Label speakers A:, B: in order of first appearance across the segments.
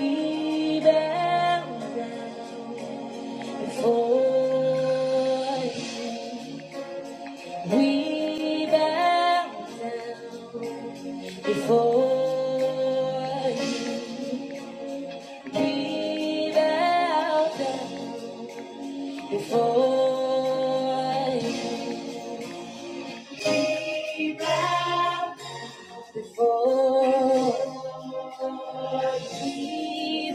A: We bow before. We bow before. We bow down before. We bow before. We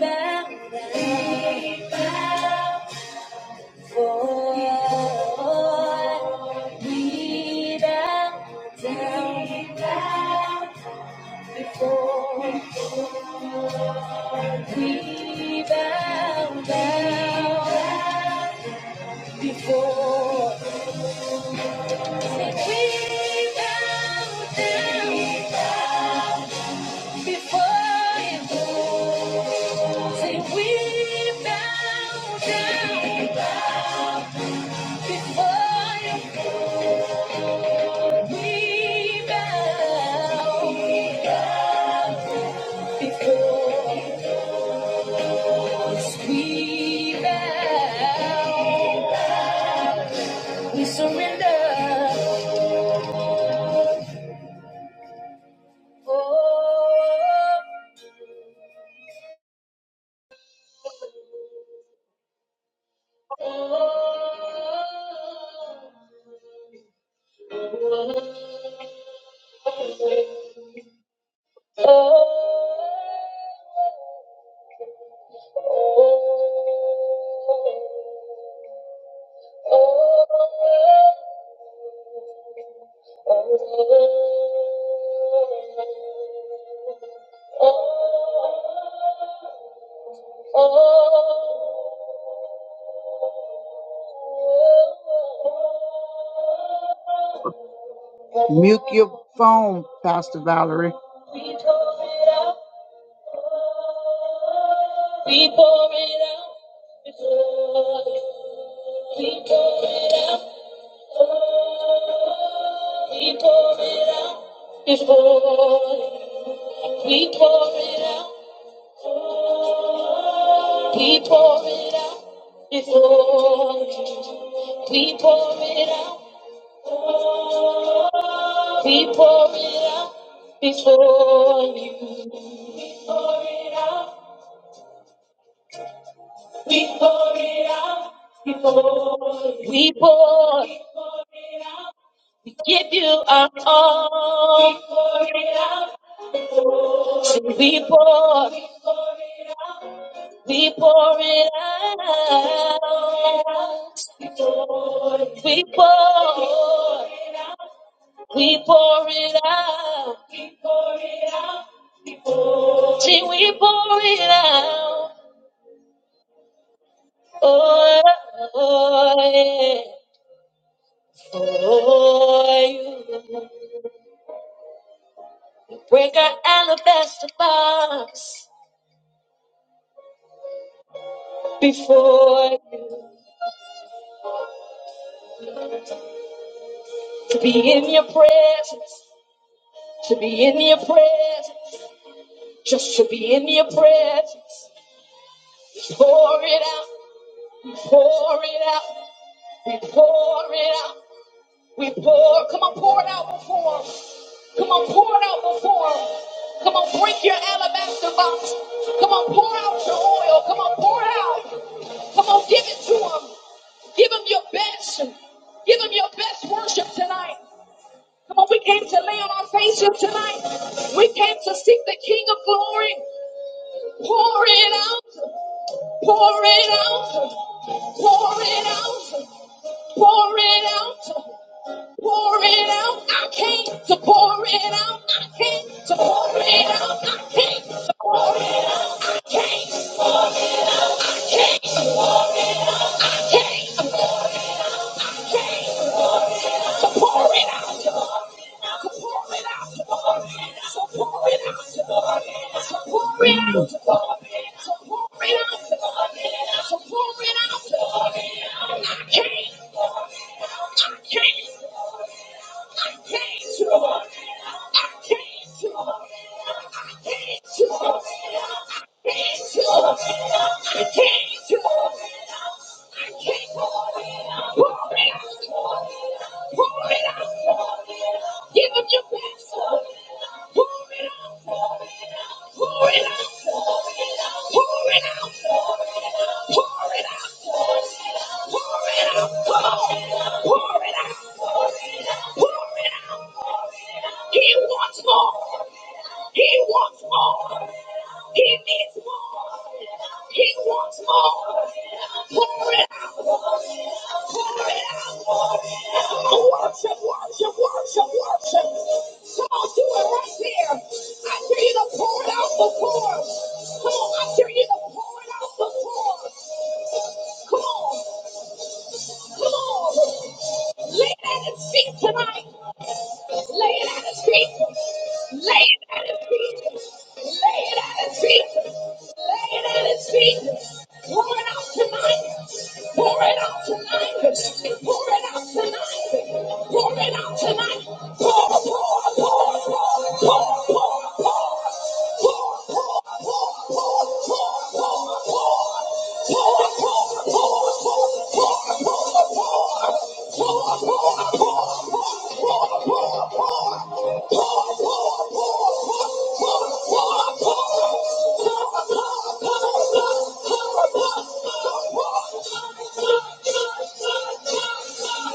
A: bow down. Lord, we bow down before, we bow down before, we bow down before you. Say we bow down before you. We bow. we bow Before us we bow, we surrender. Oh, oh, oh, oh, oh, oh. Mute your phone, Pastor Valerie. We tore it up. We pour it out before you. We pour it out. Oh, we pour it out before you. We pour it out. Oh, we pour it out before you. We pour it out. Oh, We pour it out before you. We pour it out. We pour it out before you. We pour. We give you our all. We pour it out. So we pour. We pour it out. We pour. We pour it out. We pour it out. See, we pour it out. Oh, oh, yeah. Oh, you. Break our alabaster box before you. To be in your presence, to be in your presence, just to be in your presence. Pour it out, we pour it out, we pour it out, we pour. Come on, pour it out before him. Come on, pour it out before him. Come on, break your alabaster box. Come on, pour out your oil. Come on, pour it out. Come on, give it to him. Give him your best. Give him your best worship tonight. Come on, we came to lay on our faces tonight. We came to seek the King of glory. Pour it out. Pour it out. Pour it out. Pour it out. Pour it out. I came to pour it out. I came to pour it out. I came to pour it out. I came. I came. I came. I came. Pour it out, Lord. Pour it out, Lord. So pour it out, Lord. So pour it out, Lord. So pour it out, Lord. So pour it out, Lord. I came, Lord. I came. I came, Lord. I came, Lord. Give him your best. Pour it out. Pour it out. Pour it out. Pour it out. He wants more. He wants more. He needs more. He wants more. Pour it out. Pour it out. Worship, worship, worship, worship. Come on, do it right there. I dare you to pour it out before. Come on, I dare you to pour it out before. Come on, come on. Lay it at his feet tonight. Lay it at his feet. Lay it at his feet. Lay it at his feet. Lay it at his feet. Pour it out tonight. Pour it out tonight. Pour it out tonight. Pour it out tonight. Pour, pour, pour, pour, pour.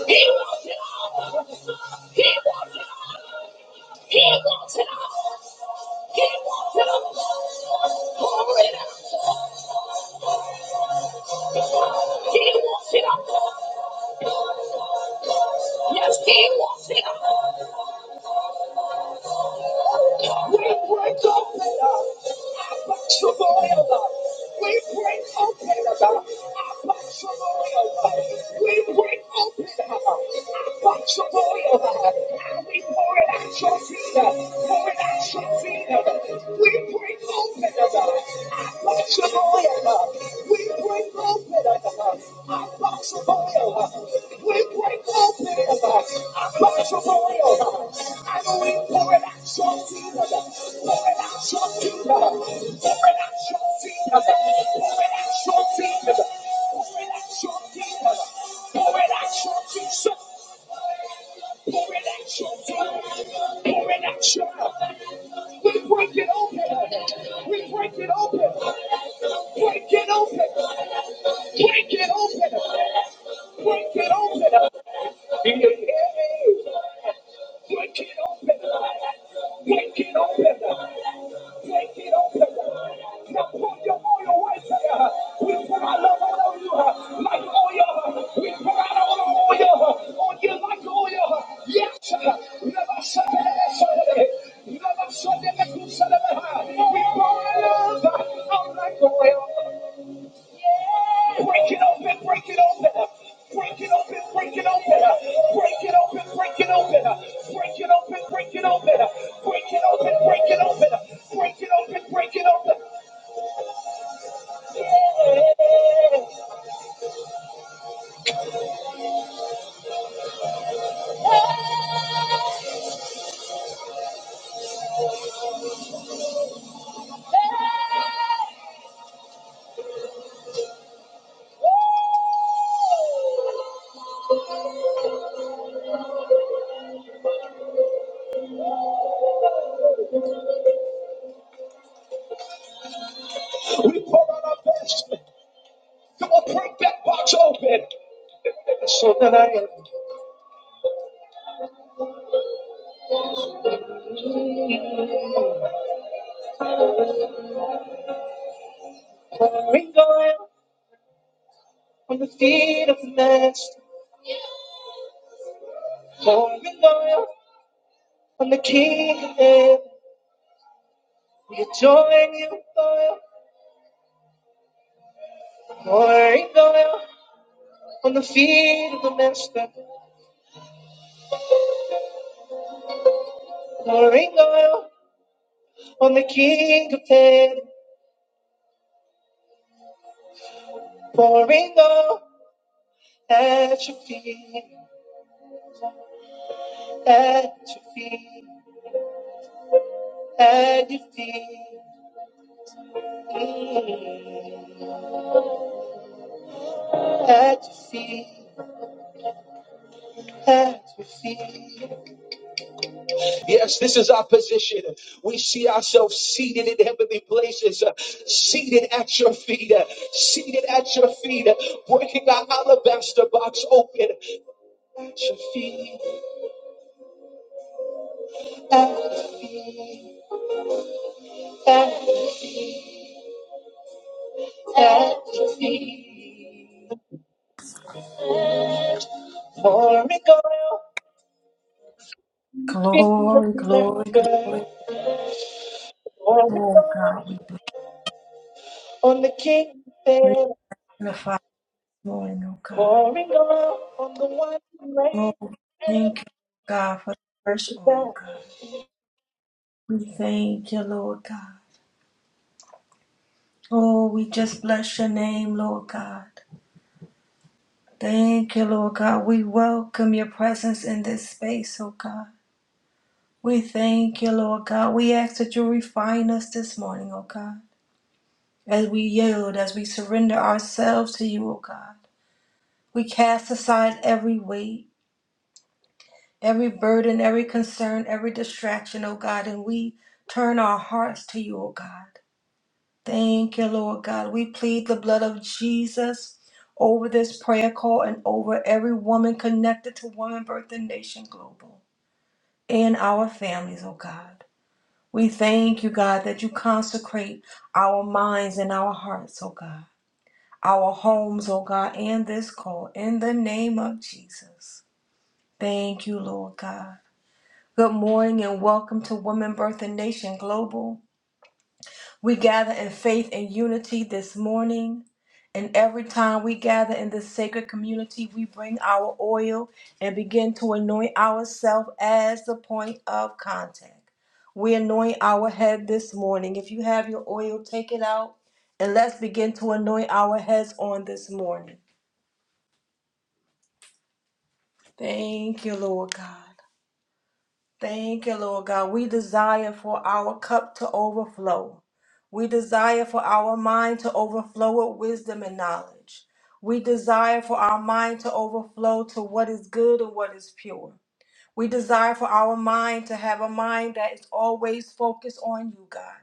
A: He wants it all. He wants it all. He wants it all. He wants it all. Pour it out. He wants it all. Yes, he wants it all. We break open our Shemaiah. We break open our Shemaiah. We break open our Shemaiah. And we pour it at your feet. Pour it at your feet. We break open our Shemaiah. We break open uh, uh, our box of oil. We break open uh, uh, our box of oil. And we pour it out your feet. Pour it out your feet. Pour it out your feet. Pour it out your feet. Pour it out your feet. Pour it out your feet. We're in action. We're in action. We break it open. We break it open. Break it open. Break it open. Break it open. Do you hear me? Break it open. Break it open. We pour it We like Yes, Break it open, break it open. Break it open, break it open. Break it open, break it open. Break it open, break it open. Break it open, break it open. Break it open, break it open. We pour out our best. Come on, break that box open. So that I am pouring oil on the feet of the master. Pouring oil on the king of heaven. We adore you, oil. Pouring oil on the feet of the master. Pouring oil on the king of heaven, pouring oil at your feet, at your feet, at your feet, Mm. at your feet, at your feet. Seated, she walloped the box open, at your feet, at your feet, at, at your feet. Pouring oil, feet of
B: Glory,
A: the
B: glory, glory.
A: master, pouring
B: Oh
A: oil.
B: God, we
A: On the king
B: bless
A: there,
B: the Father morning, oh God.
A: pouring love on the one who
B: Oh,
A: reigns.
B: we thank you, God, for the first
A: Worship
B: oil,
A: God.
B: God. We thank you, Lord God. Oh, we just bless your name, Lord God. Thank you, Lord God. We welcome your presence in this space, oh God. We thank you, Lord God. We ask that you refine us this morning, oh God. As we yield, as we surrender ourselves to you, oh God. We cast aside every weight. every burden, every concern, every distraction, oh God, and we turn our hearts to you, oh God. Thank you, Lord God. We plead the blood of Jesus over this prayer call and over every woman connected to Woman Birth and Nation Global and our families, oh God. We thank you, God, that you consecrate our minds and our hearts, oh God, our homes, oh God, and this call in the name of Jesus. Thank you, Lord God. Good morning and welcome to Woman Birth and Nation Global. We gather in faith and unity this morning. And every time we gather in this sacred community, we bring our oil and begin to anoint ourselves as the point of contact. We anoint our head this morning. If you have your oil, take it out and let's begin to anoint our heads on this morning. Thank you, Lord God. Thank you, Lord God. We desire for our cup to overflow. We desire for our mind to overflow with wisdom and knowledge. We desire for our mind to overflow to what is good and what is pure. We desire for our mind to have a mind that is always focused on you, God.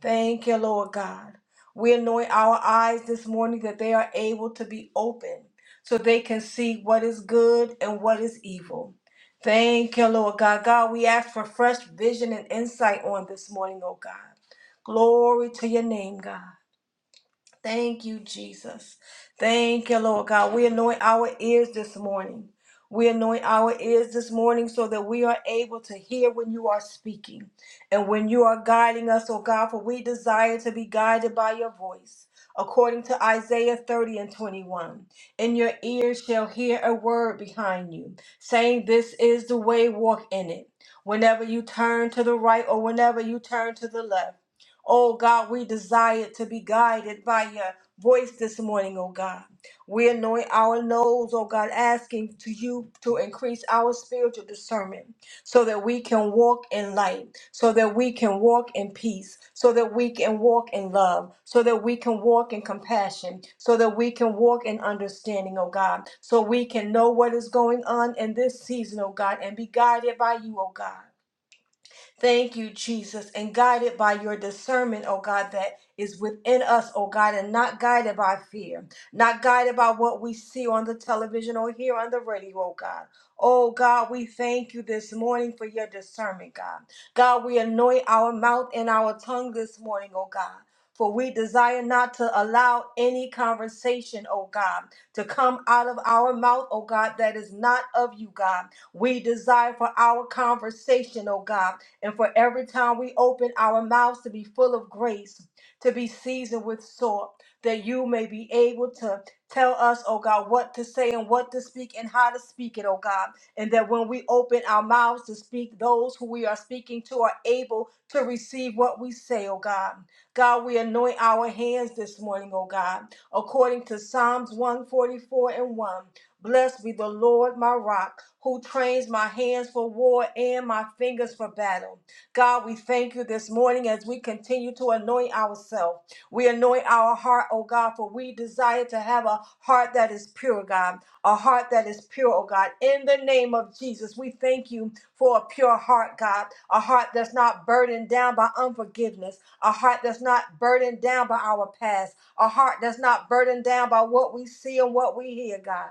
B: Thank you, Lord God. We anoint our eyes this morning that they are able to be open so they can see what is good and what is evil. Thank you, Lord God. God, we ask for fresh vision and insight on this morning, oh God. Glory to your name, God. Thank you, Jesus. Thank you, Lord God. We anoint our ears this morning. We anoint our ears this morning so that we are able to hear when you are speaking and when you are guiding us, oh God, for we desire to be guided by your voice. According to Isaiah 30 and 21, and your ears shall hear a word behind you, saying, This is the way, walk in it. Whenever you turn to the right or whenever you turn to the left, Oh God, we desire to be guided by your voice this morning, oh God. We anoint our nose, oh God, asking to you to increase our spiritual discernment so that we can walk in light, so that we can walk in peace, so that we can walk in love, so that we can walk in compassion, so that we can walk in understanding, oh God, so we can know what is going on in this season, oh God, and be guided by you, oh God. Thank you, Jesus, and guided by your discernment, oh God, that is within us, oh God, and not guided by fear, not guided by what we see on the television or hear on the radio, oh God. Oh God, we thank you this morning for your discernment, God. God, we anoint our mouth and our tongue this morning, oh God. For we desire not to allow any conversation, oh God, to come out of our mouth, oh God, that is not of you, God. We desire for our conversation, oh God and for every time we open our mouths to be full of grace, to be seasoned with salt, that you may be able to tell us, oh God, what to say and what to speak and how to speak it, oh God. And that when we open our mouths to speak, those who we are speaking to are able to receive what we say, oh God. God, we anoint our hands this morning, oh God, according to Psalms 144 and 1. Blessed be the Lord, my rock, who trains my hands for war and my fingers for battle. God, we thank you this morning as we continue to anoint ourselves. We anoint our heart, oh God, for we desire to have a heart that is pure, God, a heart that is pure, oh God. In the name of Jesus, we thank you for a pure heart, God, a heart that's not burdened down by unforgiveness, a heart that's not burdened down by our past, a heart that's not burdened down by what we see and what we hear, God.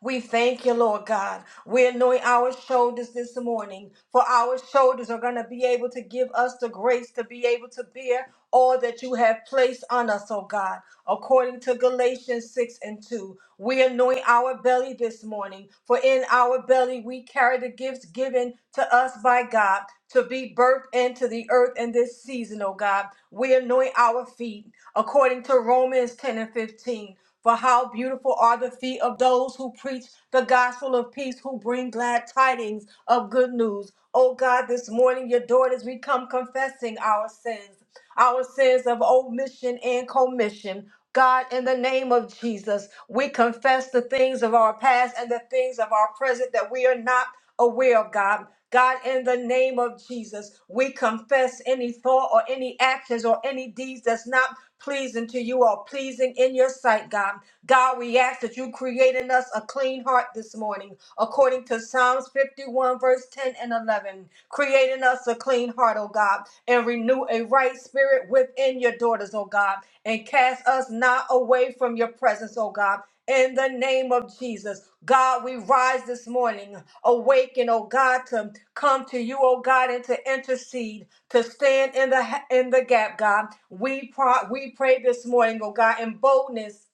B: We thank you, Lord God. We anoint our shoulders this morning, for our shoulders are going to be able to give us the grace to be able to bear all that you have placed on us, oh God. According to Galatians 6 and 2, we anoint our belly this morning, for in our belly we carry the gifts given to us by God to be birthed into the earth in this season, oh God. We anoint our feet according to Romans 10 and 15. For how beautiful are the feet of those who preach the gospel of peace, who bring glad tidings of good news. Oh God, this morning, your daughters, we come confessing our sins, our sins of omission and commission. God, in the name of Jesus, we confess the things of our past and the things of our present that we are not aware of, God. God, in the name of Jesus, we confess any thought or any actions or any deeds that's not pleasing to you all, pleasing in your sight, God. God, we ask that you create in us a clean heart this morning, according to Psalms 51, verse 10 and 11. Create in us a clean heart, O God, and renew a right spirit within your daughters, O God, and cast us not away from your presence, O God. In the name of Jesus, God, we rise this morning, awaken, oh God, to come to you, oh God, and to intercede to stand in the in the gap, God. We pro- we pray this morning, oh God, in boldness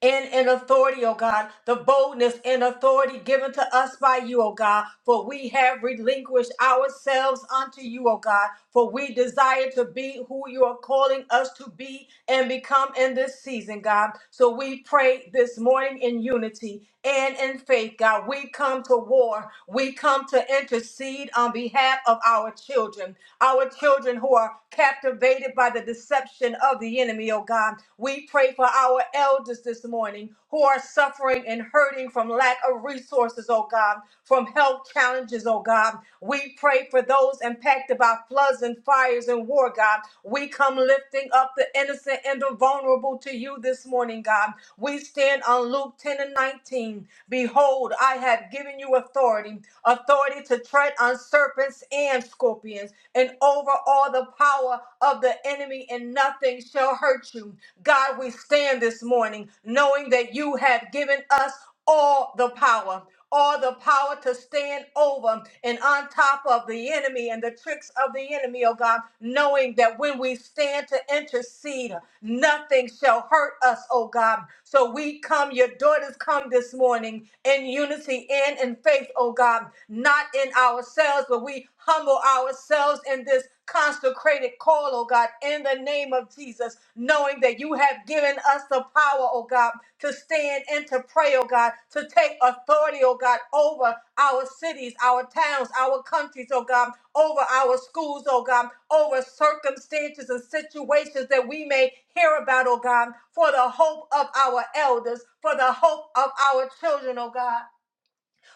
B: and in authority, oh God, the boldness and authority given to us by you, oh God, for we have relinquished ourselves unto you, oh God, for we desire to be who you are calling us to be and become in this season, God. So we pray this morning in unity and in faith, God. We come to war. We come to intercede on behalf of our children, our children who are captivated by the deception of the enemy, oh God. We pray for our elders this morning who are suffering and hurting from lack of resources, oh God, from health challenges, oh God. We pray for those those impacted by floods and fires and war, God. We come lifting up the innocent and the vulnerable to you this morning, God. We stand on Luke 10 and 19. Behold, I have given you authority, authority to tread on serpents and scorpions and over all the power of the enemy, and nothing shall hurt you. God, we stand this morning knowing that you have given us all the power or the power to stand over and on top of the enemy and the tricks of the enemy, oh God, knowing that when we stand to intercede, Nothing shall hurt us, oh God. So we come, your daughters come this morning in unity and in faith, oh God, not in ourselves, but we humble ourselves in this consecrated call, oh God, in the name of Jesus, knowing that you have given us the power, oh God, to stand and to pray, oh God, to take authority, oh God, over our cities, our towns, our countries, oh God, over our schools, oh God, over circumstances and situations that we may hear about, oh God, for the hope of our elders, for the hope of our children, oh God,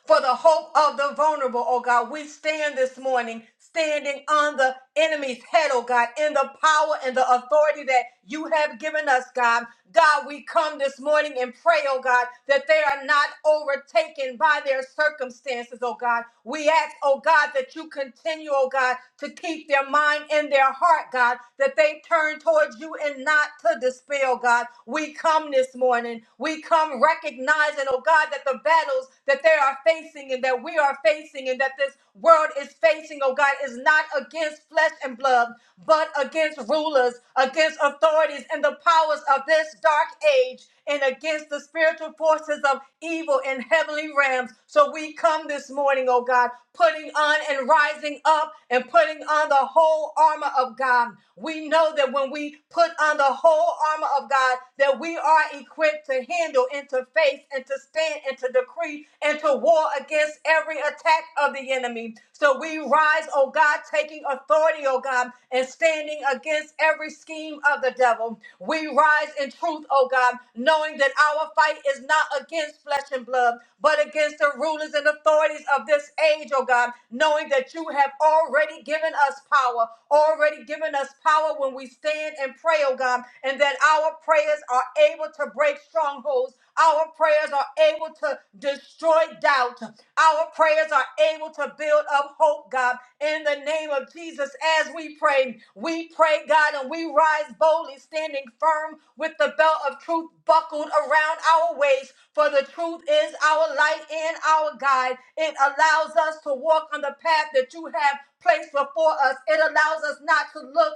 B: for the hope of the vulnerable, oh God. We stand this morning standing on the enemy's head, oh God, in the power and the authority that you have given us, God. God, we come this morning and pray, oh God, that they are not overtaken by their circumstances, oh God. We ask, oh God, that you continue, oh God, to keep their mind and their heart, God, that they turn towards you and not to despair, oh God. We come this morning. We come recognizing, oh God, that the battles that they are facing and that we are facing and that this world is facing, oh God, is not against flesh and blood, but against against rulers, against authorities and the powers of this dark age, and against the spiritual forces of evil in heavenly realms. So we come this morning, oh God, putting on and rising up and putting on the whole armor of God. We know that when we put on the whole armor of God, that we are equipped to handle and to face and to stand and to decree and to war against every attack of the enemy. So we rise arise, oh God, taking authority, oh God, and standing against every scheme of the devil. We rise in truth, oh God, knowing that our fight is not against flesh and blood, but against the rulers and authorities of this age, oh God, knowing that you have already given us power, already given us power when we stand and pray, oh God, and that our prayers are able to break strongholds. Our prayers are able to destroy doubt. Our prayers are able to build up hope, God, in the name of Jesus. As we pray, we pray, God, and we rise boldly, standing firm with the belt of truth buckled around our waist. For the truth is our light and our guide. It allows us to walk on the path that you have placed before us, it allows us not to look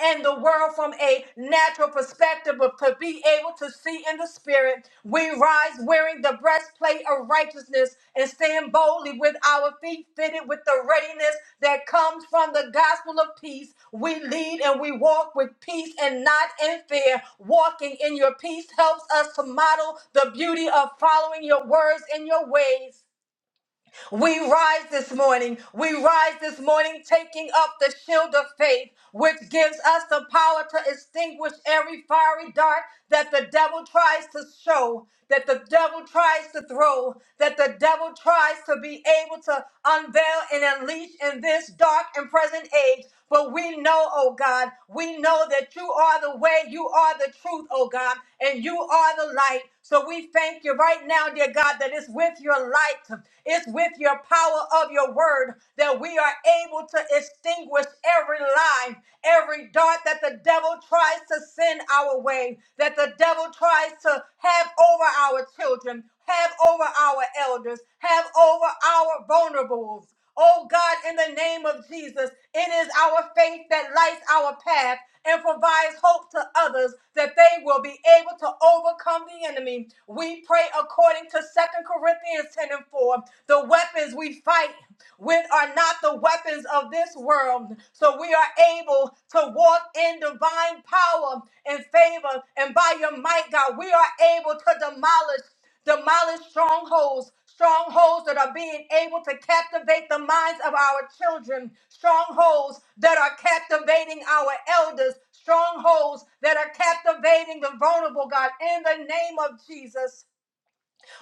B: and the world from a natural perspective, but to be able to see in the spirit, we rise wearing the breastplate of righteousness and stand boldly with our feet fitted with the readiness that comes from the gospel of peace. We lead and we walk with peace and not in fear. Walking in your peace helps us to model the beauty of following your words and your ways. We rise this morning. We rise this morning taking up the shield of faith, which gives us the power to extinguish every fiery dart that the devil tries to show, that the devil tries to throw, that the devil tries to be able to unveil and unleash in this dark and present age. But we know, oh God, we know that you are the way, you are the truth, oh God, and you are the light. So we thank you right now, dear God, that it's with your light, it's with your power of your word that we are able to extinguish every lie, every dart that the devil tries to send our way, that the devil tries to have over our children, have over our elders, have over our vulnerables. Oh God, in the name of Jesus, it is our faith that lights our path and provides hope to others that they will be able to overcome the enemy. We pray according to Second Corinthians 10 and 4. The weapons we fight which are not the weapons of this world. So we are able to walk in divine power and favor. And by your might, God, we are able to demolish, demolish strongholds. Strongholds that are being able to captivate the minds of our children, strongholds that are captivating our elders, strongholds that are captivating the vulnerable, God, in the name of Jesus.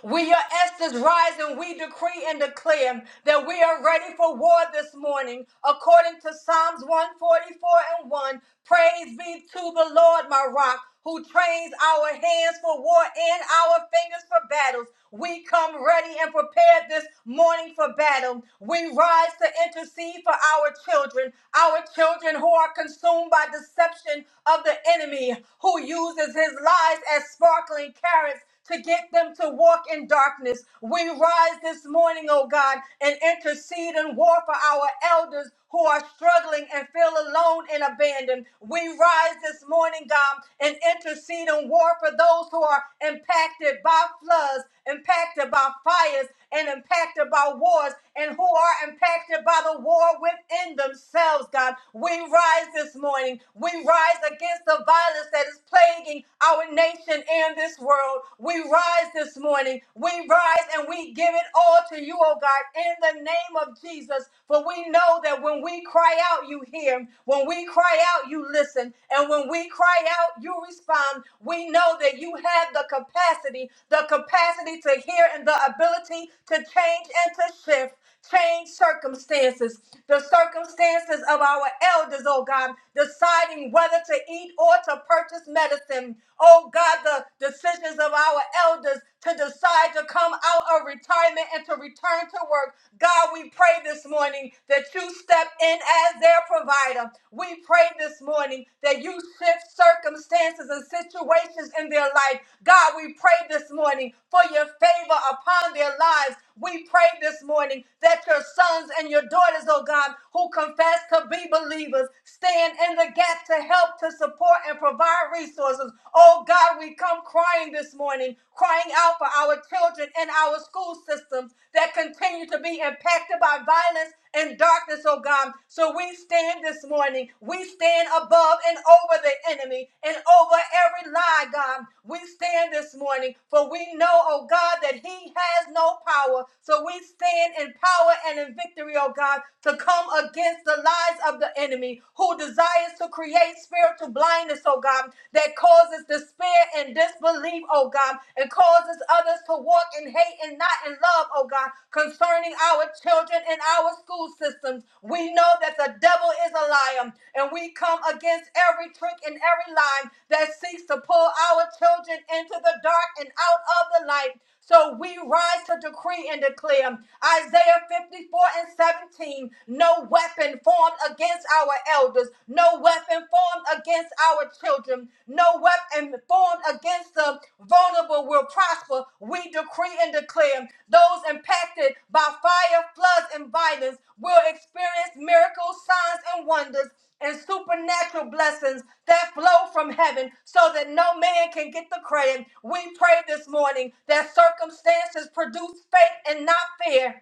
B: We are Esther's rise and we decree and declare that we are ready for war this morning. According to Psalms 144 and 1, praise be to the Lord, my rock, who trains our hands for war and our fingers for battles. We come ready and prepared this morning for battle. We rise to intercede for our children, our children who are consumed by deception of the enemy, who uses his lies as sparkling carrots to get them to walk in darkness. We rise this morning, oh God, and intercede and war for our elders who are struggling and feel alone and abandoned. We rise this morning, God, and intercede and war for those who are impacted by floods, impacted by fires, and impacted by wars, and who are impacted by the war within themselves, God. We rise this morning. We rise against the violence that is plaguing our our nation and this world. We rise this morning. We rise and we give it all to you, oh God, in the name of Jesus. For we know that when we cry out, you hear. When we cry out, you listen. And when we cry out, you respond. We know that you have the capacity, the capacity to hear and the ability to change and to shift change circumstances, the circumstances of our elders, oh God, deciding whether to eat or to purchase medicine. Oh God, the decisions of our elders to decide to come out of retirement and to return to work. God, we pray this morning that you step in as their provider. We pray this morning that you shift circumstances and situations in their life. God, we pray this morning for your favor upon their lives. We pray this morning that your sons and your daughters, oh God, who confess to be believers, stand in the gap to help, to support, and provide resources. Oh God, we come crying this morning, crying out for our children and our school systems that continue to be impacted by violence and darkness, oh God. So we stand this morning. We stand above and over the enemy and over every lie, God. We stand this morning, for we know, oh God, that He has no power. So we stand in power and in victory, oh God, to come against the lies of the enemy who desires to create spiritual blindness, oh God, that causes despair and disbelief, oh God, and causes others to walk in hate and not in love, oh God, concerning our children and our school systems. We know that the devil is a liar, and we come against every trick and every lie that seeks to pull our children into the dark and out of the light. So we rise to decree and declare Isaiah 54 and 17 no weapon formed against our elders, no weapon formed against our children, no weapon formed against the vulnerable will prosper. We decree and declare those impacted by fire, floods, and violence will experience miracles, signs, and wonders and supernatural blessings that flow from heaven so that no man can get the credit. We pray this morning that circumstances produce faith and not fear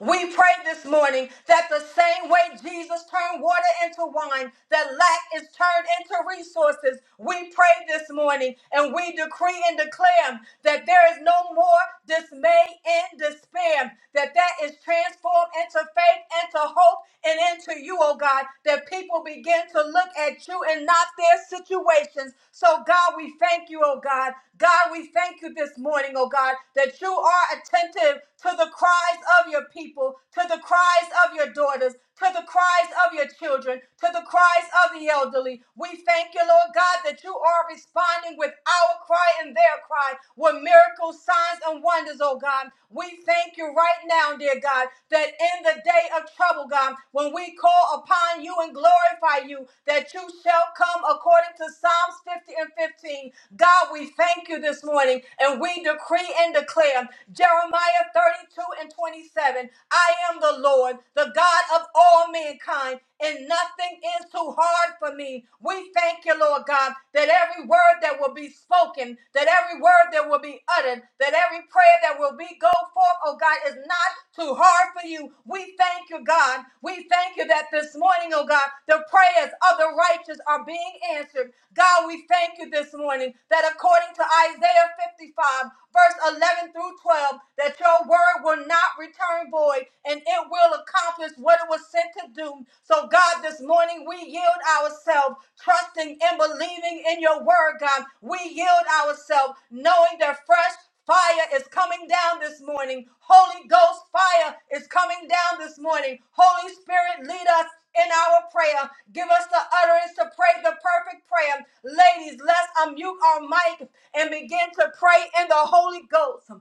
B: we pray this morning that the same way Jesus turned water into wine, that lack is turned into resources. We pray this morning and we decree and declare that there is no more dismay and despair, that that is transformed into faith, into hope, and into you, oh God, that people begin to look at you and not their situations. So, God, we thank you, oh God. God, we thank you this morning, oh God, that you are attending attentive to the cries of your people, to the cries of your daughters, to the cries of your children, to the cries of the elderly. We thank you, Lord God, that you are responding with our cry and their cry with miracles, signs, and wonders, oh God. We thank you right now, dear God, that in the day of trouble, God, when we call upon you and glorify you, that you shall come according to Psalms 50 and 15. God, we thank you this morning and we we decree and declare Jeremiah 32 and 27 I am the Lord, the God of all mankind, and nothing is too hard for me. We thank you, Lord God, that every word that will be spoken, that every word that will be uttered, that every prayer that will be go forth, oh God, is not too hard for you. We thank you, God. We thank you that this morning, oh God, the prayers of the righteous are being answered. God, we thank you this morning that that according to Isaiah 55, verse 11 through 12, that your word will not return void and it will accomplish what it was sent to do. So, God, this morning we yield ourselves, trusting and believing in your word, God. We yield ourselves, knowing that fresh Fire is coming down this morning. Holy Ghost fire is coming down this morning. Holy Spirit, lead us in our prayer. Give us the utterance to pray the perfect prayer. Ladies, let's unmute our mic and begin to pray in the Holy Ghost.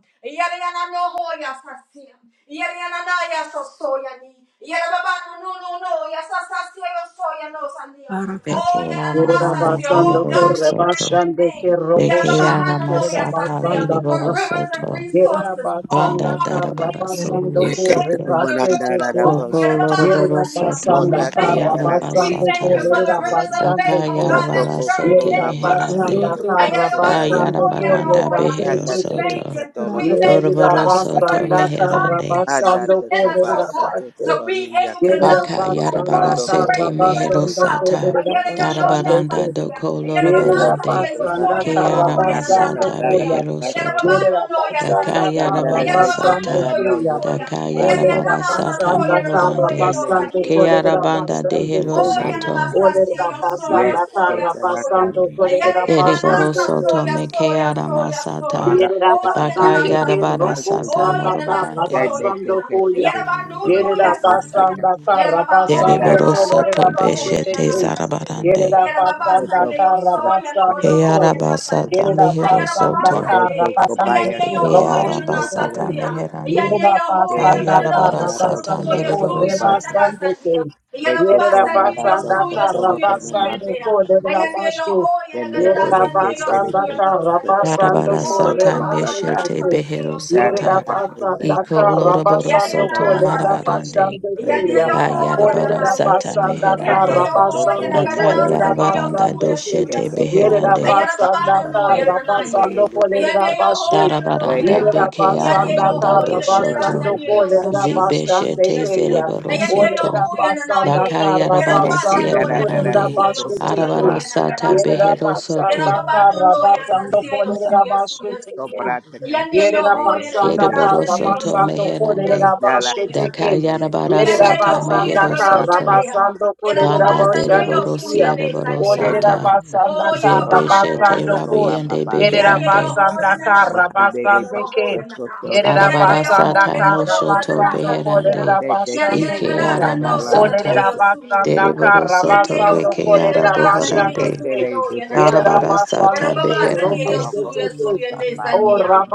B: Yarababa, no, no, no, no. Yasasasia, yosoya, no, sandia.
C: Lord, we
B: Oh,
D: Bekeara manda
B: yananasasia.
A: Rabasando
B: Oh,
D: boroboro
B: God,
A: corre
B: we bless
D: soto.
B: your
A: basande
E: Thank
A: che
E: you.
B: name.
A: robo
B: Yarababa,
A: shande
D: Bekeara
B: hana,
A: che
B: no, no, ya
D: masata
B: yasasia.
A: rabasanda
B: For
A: ca
D: leriboro
B: rivers of
D: soto.
A: yere
B: resources. Oh,
D: Banda
A: rabasanda
B: God, we
A: ca
D: darabara
B: thank you.
C: give you
D: sobi
A: rabasando
B: We thank
A: corre
F: Yeketo
B: you for
D: yeshete.
B: the rivers
A: basete
F: Vanandara
B: of
A: che
B: hope.
D: Doko
B: Yarababa,
F: Rabosata,
A: yere
D: loroboro
B: hasania.
D: soto
A: rabasanda
B: We
F: Mota
A: ca
F: Te
B: thank you.
D: mekeara
F: Lalande
B: We
A: rabasando
B: thank you
D: basata.
A: corre
B: for the
F: Satayako,
B: rivers of faith,
A: rabasande
D: Daka
B: oh
A: che
B: God, that's
D: yarabara
F: Satoko
B: stirring
F: Toro
A: yere
D: sete
B: in
F: Nama
B: your
C: The Lord
A: rabasanda
C: is
D: meherande.
B: people.
F: Asoko
A: ca
F: Toro
B: Ayarababa,
D: Da
F: Kotaya,
A: rabasando
B: sandoya,
A: corre
D: yarabaranda
C: the
B: hoya.
D: behero
F: Ganda
B: We
A: basete che
F: Teri
B: thank
D: soto.
B: you.
C: praise,
F: Katoro
C: Lord.
B: We thank
A: yere
B: you
F: Lokoto
B: for the
D: Doroboro
C: Thank
D: soto
B: authority
A: rabasanda
F: Basataya,
B: that's
A: ca
D: meherande.
B: rising up
F: Anda
A: rabasando
B: within
F: Toko
B: us,
A: corre
B: oh God,
F: Basoko
A: rabasete
B: to
F: Toro
B: be able
F: Niyaka,
B: to
A: Yerera
B: know
C: you.
B: that
D: Baka
B: you have
A: basanda
D: yarabara
F: Rondo
A: kara
B: already
D: sete
F: Koba
B: given us
F: Shanto
A: basando
B: power.
D: meherosata.
A: kolerera
F: Kotarate
B: Ayala ya no ya
A: basando
F: Akusataya,
A: ke.
D: Darabaranda
B: sasia.
D: doko
B: Ayala baba
A: Yerera
F: Jelo
B: sandia
D: lorobarande.
B: yo
F: Kuste
A: basanda
B: soya
F: Basu
B: no no
A: kara
F: Tolo
D: Keara
B: hoya na
F: Daya
B: na
A: basando
D: masata
B: sasia.
F: Katala
A: koya.
B: Ayala
F: Basu,
B: baba
D: beherosoto.
B: no
A: Yerera
B: no ya
E: Thank
D: Daka
A: basanda
B: sasia.
A: kara
F: Ganda
B: Ayala
D: yarabara
B: baba
F: Tete
B: no
A: basando
B: no
F: Tera
D: sata.
B: yo
F: No
A: koya.
F: Yoko
B: soya.
D: Daka
B: Ayala
F: Sabaya
B: ya na
A: Olerera
D: yarabara
B: na
D: sata
B: sasoya
A: basanda
B: no no
A: kara
B: hoya no
D: mohorande.
F: Yende de
A: basando
F: tesa
B: sania.
D: Keara
A: kolerera
F: tara
D: banda
A: basando
F: koto
A: ke.
B: Oh,
F: anaya.
D: deherosoto.
B: yananasa
A: Olerera
B: soya, soya,
F: Yes,
A: basanda
F: ke
B: soya,
A: kara
F: tara
B: soya.
A: basando
F: koto.
B: Ayara
A: kolerera basando
B: yananasa
A: ke.
D: Dereborosoto
B: soya,
D: me
B: soya,
D: keara
B: soya, soya.
D: masata.
F: Mada ke
B: Oh,
F: ke
D: Baka
F: bato
B: yananasa
A: Yerabasandete
D: yarabara
B: sia.
D: sata
B: Oh,
F: to.
A: Robosandata
B: yananasa
D: morobarande.
F: Yende
B: soya,
F: te
B: ya.
A: Rabasando
F: ke
A: Koya.
F: tere
B: Ayara ba nu
F: koto
B: nu ya
F: koto
B: sasia.
F: saya.
A: Yerabasandata
B: Ayara ba ho,
F: Yende
B: ya
A: Rabasando
B: no ho,
F: ara
B: ya
D: Dereborosoto
F: ke
B: no ho,
F: tere
A: Kolerabashete
D: beshete
F: koto
A: Kay.
B: yananasa sia.
F: koto
D: zarabarande.
B: Yara babasa ndiye
A: Yerabasandata
F: tara
B: yosoya
D: Ke
A: Rabasando Koy.
B: nogodohoya
F: koto
B: nasalia.
D: arabasata
F: koto.
D: mehero
B: Ayara
D: soto.
B: babasa
A: Yerabasandata
F: Modo to
B: ndiye. Aya
F: kobaya
A: Rabasandete
B: ndiye
F: ke
D: Ke
F: te
B: yohoya
F: se
B: na
F: te
A: Roboshete
F: tera
D: arabasata
A: Kay.
B: nasasia.
F: daya.
B: Aya
E: you.
D: meherande.
B: ndiye yohoya
D: Ka
F: Yende
B: na
F: te
E: Thank
A: Yerabasandata
E: you.
B: gadalosa
F: tara
D: yarabarasata
F: koto
A: Rabasando
B: sasasoya
A: Koy
F: koto
D: mereboro
B: suya na
D: soto.
F: basa.
B: gadadasa ndiye.
A: Rebasandete.
B: Yara
F: Yende te
B: babasa ndiye
F: nara koto
B: yosuya
A: Yerabasandata
F: koto
B: suya
F: no
B: suya
A: Rabasando
B: ndiye. Aya
F: masa.
B: ndiye
A: Kolerabashete.
B: yohoya na
F: Yakata,
A: Yerera
B: gadadasa ndiye
A: basanda
B: yosuya nosa ndiye. Oh, ya
D: Yarabarasata
B: baba ana
D: meshete
B: nasasia
D: behero
C: the
B: yosoya
D: sata.
B: ndiye.
D: Iko
A: Yerabasandaka
D: loroboro
A: Rabasando
D: soto marabarande. Ka yarabarasata meherande. Aka yarabaranda doshete beherande. Darabaranda beke aramanda doshoto. Zibeshete zereboro soto.
B: Yanana Era pasa no
D: Bakayarabarasiere
B: ya
E: Thank
D: barande.
B: sasacio suya no ya na
D: Arabarasata
B: kadasa niya. Era
D: beherosoto.
B: baba no no ya sasacio
A: Polera
B: suya suya suya.
A: Bashitin.
F: Sobrata
B: Ya ne yo ho ya na
A: Yerabasanda
F: Catarina,
B: kadasa niya
D: Ereborosoto
A: Karabasando
B: suya suya
D: meherande.
B: suya no
F: Yala
B: yena.
A: Kolerabasheteke.
F: tekete le kotolo
B: Yanya
D: Dakayarabarasata
B: yo huya
A: Yerabasanda
B: na
F: kobasa ta
B: bado
D: meherosoto.
B: sania.
A: Karabasando
B: Yera baba
D: Banda
F: roko sa
B: sania yo suya
A: Kolerabashandukia.
D: dereborosiere
B: ne sania
F: kene
B: na.
D: borosata.
F: la ta
A: Kolerabasanda
B: Oh ya baba
F: kotolo
B: hana na
D: Zebeshete
F: kotolo
A: Karabasando Kol.
F: koba
B: sasi.
D: rabiende
F: babasa
B: Yanya yo
D: beherande.
B: huya
A: Yerabasanda
B: na na
F: mande
B: sania
F: le
B: yo
A: Karabasandeke.
F: basa
B: huya na na.
F: kotolo
B: Yanya yo
F: kotala
A: Yerabasanda
D: Arabarasata
B: huya
F: ya
B: na bado sana
F: kete
D: moshoto
B: na
A: Karabasando
B: sasia.
D: beherande.
F: te te
B: Yera
F: te
D: Ike
F: kete
B: kada
F: la
A: Kolerabashandekeya.
B: sano
F: dala lo
B: sasia
D: aramasata.
B: yo
F: kosa
B: suya ne.
A: Olerabasanda
D: Dereborosoto
B: Yanya yo
A: Karabasando
D: reke
B: huya na kada
F: ye
B: sania yo
D: araboharande.
F: kete
B: suya
A: Kolerabashandeke.
F: le
B: no
F: de
B: ya na
F: kata
B: na
F: la
B: ye.
F: lo koto
D: Arabarasata
B: Yera
A: Yerabasandeke
B: baba
F: kata
B: sania
D: beherande.
B: yo
F: baba boho
B: suya
F: sa
A: Robosheteke.
B: suya
F: ta
B: ne
F: ba ye
A: Oh,
B: sania.
F: kete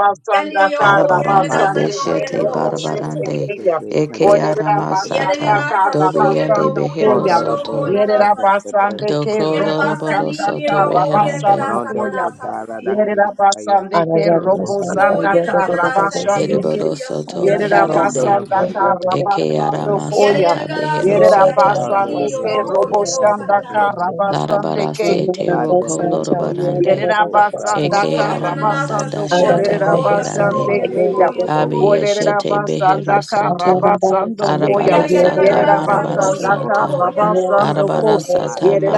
F: ya
B: Yanya yo
A: Kar,
B: huya na
D: Arabaranda
B: kada
F: pata
A: Rabasanda
B: sano
A: Karabasande
B: ya na
D: beshete
F: kotolo
A: Robo
F: lo
B: no
F: kosa
D: barabarande
B: sania.
A: Shetekeya.
F: kete
E: you.
F: kana
D: eke
E: Thank you.
F: kete la
B: Yada
A: Rabasanda
D: aramasata
B: yana
A: Lerabasanda
B: sasso yada
D: dobiende
A: Rabasanda
B: lohu yada
D: behero
A: Koya.
F: kotolo
B: godoro ho
F: boho
D: soto
A: Yere
B: nana
F: sa
B: sasia.
A: Yerabasande Ke
D: doko
B: Yada
A: Robo
B: basa
D: loroboro
B: ni
A: Sanda
B: yada
D: soto
B: ho yada
D: reherande
B: gada
A: Rabasanda
F: Morondo
A: Koya.
B: nana
F: Kotara
B: sasia.
A: Yere
F: Dakisaya
A: Yerabasande Ke
F: Rebo
A: Robo
G: Arayarvasanta
B: Oh
A: Sanda
F: Sete
B: yada gada la sa ni
G: yedadadadavasi.
B: yo
A: Karabasande Ke.
B: su
D: eriboro
B: ya su
D: soto
B: ya
F: Tondo
D: meherande
A: Yerabasanda
G: Aradavasanta
A: Rabasanda
F: Dokata
A: Kar,
D: eke
F: Katolo
A: Rabasanda
G: yedadadadavasi.
B: Yada
A: Koya.
B: yana
D: aramasata
F: Kota
B: gada
D: behero
A: Yere
B: so yani
D: sata
B: li
F: Tondo
A: Yerabasande
B: li yada
A: Ke
F: Rebo
G: Yedadadadavasanta
B: ho
A: Robo
B: yada sa
F: Osaka
A: Sanda
B: nana
G: yedadadadavasi.
B: sasia.
F: Kanaya
A: Karabasande
D: larabarasete roko
F: Padre
G: Aradavasanta
F: Rebo Soto
D: lorobarande
G: yedadadadavasi.
F: Brata
D: eke
B: Oh
A: Yerabasandaka
B: yana
F: Kaya
B: nana
D: aramanda
A: Rabasandoko
B: sasia
D: dashata
F: Tele
B: so ya
F: Tekara
B: so
D: beherande
G: Aradavasanta
B: ya
F: Lele
A: Lerabashandekeya.
B: so
F: Koto Bo
A: O
B: so
G: yedadadadavasi.
B: ni.
D: Abiyeshete
A: Lerabasandaka
D: beherosoto.
G: Aradavasanta
A: Rabasandokoya.
F: Yeke
B: Yada yana gada
D: Arabarasata
F: Tekara
B: la sa
F: Tano
B: no
G: yedadadadavasi.
F: Koto
B: ya
F: Bo
B: babo
A: Yerabasandaka
D: marabarasata.
B: ho yada
F: Sata
B: lo sa
A: Rabasandoko.
F: Kota
B: sasia yo
D: Arabarasata
B: su
F: Maria
G: Yedadadadavasanta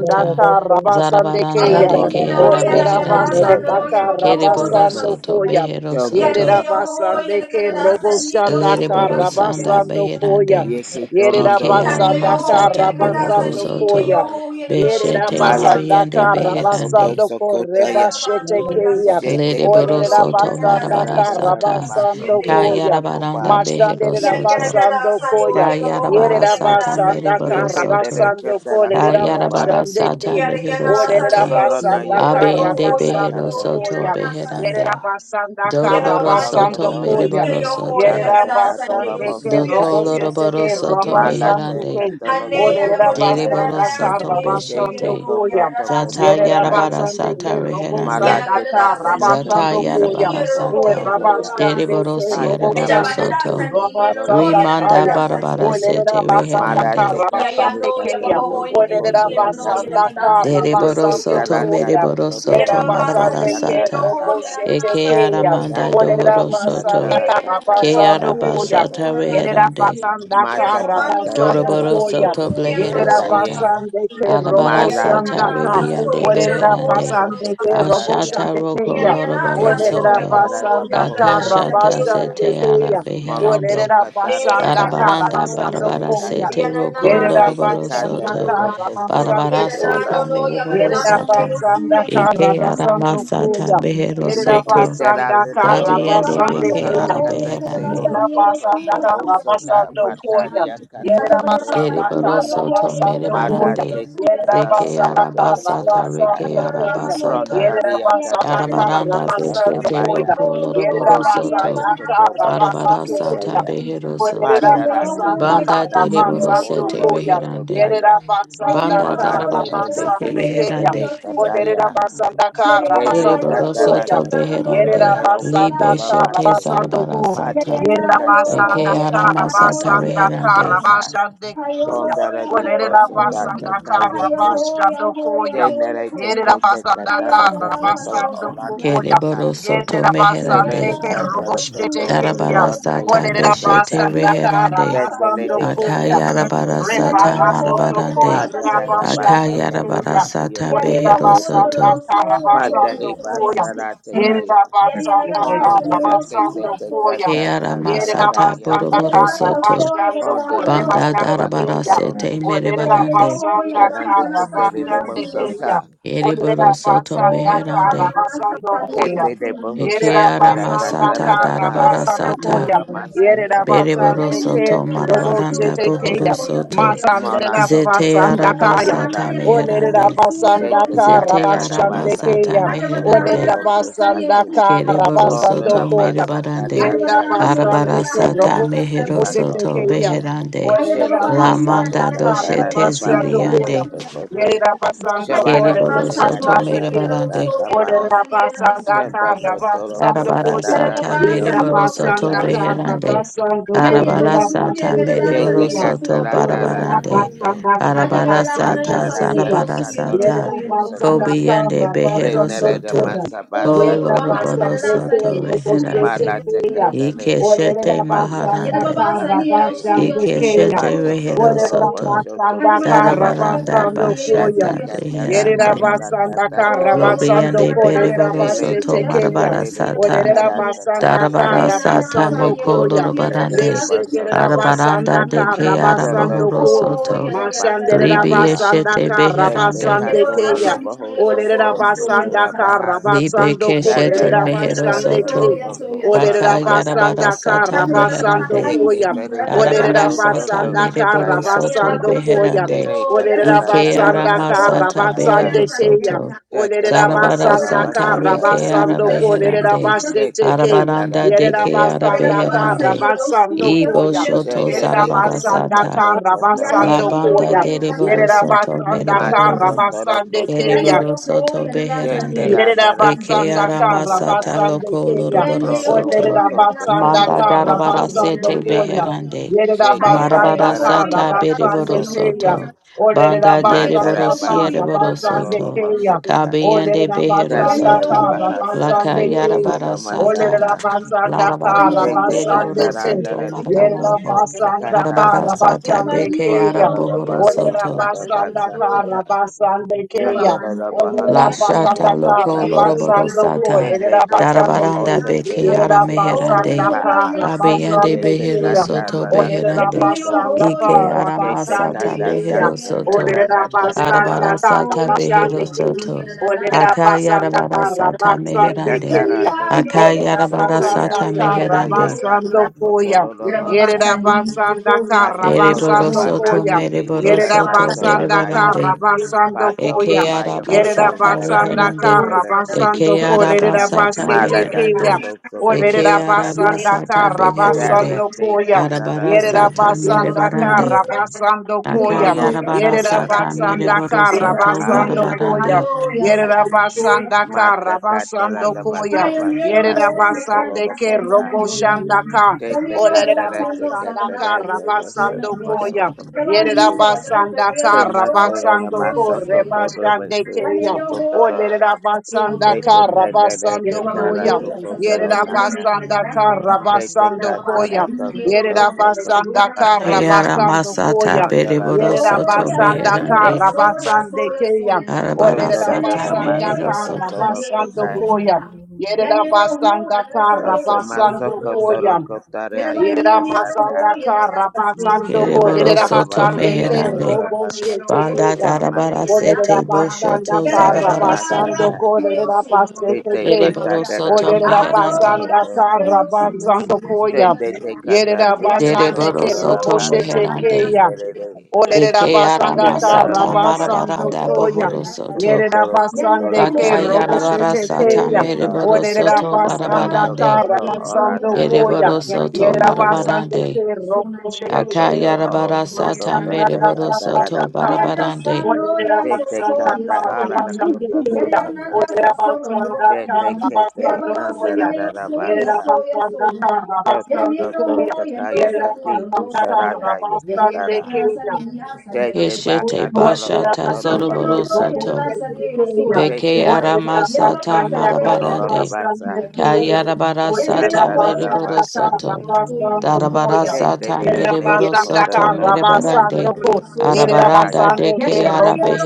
E: Thank you.
G: Aradavasanta yedadadadavasi.
D: Zarabaranda
A: Rabasandekeya.
F: Ronda
D: deke
A: O
B: Ayanino
F: Batista
B: yanagadasa
F: Terra
D: arabeherande.
B: no
F: Basso
A: Lerabasandaka
F: Koto
B: yaboboho
F: Yoko
D: Kereborosoto
B: sasasia.
A: Rabasandokoya.
F: Tondo no
B: Yanie
D: beherosoto.
F: Basa
B: yoho
A: Yerabasandeke
F: Katara
B: yanagadasa ni
F: Basso Ko
B: yosu
A: Roboshandaka
B: yasu
F: Oa
D: Leriborosanda
B: yasu yasu.
A: Rabasandokoya.
D: beherande.
F: Yeke tolondo
D: Ike
F: de la
B: Yanie
F: casa
B: yoho
A: Yerabasandaka
D: aramasata
F: y
B: yanagadasa
F: acoso
B: ni
G: Thank
D: bohorosoto.
A: Rabasandokoya.
F: tobaya.
B: yoho yanagadosa
A: Yerera
D: Beshete
B: nanas.
F: Mala
A: basanda
F: teca
D: rabiende
F: de
A: kara
F: la coto
D: beherande.
A: basando korre
F: socotaya.
A: başete
B: Yadababano yasu
A: keya.
B: su
F: Shete que le
A: Olerera
F: le
B: yagodo
D: Leriborosoto
F: teca da
A: basanda
B: yanagadasa
F: da
B: ni
F: da
B: yosu
A: kara
F: da da
D: marabarasata.
B: yasu
F: ba
A: basando
B: yanesa.
F: socoto
A: koya.
F: loco
D: Kayarabaranda
F: ba.
A: Maşlanderera
D: beherosoto.
A: basando
B: Yanagadasa yo
A: koya.
B: yaboboho
D: Kayarabara
A: Yerera
D: sata
B: yanagadasa ni
A: basanda
D: mereboro
A: kara
F: Yeke te de
D: soto.
F: que
A: basando
B: yosu
F: te la
B: yasu.
A: kolerera
F: coto ba.
D: Kayarabara
A: başlande ke.
D: sata
B: Yada
D: mehero
B: yana
A: Olerera
B: sasya
D: sata.
F: Otoro
B: yosu
F: na
A: basanda
F: yeke te
A: kara
D: Abiyende
B: badaro
F: sata
B: yana
D: behero
A: basando
B: badaro
F: cato
B: yana
D: soto
F: tobo
A: koya.
B: nana
A: Yerera
F: osata.
D: beherande.
B: sasya.
A: basanda
B: Yada
A: kara
E: Thank
D: Doroboro
B: baba
F: Padolo
B: ni
A: basando
D: soto
B: ni
F: coto le
B: ni
F: le
A: koya.
B: ya
D: mereboro
F: que
B: yoho
F: sata
D: soto.
B: yana
F: da
A: Yerera
F: da
B: gada
F: cato
B: sanya
F: la
A: basande
B: yosu
A: ke
B: suya
D: Doko
A: robo
F: bosataye.
A: sete ke
D: loroboro
B: suya suya
D: soto
A: roba
B: ne.
F: Mala
A: sande
D: meherande.
A: ke.
F: teca tologo
B: Hane yana
A: Olerera
B: baduni yada
F: cosataya.
D: Dereboro
A: basanda ka
B: gada
D: soto
B: sanya yosuya
A: rabasando
F: Shete
D: beshete.
B: roro yana
A: koya.
F: coto
B: gada
D: Zata
A: Yere
B: sanya.
D: yarabara
F: tocotorataya.
A: rabasande ke
D: sata
B: Yana
D: reherande.
A: robosanda
B: gada
A: ka
F: Malateka
B: da sanya ni
D: Zata
A: rabasando
B: ni
F: telekete
B: ni ni
A: koyam.
B: ya
D: yarabara
A: E
F: sekotolo
B: roho yana
D: sata.
B: gada
F: kotoya.
B: nana
A: rabasande
D: Dereboro
A: ke
B: sasya.
F: Pandada
B: Eja
D: siereboro
B: bada
F: baha
A: robosandi ki
B: da
D: soto.
B: sanya ni
F: sokotolo
B: no
F: no
B: no
A: rabasanda
B: yana gada
D: Rimanda
F: maya
A: kaya.
B: da
F: kese.
B: sanya
D: barabara
A: Olere
D: sete
B: yono
A: rabasanda ka
D: reherande.
F: Malateka
B: Ya ya
A: rabasande
B: no ya
F: telekato
A: kenya.
B: babahoy ni
A: Olere
B: ni
F: tobokotolo
B: ya no ya
F: naya.
B: da
A: rabasanda ka
B: kadasa ni ya no
D: Deriboro
F: Yeke
B: ho
A: rabasando
B: ya no
D: soto
B: sa
F: taranda
B: ya.
A: koyam.
D: meriboro
A: Yere
B: Ya da
F: tokotolo
D: soto
F: toto
B: babasa
D: marabara
A: rabasande
B: ni
A: ke
B: ni no
D: sata.
B: ho ya
F: takataranda
B: na na
F: ye.
A: roboshete
D: Eke
B: sa si ya
D: ara
A: keya.
B: no
D: manda
B: so ya
A: Olere
F: Gandale
B: ni ya.
D: dohoro
F: de
A: rabasanda
D: soto.
F: katara
B: E
A: ka
B: ya na kada
F: katara
D: Ke
B: da sa
A: rabasando
D: ara
B: ni ya no
A: koyam.
F: kasata.
D: basata
B: na na sa
A: Yerera
D: reherande.
B: si ya.
A: basanda
B: Ya da
F: Mata
E: you.
A: kara
B: baba ni no
F: katara
B: ya
A: basando
B: sa
F: toro
D: Doroboro
B: si ya
E: Thank
A: koya.
B: no
F: koto
D: soto
B: so ya da
D: blehero
B: kada
A: Yerera
F: kusanda
B: no
F: ye.
B: sa
D: sata.
B: sa
A: basande
B: si
A: ke
B: ya.
A: robo
D: Arabara
B: Ya da na
F: Malata
A: sanda
D: sata
B: na
A: ka.
B: sa so
D: ribiande
B: ya da
F: katara
B: no
A: Orerera
G: you.
F: koto
B: ho ya
D: beherande.
B: na no
A: basande
F: soto
B: sa
A: ke
B: sa
A: robo
B: si ya.
F: kataria.
D: Ashata
A: shande
D: roko
B: Ya da
A: keya.
B: ya na
D: loroboro
B: sa
F: Shele
B: so
A: Orerera
B: ya
D: soto.
F: katara da
B: babahoy ya
A: basanda
B: da da
F: baho
A: kara
B: sa
F: soto
B: ni ya
D: Akashata
B: no so
F: kaya.
A: basande
B: ya
D: zete
B: so
D: ara
B: ya
A: keya.
B: so ya.
D: beherande.
F: Morondo
A: Orerera
B: Eh,
F: katara
B: ya
F: da
A: basanda
B: ga da
F: baha
A: kara
B: fa
D: Arabaranda
B: do
F: soto
A: basando
F: tere
B: ya.
D: barabara
A: koya.
F: kaya.
D: sete
B: Ya na na
D: roko
B: na
A: Yerera
B: si
F: Yete
B: de
D: loroboro
B: si
A: basanda
F: kandara
D: soto.
B: do da.
A: kara
F: toko toro
B: Ya
A: basando
D: Barabara
B: da
F: koto
B: da no
A: koya.
D: sata
F: sa.
B: no ya ga da
D: mereboro
B: da
A: Yerera
B: sa ni yo
D: sata.
A: basanda kara
D: Ike
A: basando
D: aramasata
A: koya.
D: behero
A: Yerera
F: Yeke
D: soto.
F: tera
A: basanda
F: lena
B: Oh
A: kara
B: ya
F: koto
B: ne ba
F: lolo
D: Zabiende
A: basande
B: ya
D: beke
B: ro
F: masara
A: koya.
B: ho ya
F: kata
B: ne da
F: ise
B: da sa
D: arabeherande.
F: lolo
B: ni yo su
F: koto.
A: Yerabasandata
F: Omo sota
A: Rabasando Koya.
F: mataria kato
B: Aja ba da da
F: koto
B: sa
A: Yerabasandata
D: Deriboro
F: ramaria.
B: ho
D: soto
B: ya ga da
A: Rabasando
B: da sa
F: Mada
A: Koya.
B: ni yo
D: merebarande.
F: te katara da
D: Deke
F: koto
A: Yerabasandata
D: arabasata
F: sorata.
D: reke
A: Rabasando Koya.
F: Prondo
D: arabasata.
E: you.
F: radia
B: Hallelujah.
F: katara
A: Yerabasandata
F: ria
D: Arabaranda
F: koto
E: Thank
A: Rabasando
D: beshete
F: baya.
A: Koya.
D: roko loroboro
F: Prondo
D: soto.
F: baya
A: Yerabasandata
F: koto barati
D: Barabara
A: Rabasando
D: sata
A: Koya.
F: kesaya.
D: behero soto.
F: Pandala te
A: Yerabasandata
D: Banda
F: katara toko
D: deriboro
A: Rabasando
F: ora
D: sete
F: boso
A: Koya.
D: reherande.
F: kotaya.
D: Banda
A: Yerabasandata
F: Malande lele
D: Darabarasete
A: Rabasando
F: kese
A: Koya.
F: tele
D: Beherande,
F: kataya.
A: Yerabasandata
F: Tele
A: Rabasando
F: katara
A: Koya.
D: Yeriborosoto
F: toko tora
D: Beherande,
F: teo
D: Libe
F: kotora
A: Yerabasandata
D: Shete
F: mase.
A: Rabasando Koya.
F: Pate
D: Sarabarasata,
F: te
B: Hallelujah.
F: katara
D: Eke
F: toko la
D: Aramasata
F: danaya
D: Reherande,
F: katasa. Pondara di boso data kaya tu. Genere te kete katara toko to ola naya ka.
D: Keriborosoto
F: Tele
D: Meherande,
F: katara toko
D: Darabara
F: kotora naya
D: sata
F: kasata.
D: Beshete
E: you.
D: Reherande,
F: Zendele
E: Thank
F: de kata
A: Yerabasandakarabasandokoya.
F: loloko
A: Rebasanda
D: Akayarabarasata
F: sataya.
D: Marabarande,
F: Panda da da basa to da ba
D: Akayarabarasata
F: yoko sokoto.
D: Beherosoto,
F: Panda de basa ra te kaya.
B: Yadi
F: Pono
B: everlasting,
F: da
B: you
F: da
B: look
F: kese
B: full of
F: te
B: full of
F: kata da
D: Kearamasata
B: forgiveness. I am
F: yakosa.
B: not so
D: Boroborosoto,
B: strong, you are not
F: Ponda da
B: Hano,
F: da
B: you are
D: Banda
B: so full.
D: Darabara
F: toro
D: sete
F: kushi.
B: And then you know
D: Merebarande,
B: who you are not
F: Shalande
B: Hano, so
F: kutere
B: full
F: de
B: of full of full.
F: mosoka.
D: Yeriboro soto
B: Oh, you
A: Basanda
B: are not
D: meherande.
B: Hano, so full of
A: Basanda
F: Hete de
B: full.
D: Eke
F: bohusa
A: Yerera
F: da da
B: Yadi
D: arama
B: you who
A: basanda
B: you
F: da
D: sata
A: kara
B: so,
F: masa
D: darabara
A: basando
F: kotoro
D: sata.
A: koya.
B: so
F: da masa
A: Yerera
F: kotoro da
D: Beriboro
A: basande
F: boho
A: ke
D: soto
F: koto
A: robo
F: basa
D: marabaranda
A: chete
F: kataya.
D: bohoro
A: keya.
B: so, so,
D: soto.
B: so,
A: Masandera
F: Monando
D: Zete
F: kotora
A: basanda
D: araba
A: kaya.
D: sata
F: kisarate.
A: Olerera
B: so
D: meherande.
A: basanda
F: Shete
A: kara
D: Zete
F: kandara da
D: araba
A: basande
F: basa
D: sata
A: keya.
F: tabako toro
D: meherande.
A: Olerera
F: loko
E: you.
B: Hallelujah.
A: basanda
F: satu.
A: kara
D: Keriboro
E: Thank
F: Koto
A: basando
F: da
D: soto
A: koya.
F: basa
D: merebarande.
F: katata
A: Yerera
F: ike te
D: Arabara
A: basande ke
F: kata
D: sata
A: robo
F: te te
D: mehero
A: chete
D: soto
F: bakoto.
A: keya.
D: beherande.
F: Shete
A: Olerera
D: La
F: kete te
A: basanda
D: manda
A: kara
F: katara da
D: doshete
A: basando
F: basa
A: koya.
D: zibiande.
F: koto koto.
A: Yerera basando koya.
F: Shabarata
D: Keriboro
A: Yerera
F: de
D: soto
A: basande
F: katata
A: ke.
D: merebarande.
F: katata ba.
A: Orera basanda
F: Shendo
A: kara
F: koto loko
A: basando
D: Arabara
F: tada
A: koya.
F: da
D: sata
F: rudio
D: mere
A: Yera
D: soto
F: kosata.
A: basanda kara
D: beherande.
A: basando koya.
D: Arabara sata
A: Basete
D: mere
F: Shete
A: koya.
D: soto
F: katara da da
A: Orera
F: da
D: barabarande.
F: koto.
A: basanda kara
D: Arabara
A: basando
D: sata
F: Patara da
A: koya.
F: da
D: zarabara
F: katara
A: Yera
D: sata.
F: koto soko.
A: basanda
D: Kobiande
A: kara
D: behero
A: basando
F: Renere
D: soto.
A: koya.
B: Oh,
F: Masabasa
B: yaba
A: Yera
B: bahana
D: Koloroboro
A: basande
B: gadala
F: Katorokota
D: soto
B: saliye
A: kero
B: yo suya
A: bosete
D: beherande.
B: suya
F: Malate
A: koya.
B: suya suya suya.
E: you.
F: Katelekoto
D: Ikeshete
A: Orera
F: by
B: Yada
A: basanda
F: Yoshoko
D: maharande.
B: baba
E: Thank
A: kara
B: saliye yo
F: Karandaya
B: suya
A: basande
B: suya
A: koya.
D: Ikeshete
B: suya
D: rehero
B: suya
F: Patokotoro
A: Orera
B: suya.
D: soto.
F: Boshoto
B: Haji
A: basanda
B: badala
A: kara
B: hadi
F: Kutaya
D: Darabaranda
B: gadala
A: basando
B: saliye yo
A: koya.
F: Jate
D: bashata
B: suya suya
F: Katara
A: Yerera
B: suya
D: beherande.
F: Adara
B: suya.
A: basanda
F: Katata
A: kara
B: Oh, yaba
F: Koto
B: bahana
A: basando
D: Lobiande
A: ko
B: gadala
A: lerera
D: bereboro
B: saliye yo
F: Jele
D: soto
A: basete
B: suya
F: Kete
A: keya.
B: suya
D: marabara
F: Kelele
B: suya
F: na
D: sata.
A: Olerera
B: suya suya.
F: Narata
A: basanda
F: Karia
D: Darabara
B: Yada
A: kara
B: nana
D: Sata
A: basando
B: saliye
F: Jete
D: Moko
B: do
A: koya.
B: do
F: Ketele
B: yada
F: de
D: Lorobarande
B: dada
A: Meshe
B: saliye
F: boso
B: do
A: derera
B: do
F: koto
B: yada
A: basanda
D: Arabaranda de
B: saliye.
A: kara
D: Keara
F: Jodo
A: basando
D: Mohoro
A: ko.
B: Oh,
F: Tokoto
D: Soto
B: yada yada
A: Mashanderera
D: Libi
F: Tabakataka
B: gadala
A: basanda
D: Yeshete
A: kara
F: Jete
D: Beherande
A: basande
F: Katolo
A: keya.
F: Lobo
B: saliye yo
A: Olerera
B: suya
F: Soto
B: suya suya
A: basanda
F: Kutura
B: suya.
A: kara
D: Libe
A: basando ko
D: Keshete
F: Jandala
A: lerera
B: Yes,
D: Mehero
F: teka
A: basande
F: tolo
D: Soto
A: ke.
F: loko orara
A: Olerera
D: Baka Yarabara
F: masaka.
A: basanda kara
D: Sata
A: basando
F: Ye
D: Meherande
A: koya.
F: kete re no ya
D: Arabara
A: Olerera
F: kosondo
D: sata
A: basanda
D: mere
A: kara
D: boro
F: sataya.
D: soto
A: basando koya.
D: beherande.
F: Jere
A: Olerera
F: katara
D: Ike
A: basanda
F: takata
D: arama
A: kara
D: sata
F: tatakata.
D: behero
A: basande
E: you.
A: keya.
D: soto.
F: Jete
A: Olerera
E: Thank
F: ko
D: Zarabara
F: ora
E: you.
A: basanda
D: sata
A: kara
F: masata
D: reke ara
A: basando
F: katarama.
A: kolerera
D: beherande.
F: Jete
A: basete ke.
F: kanara
D: Arabaranda
A: Yerera
F: tere
D: deke ara
F: katara
A: basanda
F: na
A: kara
D: beherande.
F: masaka.
A: basando
D: Ibo
A: koya.
D: shoto
F: Jende de
A: Yerera
D: zarabara
F: kete
A: basanda
D: sata.
F: kato
A: kara
F: kotora
D: La
A: basando
F: tora
D: banda
A: koya.
D: de
F: koto sa.
D: boro
A: Yerera
D: soto mere
A: basanda
F: Mato
A: kara
D: barande.
F: kotoro
A: basande
F: koto
A: keya.
F: si.
D: Ereboro soto
F: Jete
D: beherande.
A: Yerida
F: randara
D: Eke
F: toko
A: basanda
D: ara
A: kara
D: masata
F: sotata.
A: basande
D: loko
A: keya.
D: loroboro
F: Proto
D: soto.
A: Orderida
F: Boto Koto
A: basanda
D: Manda
A: kara
F: Toromoso
D: darabara
A: basando
F: Koto
D: sete
F: Ya
A: koya.
D: beherande.
A: Yerida
F: Shete
A: basanda
D: Marabara
F: Katara
A: kara
D: sata
F: Tara
A: basande
D: bereboro
F: Koso
A: keya.
D: soto.
F: Toko
A: Orderida
D: Banda
F: Madara
D: dereboro
A: basanda kara
F: Basa
D: siereboro
F: Kotoro
A: basande
D: soto.
A: keya.
F: Romosata
D: Kabiende
A: Orderida
D: behero
B: Yan
A: basanda
F: Sandara
B: yo
D: soto.
A: kara
F: Rabaha
D: Laka
A: basande
F: Sokotoro
A: keya.
D: yarabara sata.
A: Orderida
F: Romasata
A: basanda kara
D: Larabaranda
F: Shete
B: ho,
A: basande
D: bereboro
F: Katara
A: keya.
D: soto
F: Andara
E: Thank
A: Yerera
F: Rikoto
D: marabarande.
F: O
E: you.
A: basanda
D: Arabara
A: kara
F: Sakatata
B: Yena
D: sata
B: ba
A: basande
B: ni
D: beke
B: lo
D: ara
A: keya.
F: Bondora
D: bohoro
F: Rabasa
A: Olerera
D: soto.
B: sana
F: Kota
B: yelo
A: basanda
F: Basa
B: gloria
A: kara
F: Kata
A: basande
B: yena ba
A: keya.
B: man
F: Yondora
B: lo ho
F: Rabaha
A: Olerera
D: La
B: ya
F: Koto
A: basanda
D: shata
A: kara
D: loco
B: yelo ho
F: Satata
D: loroboro
B: yelo
A: basando ko.
D: sata.
B: ya
A: Lerera
F: Jende Te
A: basande
F: Temo
D: Darabaranda
A: keya.
F: Ose Te
D: beke ara
A: Yerera
F: Yusufu
A: basanda
D: meherande.
B: oh ya
F: Maa
B: ya
A: kara
B: sana yo
D: Abiyande
A: basande
F: Yete
D: behero
A: keya.
B: ya
F: kata
D: soto
F: la da
A: Olere
B: yena
F: koto
D: beherande.
B: yo ho
F: so.
A: rabasanda ka
D: Ike ara
B: sana
F: Yete
A: rabasande
B: sana
D: masata
B: yo
F: kanda
A: keya.
F: da
D: behero
B: ya
F: da
A: Olere
F: kanda
D: soto.
F: da da da
B: yena
A: rabasanda
B: na
F: ba.
D: Arabara
A: ka
B: so
D: sata
B: ya so ya
A: rabasande
D: behero
B: lo ho
A: keya.
D: soto.
B: na
A: Olere
B: ya
A: rabasanda ka
D: Akayarabara sata
A: rabasande
F: Yekata
D: meherande.
F: tara
B: Hallelujah.
A: keya.
F: toro
A: Olere
F: koto so
D: Akayarabara
B: hallelujah,
F: taya.
A: rabasanda
D: sata
A: ka
B: hallelujah,
D: meherande.
F: Ataya
A: rabasando
B: hallelujah.
F: ata koto
A: koya.
F: roro
A: Yere
F: mosa.
A: rabasanda ka
F: Pata koto
D: Ereboro
A: rabasando
D: soto
A: koya.
F: banani diri
D: mereboro
A: Yere
F: kasa
D: soto
F: tora
A: rabasanda ka
E: Thank
F: naya.
D: bereborande.
A: rabasando
F: Pato
D: Eke
A: koya.
F: kobayo
A: Yerera
D: arabasa
F: koto
A: basanda
F: sarata
D: tameherande.
A: kara
F: katera
D: Eke
A: basando
F: kitise.
A: ko lerera
D: arabasa
A: basete
F: Mala da
A: keya.
D: tameherande.
F: koto so
A: O
F: koto
A: lerera
D: Eke
F: la kata.
A: basanda
D: aramasa
A: kara
F: Dada
D: tameherande.
A: basando
F: te
A: koya.
F: kata la
A: Yerera
D: Arabarasa
F: toro koto
A: basanda
F: sata.
A: kara
D: tamerebarande.
A: basando koya.
F: Molo toko
A: Yerera
D: Akayarabarasa
F: tarakete
A: basanda kara
D: tamereboroso
F: sedeka
D: to
A: basando
F: adera
A: koya.
F: kato
D: barabarande.
F: kotoya.
A: Yerabasandaka
F: Mata
B: I
F: katara da
A: Rabasandokoya.
F: basa
B: am Thank
F: basa baso kotoro do
A: Yerabasandeke
B: you.
F: kosa.
B: and enjoy you.
A: Roboshandaka.
B: I am
F: Tete
B: your home
F: kandara
B: and
F: te
B: no son and I
A: Olerabasandaka
F: katara
B: say
F: te
B: you and
F: basa
B: soon
F: da
B: and young.
F: maso
A: Rabasandokoya.
B: Come on, leave
F: kufu.
B: it, I don't say
A: Yerabasandaka
B: you and soy
F: Tumaso na
B: and
F: da
A: Rabasandoko
B: soy
F: maso
B: and soy and
F: kotoro
B: I. I
F: basu
B: am
A: Rebashandekeya.
F: su
B: your home and
F: kotoro.
B: I say you and soon
A: Olerabasandaka
F: Tete
B: and young.
F: kandara
B: You
F: te
B: know, Baba,
F: kara
A: Rabasandokoya.
B: no,
F: to
B: you are
E: you.
B: so
F: kotoro
A: Yerida
B: good.
F: naya.
B: You
E: Thank
A: basanda
E: you.
A: kara
F: Tete
B: know,
A: basando
B: Baba, I
F: katara
B: say
A: Koya.
B: you
F: to
B: and no,
F: kotoro
A: Yerida
B: don't you
A: basanda
F: kotoro.
D: Ke
A: kara
B: know, Baba,
A: basando
D: aramasa
A: Koya.
F: Mandara da
D: tabereboroso
B: Oh,
D: to
F: basa
B: yes, I
A: Yerabasanda
F: kato
B: hear your
D: meherande.
F: kotoro
B: soul, your
A: Karabasande
B: soul,
F: matu.
B: your soul,
A: Keya.
B: your
F: They
B: name.
F: take my
A: Olerida
D: Arabarasa
B: Yene yo ho,
A: basanda
F: cadera
B: yene
D: tameheroso
A: kara
B: la sa
D: to.
B: ye yo su,
A: basando
B: yene
A: Koya.
B: ha.
A: Yerida
B: Yene yo hu, na
A: basanda
B: la sa
A: kara
B: ye yo su, na
A: basando
B: do sa na.
A: Koya.
B: Yene ba
A: Yera
B: ni me yo
A: basanda
B: ho, yene la
A: kara
B: sa se yo
A: basando
B: su, yene
A: kolera
B: ha.
D: Kereboroso to
B: Yene
A: basande
B: yo la
A: ke
B: na
D: meherande.
B: la
A: robo
B: sa ye
A: shete
B: ho,
D: Banda
B: yene
A: kuya.
B: yo hu, yene la
A: Olera
B: sa
D: darabarasete
B: ye ha.
A: basanda
D: boshoto
B: Yene ya
A: kara
B: ya ya, ya,
A: basando
D: zarabarasata.
B: ye yo
A: kolera
B: su, do na
A: basete ke.
B: na
D: Dereboro
B: na ya.
D: soto
A: Olera
D: meherande.
B: Aleluya,
A: basanda
F: masakoto.
A: kara
B: Santo suyo,
A: basando
B: suyo,
F: Then
B: suyo,
A: koya.
F: they
B: Dios.
F: take out that
A: Yera
F: to
B: Gloria,
F: the
B: nana,
A: basande
D: Dereboro
A: ke
B: santo,
F: cotora
A: robo
D: soto
B: gloria, por
F: basi
B: la
A: shete ke
D: meherande.
B: gana,
A: ya.
B: santo, Dios,
F: ikikere.
D: De
A: Olerera
B: Yes,
D: keara
A: basanda
F: Then
A: ka
F: da da
D: masata
F: da da ba
A: rabasando
D: marabaranda
F: to
A: koya.
D: bohoro
E: Thank
F: to
D: soto.
A: yere
F: kotoro
A: basande
F: kotora da
A: ke
F: basi.
A: robo
D: Rakayarabara
A: shete
F: They
D: sata
A: keya.
F: take
D: mereboro
A: Olerera
D: soto
A: basanda ka
D: barabarande.
F: Jotokoto ora
A: rabasando
F: da da da
A: koya.
D: Ereboro
F: da ba
D: soto
A: yere
F: sokoto.
A: basande ke
D: marabarande.
A: robo shete
F: Jototo
A: keya.
F: o
D: Akayarabara sata
F: sokoto te
D: mereboro
F: katara da
D: soto
F: ba.
D: barabarande.
F: Jete kanda ala da koto sotaka. Jete kete andara da da ba sa. Jotokoto toka yakati usaranda
B: Desde
A: Rabastan de
B: la
F: yakatara.
B: casa
A: Kenya.
F: Jete
D: Keshete
F: baka toro
D: bashata
F: kotoro
A: Yerabasando,
F: baho
D: zoroboro
F: sata.
D: soto.
F: Jete
D: Beke
F: kete te
D: aramasata
F: keto lonoro da
D: marabarande.
F: ba sa.
D: Kayarabara sata
F: Jata da da ba
D: mereboro
F: sa.
D: soto. Darabara
F: They they
D: sata
F: they they they uh,
D: mereboro
F: come
D: soto
F: through the my oh so
D: merebarande.
F: so so so so so, da da
E: you.
D: Arabaranda
F: ya.
D: de ke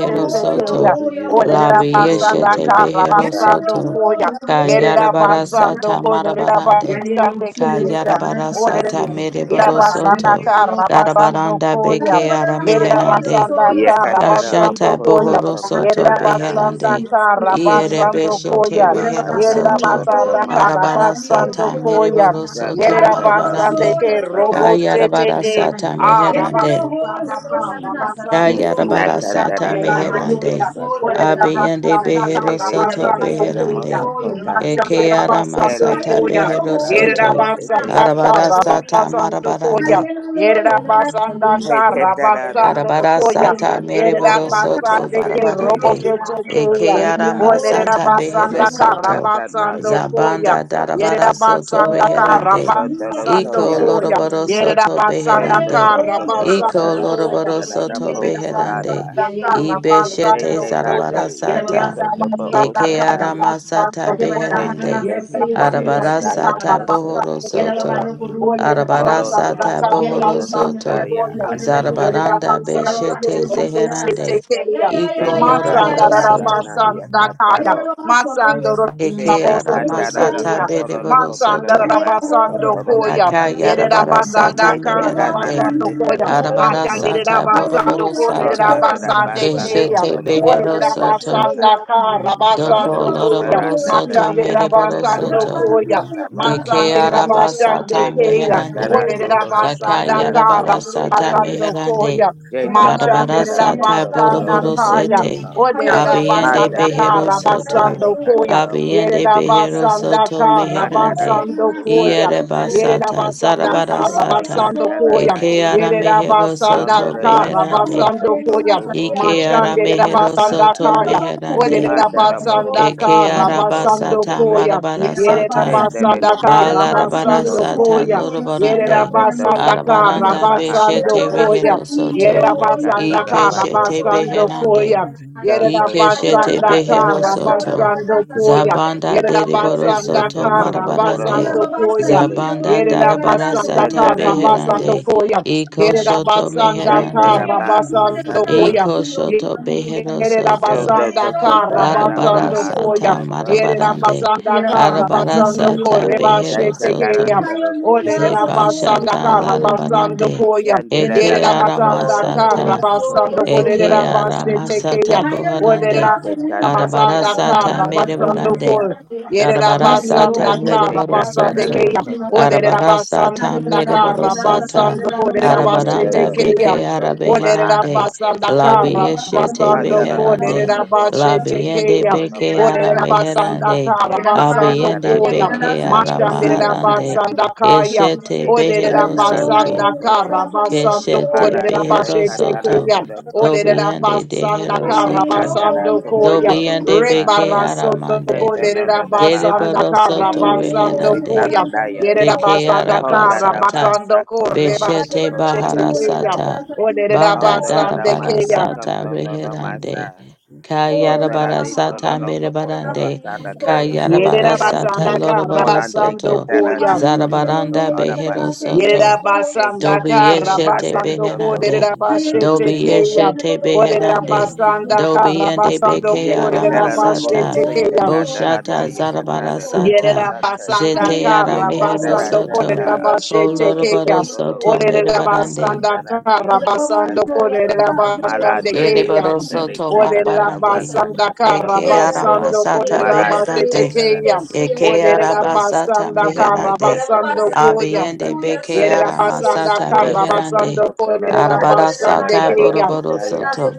E: Thank
F: Do to go
D: soto.
F: to you is go
D: Labi
F: through on
D: yeshete
F: my
D: behero
F: casa.
D: soto. Kayarabara sata marabarande. Kayarabara
A: Yerabasando,
D: sata
F: Mm.
D: mereboro
A: Rabasanda
D: soto.
A: ka
B: no
A: rabasando
D: Darabaranda
A: koya.
D: beke
B: Hallelujah.
A: Yere
D: arameherande.
A: rabasanda
F: Yeah,
A: ka
F: katara no
A: rabasando
D: Kashata
F: bajo
A: koya.
F: so
D: bohoro
F: so
A: Yere
D: soto
F: katara da.
A: rabasanda
D: beherande.
A: ka
F: Shake shake
A: rabasando
D: Ierebe
F: shake shake
D: shote
F: they
A: koya.
F: ba
D: rehero
F: asa
A: Yere
F: go
D: soto.
F: through
A: rabasanda
F: on my
A: ka
E: you.
F: casa.
D: Arabara
A: rabasando
D: sata
A: koya.
D: mereboro
F: Dan da
A: Yere
D: soto
F: da da ba
A: rabasande
F: so
D: marabarande.
A: ke
F: so ba
A: robo
F: so so.
A: cheche
D: Kayarabara
A: ke.
D: sata
A: Ah,
D: meherande.
A: rabasanda ka
F: Mm.
A: rabasando
F: Mm.
A: koya.
F: Na
D: Kayarabara
A: Yere
F: kan da
D: sata
F: da da da
A: rabasande
F: ba
A: ke
F: so
A: ya.
D: meherande.
F: so ta.
A: Ole
D: Abiyande
A: rabasanda ka
F: They
D: behero
F: they take
D: soto
F: they
A: rabasando
F: they the most
A: koya.
D: beherande.
F: so so
D: Eke
A: Mashandira
D: arama
F: They
A: basando
F: they
D: sata
F: take
A: koya.
F: kan
D: behero
F: da da
E: Thank
F: take they
D: soto.
F: they.
A: Yerabasandaka
D: Arabara sata marabarande.
A: Rabasandokoya.
B: Hallelujah, na na salute
A: Yerabasandaka
F: Hey,
B: you, na
F: Ketara do
B: na.
D: Arabara
F: Lokoto
A: Rabasandokoya.
D: sata
F: Basata
D: mereboro
B: Hallelujah,
F: Taro
B: na na
D: soto
F: Nondo
A: Yerabasandeke
B: salute you, na
F: Yakatiri
D: barabarande.
F: de
B: na.
F: Moso
A: Roboshetekeya.
D: Eke ara
F: Katata.
B: Hallelujah, na
D: masata
B: na
D: behero
B: salute
A: Olerabasandaka
F: Rete
B: you, na na.
D: soto.
F: Kata na
A: Rabasandokoya.
F: Yokoto
D: Zabanda
F: Sota.
D: darabara soto
A: Yerabasandaka
B: Oh,
F: Rete
D: beherande.
F: Kodoro
D: Iko
F: Toya.
A: Rabasandokoya.
D: loroboro
B: you, na na.
D: soto
F: Toto
A: Yerabasandaka
D: beherande.
B: Hallelujah,
F: Tokotora da
D: Iko
B: na
F: da
B: na
F: da
B: salute
A: Rabasandokoya.
D: loroboro
F: da
B: you,
F: da da
D: soto
F: Po
B: na na.
D: beherande.
F: Sarada.
A: Yerabasandaka
D: Ibeshete
F: Rete
B: you,
A: Rabasandokoya.
D: zarabara
F: Rade
B: na Baba
D: sata
F: Yakato Bo
B: salute you,
D: de que
A: Yerabasandaka
B: na na.
F: Osataya.
D: aramasata
B: Yeah, yeah,
A: Rabasandokoya.
D: beherande,
F: Rete Ketere Dada
D: arabarasata
F: Yakoso
D: bohoro soto,
F: Tokotora. Horo Toro
D: arabarasata
F: Koto
D: bohoro soto,
F: Tokotaya. Atataya
D: zarabaranda
F: Katara
E: you.
D: beshete
F: Dokotasa.
D: zeherande,
B: yeah,
E: Thank
D: eco
B: yeah,
F: Shete
B: yeah,
D: loroboro
F: katara
B: yeah,
D: soto,
F: dana
B: yeah.
F: ya kataro.
D: eke
F: Shete
A: Masandorabosete
F: kandara
A: Keria,
D: aramasata
F: kotoro
D: bedeboro
A: Masanda
F: kotoro la
D: soto,
F: masa
A: rabasando
F: kotoro
A: koya.
F: kotasa.
A: Yere rabasanda
D: akayarabarasata
A: ka
F: Yete
D: meherande,
F: kanada
A: rabasando
F: te
A: koya.
F: katoro to
A: Mashandere
D: arabarasata
F: kosa.
A: rabasando
D: boroboro
A: koya. Yere
D: sata,
F: Kondara la
A: rabasande
F: basa
A: keya.
D: keshete
F: kotoro
A: Ore
D: behero
F: bahasa
D: soto,
A: rabasanda
F: tata.
A: ka
F: Proto
A: rabasando
D: doko
A: koya.
F: kotara
D: loroboro
E: you.
F: nada
D: soto
F: de
A: Mashandere
D: mereboro
F: katara da
A: rabasando
D: soto,
F: basa
A: koya.
F: tata
D: De ke
A: Masande
F: bahasa.
A: da
D: araba
A: basande
D: sata
F: Shete
A: keya.
D: meherande.
F: kandara
A: Ode da
F: toro la
D: Da ka
A: basanda
F: kotara
B: Hallelujah.
F: ti
A: kara
D: yarabara
F: ishe
D: sata
A: basando
F: naria.
D: meherande.
A: koya.
F: Shete
A: Machande
D: Arabara
F: kandara
A: da
F: te
D: sata
F: kotoro
A: basanda
F: la
D: boroboro
A: kaya.
D: sete.
F: kosa.
A: Ode da
D: Abiende
A: basanda
F: Handere de
D: behero
A: kara
F: candere
D: soto.
F: de
A: basando koya.
F: catorobo
A: Yere
D: Abiende
A: da
D: behero
F: osetaya.
A: basanda
D: soto
A: kara
F: Handara
D: meherande.
F: de
A: basando koya.
F: bohusata
E: Thank
D: Iereba
F: kaya.
A: Yere da
D: sata.
A: basanda
D: Zarabara
A: kara
F: Sendele de
D: sata.
A: basando koya.
D: Eke
F: catalanaya.
D: ara
A: Yere
B: Yes,
A: da
D: mehero
A: basanda
D: soto
F: Rondore
A: kara
F: basso
D: beherande.
F: koto
A: basando
F: koto
A: koya.
D: Ike
F: ondoro no
D: ara
A: Machande da
F: kuta
D: mehero
A: basanda
D: soto
F: sataka.
A: kaya.
D: meherande.
F: Handara
A: Olerabasandaka
D: Eke
F: bohusoto koto
D: araba sata
F: okote.
A: rabasandokoya.
D: marabara
B: Yena baba
D: sata.
F: Sendele
B: sani,
F: de
A: Yererabasandaka
F: bahaso
D: Balarabara
F: kotoria.
D: sata
A: rabasandokoya.
D: lorobarande.
F: Jondo toko
A: Yererabasandaka
F: torada
D: Arabaranda beshete
F: bahasaka.
A: rabasandokoya.
D: rehero soto.
F: Jete
A: Yererabasandaka
F: katara basso
D: Ikeshete
F: koto.
D: beherande.
A: rabasandokoya.
F: Jondo
D: Ikeshete
F: okata
A: Yererabasandaka
D: behero
F: yakata
D: soto.
A: rabasandokoya.
D: Zabanda
F: They
D: deriboro
F: took
A: Yererabasandaka
D: soto
F: the Sokotora
D: marabarande.
F: Oke
A: rabasandokoya.
F: Sete,
B: yago
D: Zabanda
B: dunia, gana
D: darabara
B: la
A: Yererabasandaka
D: sata
F: Sandara De
D: beherande.
F: Is,
A: rabasandokoya.
B: sani Thank
D: Iko
B: you.
D: shoto
E: you.
A: Yererabasandaka
F: Sandara
D: meherande.
B: Aleluya,
F: Ma
B: como
E: Shut
B: tú le das a
F: Sato,
A: rabasandokoya.
D: Iko
B: mi
D: shoto
B: oscura, me gusta
D: behero
B: nada. Y
D: soto.
B: a
F: Shondo
A: Yerabasanda
B: Dios yo voy,
F: Tokotora
B: amor,
F: Ma
D: Larabara
A: Karabasando
B: amor.
A: Koya.
D: sata
F: Asokoto,
D: marabarande.
B: Y
A: Yerabasanda
B: era la basta,
D: Arabara
B: no
A: Karabasando
B: me lo
D: sata
B: voy a
D: behero
B: nada.
F: Sandara
A: Korebashetekeya.
D: soto.
B: Ay,
F: Toro
B: aleluya,
F: Koso,
B: soy, soy,
A: Olerabasanda
D: Zebashata
B: lo soy,
A: Karabasando
D: Larabarande,
B: aleluya.
A: Koya.
B: Y el día
F: Sandara La
D: Eke
F: Katara
A: Yerabasanda
B: soy, soy,
F: dororo
D: Aramasata,
A: Karabasando
B: soy,
F: Sokoto
B: soy,
D: Eke
B: no
F: Bataka,
B: sana.
A: Korebashetekeya.
D: Aramasata
B: Aleluya,
D: Buharande,
B: soy
F: Sete
B: muy
F: Kana
A: Olerabasanda
F: Doro
B: sana,
D: Arabarasata
B: sana,
F: Koto
B: soy,
A: Karabasando
D: Merebarande,
A: Koya.
F: Sataya,
B: soy, aleluya. Y el día yo
D: Arabarasata
A: Yerabasanda
B: voy,
F: Sandete
B: la basta,
A: Karabasande
F: Katara
B: no me
D: mereborosoto.
B: lo
A: Keya.
B: voy a
F: Tokotoro
B: nada.
F: Koso,
A: Olerabasanda
D: Arabarasata
B: Hallelujah.
D: mereborosata.
A: Karabasando
D: Arabaranda
F: Sandara
A: Korebashetekeya.
D: beke
F: Sokoto Ma
A: Olerera
D: arabeherande.
A: basanda
F: Arakatese.
A: kara
D: Labieshete
A: basando
F: Andarara
D: beherande.
A: kolerera
F: moso to
A: bashe
F: basa
D: Labiende
A: tekeya.
F: kotoro no
D: beke
A: Olerera
F: basa.
A: basanda
E: Thank
D: arameherande.
A: kara
F: Kete
A: basando
F: katara
D: Abiende
A: koya.
F: doro
D: beke
F: lo koso taya
A: Mashanderera
D: aramaharande.
F: naya.
A: basanda kaya.
D: Eshete
F: Kete
A: Olerera
F: katara naya
D: beherosoto.
A: basanda kara
F: koso.
A: basando
D: Keshete
F: Para
A: kolerera
F: tele
A: bashete
F: katara
D: beherosoto.
A: keya.
F: toro kosa.
A: Olerera
D: Dobiende
A: basanda
F: Kete
A: kara
D: deherosoto.
F: katara
A: basando
F: toko
A: koya.
F: toro
D: Dobiende
F: kota.
D: beke
A: Rebara soto
D: aramande.
F: Kete no
A: kolerera
F: dada ba
A: basanda
F: ato
A: kara
D: Deriborosoto
F: kotoro ti
A: basando
F: isi
D: reherande.
A: koya.
F: tana naya.
D: de
A: Yerera basanda
F: Honda
A: kara
F: da
D: arabasata.
A: basando
F: basa
A: kore
F: kotoro
D: Beshete
F: toko
A: bashete
F: tara
B: Aleluia,
A: keya.
D: baharasata.
F: takata.
A: Olerera
D: Banda
F: Honda da
A: basande
F: masa
A: keya.
D: darabarasata
F: kotoro da
D: reherande.
F: masa. Mondara de
D: Kayarabarasata
F: Borolondo Cotola
D: merebarande.
F: Tana Taye
A: Yerera
F: Kitaya,
D: Kayarabarasata
A: basanda kara
F: Morande
A: basando
D: loroborosoto.
F: Ketara
A: koya.
F: Toko Toko
D: Zarabaranda
F: Arabashe,
D: beherosoto.
A: Yerera basanda
F: Shete
D: Dobi
A: kara
F: Kete
D: yeshete
A: basando ko
F: Aderikoto
A: derera
D: beherande.
F: Okuso,
A: bashete
D: Dobi
E: you.
A: keya.
D: yeshete
A: Oderera
E: Thank
D: beherande.
A: basanda
D: Dobi
A: kara
D: yende
A: basando
D: beke
A: ko
B: Quiero
A: derera
B: tomar
F: Yeketara
B: solo yo
F: Loboho
A: bashete
D: aramasata.
B: soy,
F: Sita
B: yo soy, yo
F: Kadala
D: Boshata
B: soy, yo
F: Naya
B: soy, yo
F: Katara
B: soy,
F: Lobo
B: yo
D: zarabarasata.
A: Yerera
B: soy,
F: Sate,
B: Ay,
A: basanda
B: yo
D: Zete
B: me
D: ara
A: kara
B: voy, yo
D: mehero
B: no
F: Yeketara
B: me
A: basando
D: soto.
A: kolerera
F: Tata
B: pasaría, yo
A: bashete
F: Akato
B: soy, yo
D: Koloroboro
B: soy,
A: keya.
B: yo
F: Tokotoro
B: soy,
D: soto
B: yo
A: Olerera
B: soy,
F: Kotoro
B: yo
D: merebarande.
B: soy.
A: basanda
F: Konatara
B: Yo
A: kara
B: la
F: Dioko
B: mamá
A: basando
B: no,
F: Sata,
B: yo la
A: kolerera
B: mamá que yo
A: bashande
B: soy,
F: Malade de
B: yo
A: keya.
D: Ereboro
B: soy,
F: Katele
D: soto
A: Olerera
F: Kadara
D: marabarande.
F: Masa
A: basanda kara
B: Y
D: Eke
B: ahí
F: Katoro
B: la loco
A: basando
B: tuyo, yo
D: aramasata
A: kolerera
B: la
F: Marate
B: soy,
A: bashete
D: beherande.
B: yo soy,
F: katara
B: yo
A: keya.
B: soy,
F: kata
B: no
D: Eke
B: puedo
A: Olerera
B: hacer
F: sataka.
B: nada.
D: arabasata
A: basanda kara
F: Kete
B: Y la
D: meherande.
B: mamá
F: katara
A: basando
F: de kata
A: koya.
D: Abiende
B: soy, yo
D: beke
B: soy, yo soy,
F: takata.
A: Yerera
B: yo
A: basanda
B: soy,
D: aramasata
A: kara
F: Kete
D: beherande.
A: basando
F: kotora
A: kolerera
F: kotora
A: bashande
D: Arabarasata
F: daya
A: keya.
D: boroboro
F: tekaya.
D: soto.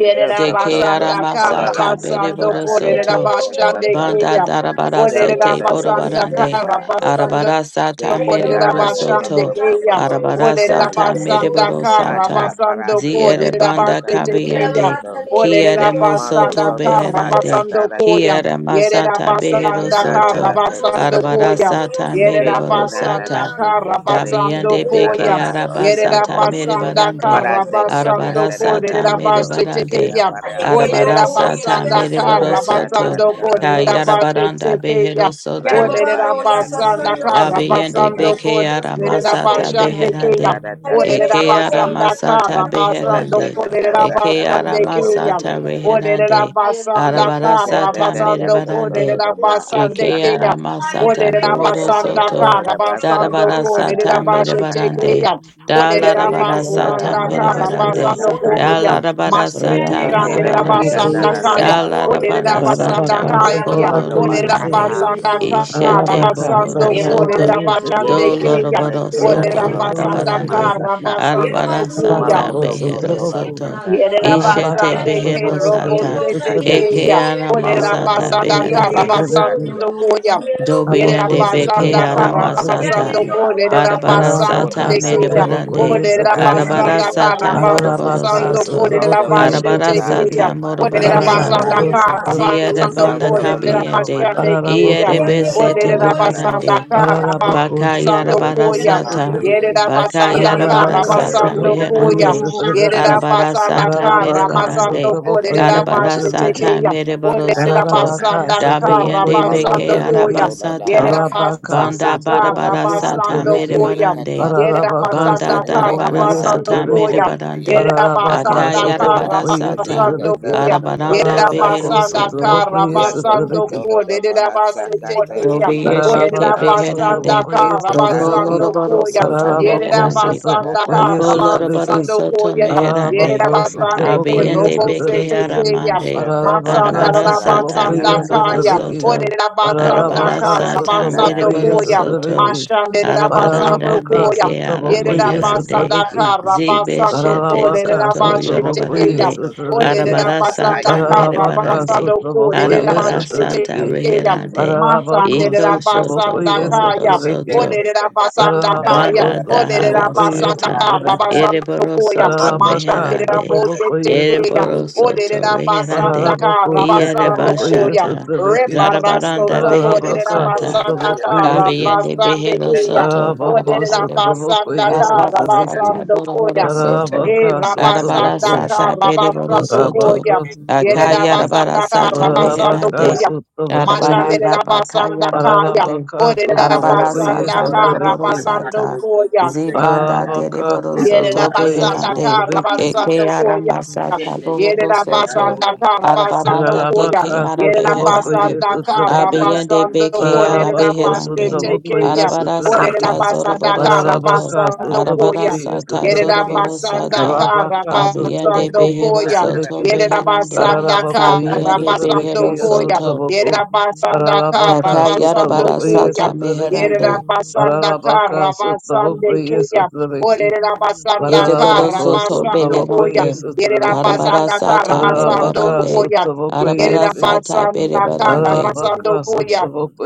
A: Yerera
F: Kete
D: Deke
F: koto
A: basanda
F: ora
A: kara
F: la
D: aramasata
F: de
A: basando
D: bereboro
F: katara
A: korera
D: soto.
F: tere
A: basande
F: kasata.
D: Banda
A: keya.
D: darabara
A: Olerera
D: sete
F: Kandara de
A: basanda
D: borobarande.
F: kesata.
A: kara
E: you.
A: basando
D: Arabara sata
F: Kete
E: Thank
A: korera
F: kara
E: you.
D: mereboro
F: da
A: basande
F: koto
D: soto.
F: baba
A: keya.
F: boto
D: Arabara
A: Olerera
D: sata
F: namaya.
A: basanda
D: mereboro
A: kara
D: sata.
F: Hata
A: basando
F: barate de
D: Ziere
A: korera
F: yoko
D: banda
A: basete
F: satana de
A: keya.
D: kabiende.
F: yakoto.
A: Olerera
D: Kiere
F: Mato
A: basanda
D: mosoto
F: koto
A: kara
F: da
D: beherande.
A: basando
F: katara
B: Hallelujah.
A: koya.
F: te.
D: Kiere
A: Yerera
D: masata
F: Kete
D: behero
A: basanda kara
F: kandara
D: soto.
F: to
A: basando
D: Arabara
F: koto.
A: koya.
D: sata
A: Yerera
F: Jete
D: mereboro
F: na na
A: basanda
D: sata.
F: na te ke
A: kara
F: te re ke
A: basando
D: Dabiende
F: te tara
A: koya.
D: beke
F: na oriako.
D: arabasata mere
A: Yerabasanda
D: barande.
F: Mara de te
A: Karabasando
F: kandara ta
D: Arabarasata
F: koto
D: mere
A: Kolerabashe
F: usika
D: barande.
A: Tekeya.
F: bareako.
D: Arabarasata
A: Olerabasanda
D: mere
F: Tete ka ta ta
D: borosoto.
A: Karabasando
F: tara no no no
A: Kolerabashe
F: kose.
D: Kayarabaranda
A: Tekeya.
D: behero
F: Prate
D: soto.
F: ba ya kate ri
A: Olerabasanda
F: omo soto
D: dabiende
F: kai.
A: Karabasando
D: beke aramasata
F: Tete de
A: Kolerabashande
F: ka
A: Keya.
D: beherande.
F: tara ta ka ta
D: Eke
F: ta ta.
A: Olerabasanda
D: aramasata
A: Karabasando
F: Tete
D: beherande.
F: de ka ta ta
D: Eke
A: Kolerabashande
F: koto no mo
A: Keya.
D: aramasata
F: kose cha.
D: beherande.
A: Olerabasanda
B: Hallelujah.
F: Tete
E: Thank
F: ke te
E: you.
D: Arabarasata
F: de ta
D: mere
A: Karabasando
F: koto no
D: barande.
F: no ma
A: Kolerabasande
D: Eke
F: asaka.
A: Keya.
D: arama sata
F: jete
D: bohoro
F: de
A: Olerabasanda
F: koto
D: soto.
F: no ma sa ma
A: Karabasando
D: Darabara
F: ara
D: sata
F: no ma
A: Kolerabashe
F: saka.
D: merebarande.
A: Tekeya. Olerera
F: Jete
D: Dalarabara
F: katara
B: Hallelujah.
D: sata
A: basanda kara
F: tumbera
D: merebarande.
A: basando
F: takataya.
A: koya.
H: Traboco,
D: Dalarabara
B: Yan yo
D: sata
F: Jete
B: yo
H: Rayabasa
A: Mashandera
F: lete
B: yo
H: Traboco,
D: marabarande.
A: basanda
B: yo
F: kandara
B: yo
H: yes,
A: kaya.
F: ba ora
B: yo
A: Olerera
B: yo.
D: Dalarabara
F: katushe.
A: basanda
D: sata
H: Rabacasa
A: kaya.
B: Yerabang
D: rokolo
F: Parono
H: Traboco,
B: yo yo yo
A: Olerera
H: yes,
D: rabarande.
F: bakata
B: yo
A: basanda
B: yo
F: kotolo na
A: kara
B: yo.
D: Ishete
F: bakata
H: Rabacasa
A: basando
D: bohoro
F: sata.
H: Traboco,
B: Yerabang
A: kolerera
D: soto.
B: yo
H: yes,
B: yo yo
A: bachande
B: yo
F: Yete
H: Trebeki,
A: keya.
F: kendele
D: Dolorobaro
F: te
D: soto
A: Olerera
B: yo
F: katoro
H: Rabaco,
F: ora
H: yes,
F: na
A: basanda
B: yo yo.
D: marabarande.
A: kara
H: Trebeki,
F: masata.
D: Arabara
A: basando
B: Yerabang yo yo yo yo
A: koya.
D: sata
F: Malondo
H: Rabacos,
B: yo yo yo. Yerabang yo yo yo yo yo yo
D: behero
B: yo.
F: kotola
H: Traboco,
D: soto.
F: tika sana
D: Ishete
B: Yerabang
A: Yerabasande
F: arere
H: Rabacasa
A: ke
D: behero
H: Traboco,
F: kosata
D: sata.
H: yes,
A: robosete
B: yo yo
F: tenaya.
A: ke
H: Trebeki,
D: Eke
A: ya.
D: arama
F: Baldo na
D: sata
A: Olerabasanda
H: Rabaco,
F: kise
H: yes,
D: beherande.
F: sana
H: Trebeki,
F: dani
A: karabasando
F: ya
A: koya.
F: kosata.
D: Dobiande
H: Abacos,
F: Jete
D: beke
A: Yerabasanda
F: ko
H: Traboco, yes,
F: ora mo
A: karabasando
D: aramasata
H: Trebeki,
A: ko
E: Thank
D: barabara
F: Ote
D: sata
A: lerabasande ke
H: Rabacasa
A: ya.
F: kandare te
H: Traboco,
D: medebarande
F: ketera
H: yes,
D: arabara
A: Olerabasanda
F: maradio
D: sata
F: kosata.
B: yo
D: moroboro
H: Pararabaka
B: yo
A: karabasando ko
B: yo
D: soto
B: yo
F: Rondo
B: yo.
H: Sotrabokoi
F: toto
A: lerabashete
D: arabara
A: ke
F: tati
H: Sotrabeki,
A: ya.
F: de
D: sata
B: Oh,
D: moroboro
F: masatera na
A: Olerabasanda
H: Pararabako
D: sata
F: ya.
H: Sotraboko
D: ziere
A: karabasando
D: banda
A: ko
F: Yondo lo
H: Sotrabeki,
F: loco
D: kabiende
F: ma
A: lerabashande
F: tuco
A: ke ya.
F: duro
D: iere
F: ma
H: Pararabakoya
F: so
D: besete
A: Olere
F: tuco
H: Sotrabeki,
F: dara de
D: roharande
A: rabasanda
F: acasa.
A: kara
H: Pararabako
A: basando koya.
H: Sotrabokoi
F: Mono
D: Bakayarabarasata.
A: Yere
H: Sotrabeki,
F: dara
A: rabasanda
F: rita
A: kara
H: Pararabaka
F: tata rita
D: Bakayarabarasata
A: basando
H: Sotrabokoya
A: koya.
D: meherande.
A: Yere
H: Sotrabeki,
A: rabasanda
D: Arabarasata
H: Pararabaka
A: karabasando
D: merebarande.
F: tata
A: kolere
H: Sotrabokoya
A: rabashete
H: Sotrabeki,
D: Arabarasata
A: keya.
F: rita
A: Olere
F: tata
D: mereborosoto.
F: rita
H: Rabaka
A: rabasanda
F: tata.
A: kara
D: Dabiende
H: Satrabokoye
A: basando
D: beke
F: Malonde
A: koya.
H: Sotariki,
F: coto lo da
A: Yere
D: arabasata.
F: basa.
H: Rabaka
A: rabasanda
D: Banda
A: kara
H: Sotrabokoye
F: Atu
D: barabarasata
A: basando
H: Sotariki,
F: kateri
A: koya.
D: merebarande.
F: katara
A: Yere
F: da
H: Rabaka
F: koto
A: rabasanda
D: Banda
A: kara
F: sete
H: Sotrabokoye
F: katara
A: basando
D: darabarasata
F: robo
H: Sotariki,
A: koya.
F: hora na ya.
D: merebarande.
A: Yerida
H: Rabaka
A: basanda
F: Moto
A: Yerabasanda
F: kota
H: Sotrabokoye
F: tati
D: Akayarabarasata.
A: Karabasando
H: Sotariki,
F: katara
A: Koya.
E: you.
F: no no
D: Arabaranda
A: Yerida
F: kota ya.
H: Rabako
E: Thank
A: basanda
D: beherosoto.
H: Sotrabokoye
F: Yato
H: Sotariki,
F: kotoro do
A: Yerabasanda
F: bahasa katari
D: Dobi
F: limo
D: Yeshete
F: sokai.
H: Rabaka
D: Beherande,
H: Sotrabokoye
F: Dete
D: Doko
F: kando
A: Karabasando
H: Sotariki,
F: roko
D: Lorabaro
A: Koya.
F: to
D: Soto
F: sanda
H: Rabako
F: takata
D: Meherande,
F: kata da
A: Yerabasanda Orerabasanda
F: da
H: Sotrabokoye
F: da
D: Doko
F: da masa.
H: Sotariki,
D: Lorabaro
A: Karabasando
D: Soto
A: Koya. Yerida basanda Yerabasanda Karabasando Koya.
D: Meherande,
A: Yerida
H: Ararabako
F: Dono da da
A: basande
F: da da
H: sotraboko
A: Yerabasande
F: da.
D: Abiende
A: Robo
D: beke
H: yesotrabeki.
A: Setekeya.
D: aramande.
F: Shondo te
H: Ararabaka
A: Masanda
D: Arabara
F: kata
A: la
F: da da
D: sata
H: sotraboko
F: ya
A: basanda
F: kata
D: moroboro
A: Kaya.
H: yesotrabeki.
D: soto.
A: Yerida
F: Ronda
A: basanda
D: Arabara
H: Ararabaka
F: bata da
D: sata
F: kata da
H: sotraboko
A: Orerabasanda Karabasando
D: mereboro
A: Koya.
F: koto no
D: soto.
F: no
H: yesotrabeki.
F: ko
A: Mashande
F: sata. Ya.
A: Rabasando
D: Arabaranda
H: Ararabaka
A: Koya
D: beke
H: sotraboko
A: basanda
F: Te
D: arameherande.
A: basanda
H: yesotrabeki.
F: kara
A: kara
D: Zibe
F: koto
A: basando
F: to ko
D: shete
H: Ararabaka
A: kolerera
F: saya.
D: soto
A: bashete
H: sotraboko
A: keya.
D: yorobarande.
F: Mondo koto da
H: yesotrabeki.
A: Olerera
F: da
D: Arabara
F: pa
A: basanda
F: haya
D: sata
F: kanda.
A: kara
H: Ararabaka
D: merebarande.
A: basando basando
H: sotraboko
F: Dete
D: Arabara
F: kato do lo
D: sata
F: mo
H: yesotrabeki.
A: Yerabasandakarabasandokolerabashetekeya.
F: koto ya.
D: reherande.
H: Ararabako
D: Iko
H: sotraboko
D: shoto bohoro
A: Masandedabasandakaya.
F: Dete
H: yesotrabeki.
D: soto.
F: te
E: you.
F: kata da da da
A: Odedabasandakaya.
H: Ararabako
E: Thank
D: Banda
F: da da da.
E: you.
F: da,
D: dahara
F: Baso
H: sotraboko
F: koto
D: sata.
F: basa
H: yesotrabeki.
F: ta.
D: Ereboro
A: Odedabasandakarabasandokoya.
D: soto
F: Mato Koto
H: Ararabaka,
D: meherande.
F: Basala,
H: Sotabokoye,
F: Mato
A: Mashandedabotetekeya.
D: Ereboro
F: Koto
H: Sotabeki,
D: soto
F: Kuyanda,
D: meherande.
H: Ararabako,
F: Mikelada
H: Sotabokoye,
A: Odedabasandakarabasandokoya.
D: Ierebashata.
H: Sotabeki,
F: Darikuyaya,
D: Zarabaranda
A: Rebarasotoko.
F: Kondo
D: behero
H: Ararabaka,
F: Koto
D: sata.
F: Naya
H: Sotabokoye,
F: Kati,
D: Kabeyende behero
A: Odedabasandakarabasandekeya.
F: Ndeji
D: soto.
F: Ndeji
H: Ararabako,
F: Kuyaya,
H: Sotabokoye,
F: Kondo
D: Arabara
F: Kuyanda,
H: Sotabeki,
D: sata
A: Odedabasandakarabasandokoya.
D: boroboro
F: Ndeji
D: soto.
A: Eh,
H: Ararabaka,
F: Ndeji
D: Arabara
H: Sotaboko,
A: Rabasandaka,
D: sata beriboro soto.
G: Stop.
H: Ararabako,
A: Rabasandokoya.
D: Akaya
H: Sotaboku,
D: arabara
A: Yerabasandaka,
D: sata
H: Ararabaka,
D: meherande.
F: Kuyaya,
A: Rabasandokoya.
H: Sotabokoye,
A: Mashandere
D: Arabaranda
A: Rabasanda
D: bakaya
A: Kaya,
D: arabarande.
H: Ararabaka,
A: Ore
D: Arabara
F: Kondo
H: Sotabokoye,
A: Rabasanda
D: sata
F: Koto
A: Kara
F: Nama
D: moroboro
H: Sotabeki,
A: Basando
D: sata.
F: Kato
A: Koya,
D: Zibanda
F: Kuyaya,
H: Ararabaka,
D: deriboro
A: Yere
F: Nde
D: soto
H: Sotabokoye,
F: Basoko
A: Rabasanda
D: beherande.
A: Kara
F: Muri
H: Sotabeki,
D: Eke
A: Basando
F: Disha,
A: Koya,
D: arama
F: Ndeji
D: sata
F: Ndeji
A: Yere
D: bohoro soto.
A: Rabasanda
F: Kuyado
A: Kara Basando
D: Arabaranda
A: Koya,
H: Ararabaka,
D: deke
A: Yere
F: Morongo
H: Sotabokoye,
D: arabeherande.
A: Rabasanda
F: Koto
A: Kara
H: Sotabeki,
F: Kondade,
D: Abiyende
A: Basando
D: beke
A: Koya,
H: Pararabako
D: arabeherande.
H: Sutraboko
D: Arabara
A: Yere
H: Yesutrabeki,
D: sata
A: Rabasanda
D: zoroboro
A: Kara
D: soto.
H: Pararabaka
A: Basando
F: Ndeji
H: Sutraboko
D: Arabara
A: Koya,
D: sata
F: Ndeji
A: Yerera
H: Yesutrabeki,
D: zoroboro
F: Kuyada.
A: basanda
D: sata
A: kara
H: Parabaka
D: abiyende
H: Sutraboko
A: Karabasando
D: behero
A: Koya.
D: soto
H: Yesutrabeki,
A: Yerera
D: beherande
A: basanda
H: Pararabako
A: kara
D: kabiyende
A: Karabasando
D: behero
H: Yesutrabeki
A: Koya.
D: soto
H: Yesutraboko,
A: Yerera basanda kara
D: daka
H: Pararabaka
A: Karabasando
D: yarabara
H: Sutraboko
D: sata
A: Koya.
H: Yesutrabeki,
D: meherande
A: Yerabasanda
E: Russia.
H: Pararabaka Sutraboko
A: Karabasande Kaya.
H: Yesutrabeki,
A: Orerabasanda
D: ereboro
H: Pararabako
D: soto
A: Karabasando
H: Sutraboko
A: Koya.
D: beherande
A: Yerera
H: Yesutrabeki,
D: arabara
A: basanda kara
D: sata
A: Karabasando
H: Pararabaka
D: merebarande
A: Koya.
H: Sutraboko
D: arabara
A: Yerera
H: Yesutrabeki,
D: sata
A: basanda kara
D: berebarande
A: Karabasando
H: Pararabaka
A: Koya.
H: Sutraboko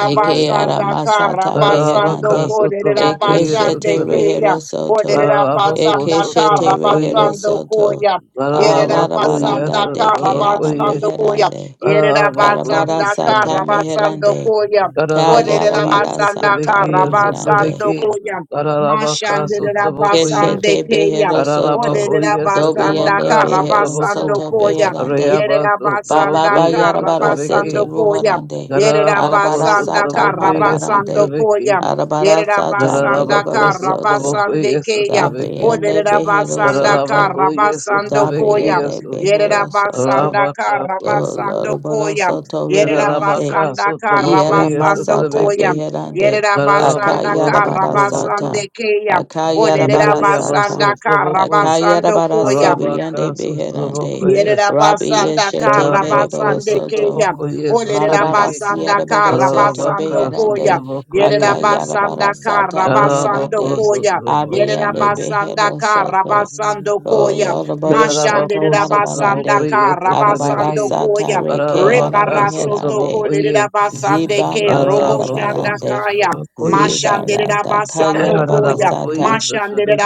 D: Eke ara masata
A: Karabasando
H: Larabaka
D: beherande.
A: Koya.
D: Eke
H: Sotrabokoye
A: Yerabasande
D: shete
H: Sotrabeke,
A: Kaya.
D: rehero soto.
E: Russia.
A: Oderera
H: Larabako
D: Eke
A: basanda
D: shete
A: kara
H: Sotrabokoye,
D: rehero
A: basando
D: soto.
A: koya. Yerera
D: Alara
H: Larabakoye
A: basanda
D: baranda de
A: kara
D: ke ara
H: Sotrabokoye,
A: basando koya.
D: meherande.
A: Yerera
H: Larabako
D: Karabara
A: basanda kara
D: sata
H: Sotrabok,
A: basando
D: meherande.
A: koya.
D: Kayara
A: Oderera
H: Larabakoye
D: bara
A: basanda
D: sata
A: kara
H: Sotrabeke,
D: reherande.
A: basando
H: Sotrabeke,
A: koya.
H: Larabaka
A: Mashandera
H: Sotrabokoye,
A: basande
D: Keshete
A: keya.
D: behero soto.
A: Oderera
H: Larabakoye
A: basanda
D: Dobiende
H: Sotrabaka
A: kara
D: behero
A: basando
H: Sotraboko,
D: soto
A: koya.
D: beherande.
H: Rayaba
A: Yerera
D: Baba
A: basanda
H: Sotrabokoye
A: kara
D: Yarabara
A: basando
H: Sotrabeke,
D: Sete
A: koya.
D: Ruhorande,
A: Yerera
H: Larabako
D: Arabara
A: basanda
D: Sata
A: kara
H: Sotrabokoye
A: basando
D: Marabarande,
A: koya.
H: Sotrabeke,
D: Arabara
A: Yerera
D: Sata
A: basanda
D: Mereboro
H: Larabako
A: kara
D: Soto,
A: basande
H: Sotrabokoye
A: keya.
H: Sotrabeke,
D: Dabiene
A: Oderera
D: Behero
A: basanda
H: Tararabako
D: Soto,
A: kara basando
H: yesutlebeki
A: koya.
D: Dabiene
H: yesu.
A: Yerera
D: Behero
A: basanda
D: Soto,
A: kara
H: Rabakaku.
A: basando
D: Doloroboro
A: koya.
D: Soto
A: Yerera
D: Reherande,
H: Tararabaka
A: basanda kara
H: sutleboko
D: Yera
A: basando
D: Masata
H: yesutlebeki.
A: koya.
D: Beherande,
A: Yerera basanda
H: Tararabako
A: Yerabasanda
E: Get
D: Akayarabara
H: sutleboko.
A: Karabasande
D: Sata,
A: basanda
D: Akayarabara
H: Yarariyaba
D: Sata,
A: Olerabasanda
H: sutleboko.
A: basando
D: Akayarabara
A: Koya.
H: Rabaka
D: Sobiande Beherande,
H: sutra
A: Yerera
H: yesu.
D: Rabbi
A: basanda Yerabasanda
D: Yeshete
H: Tararabako
D: Mereboro
A: Karabasande
D: Soto,
A: basanda
H: sutleboko
D: Barabara
H: yesutlebeki.
A: Olerabasanda
D: Sierra Barosoto
H: Tararabaka
A: basando Koya.
D: Beherande,
H: sutleboko
A: Yerera
H: yesu.
D: Akayara
A: basanda Yerabasanda
D: Barasata
H: Tararabako
A: basando
D: Meherande,
A: Koya.
H: sutleboko
A: Yerera
D: Abiende
H: yesu.
A: basanda
D: Behero
A: Yerabasanda
D: Soto,
A: basando Koya.
D: Lord
A: Mashande
D: Barosoto
H: Tararabako
A: Rabasanda
H: sutleboko
D: Marabarande, Arabara
A: basando
H: yesutlebeki.
D: Sata
A: Koya.
D: Reke Ara
H: Tararabaka
A: Rebarasoto
D: Meherande,
H: sutleboko yesu.
A: Kolerabasande Ke
D: Zibanda
A: Robo
H: Rabaka, so
D: Darabarande,
A: Shandakaya.
H: trouble, yes,
D: Zibanda
A: Mashanderabasando
D: Dakayara
A: koya.
D: Barasata,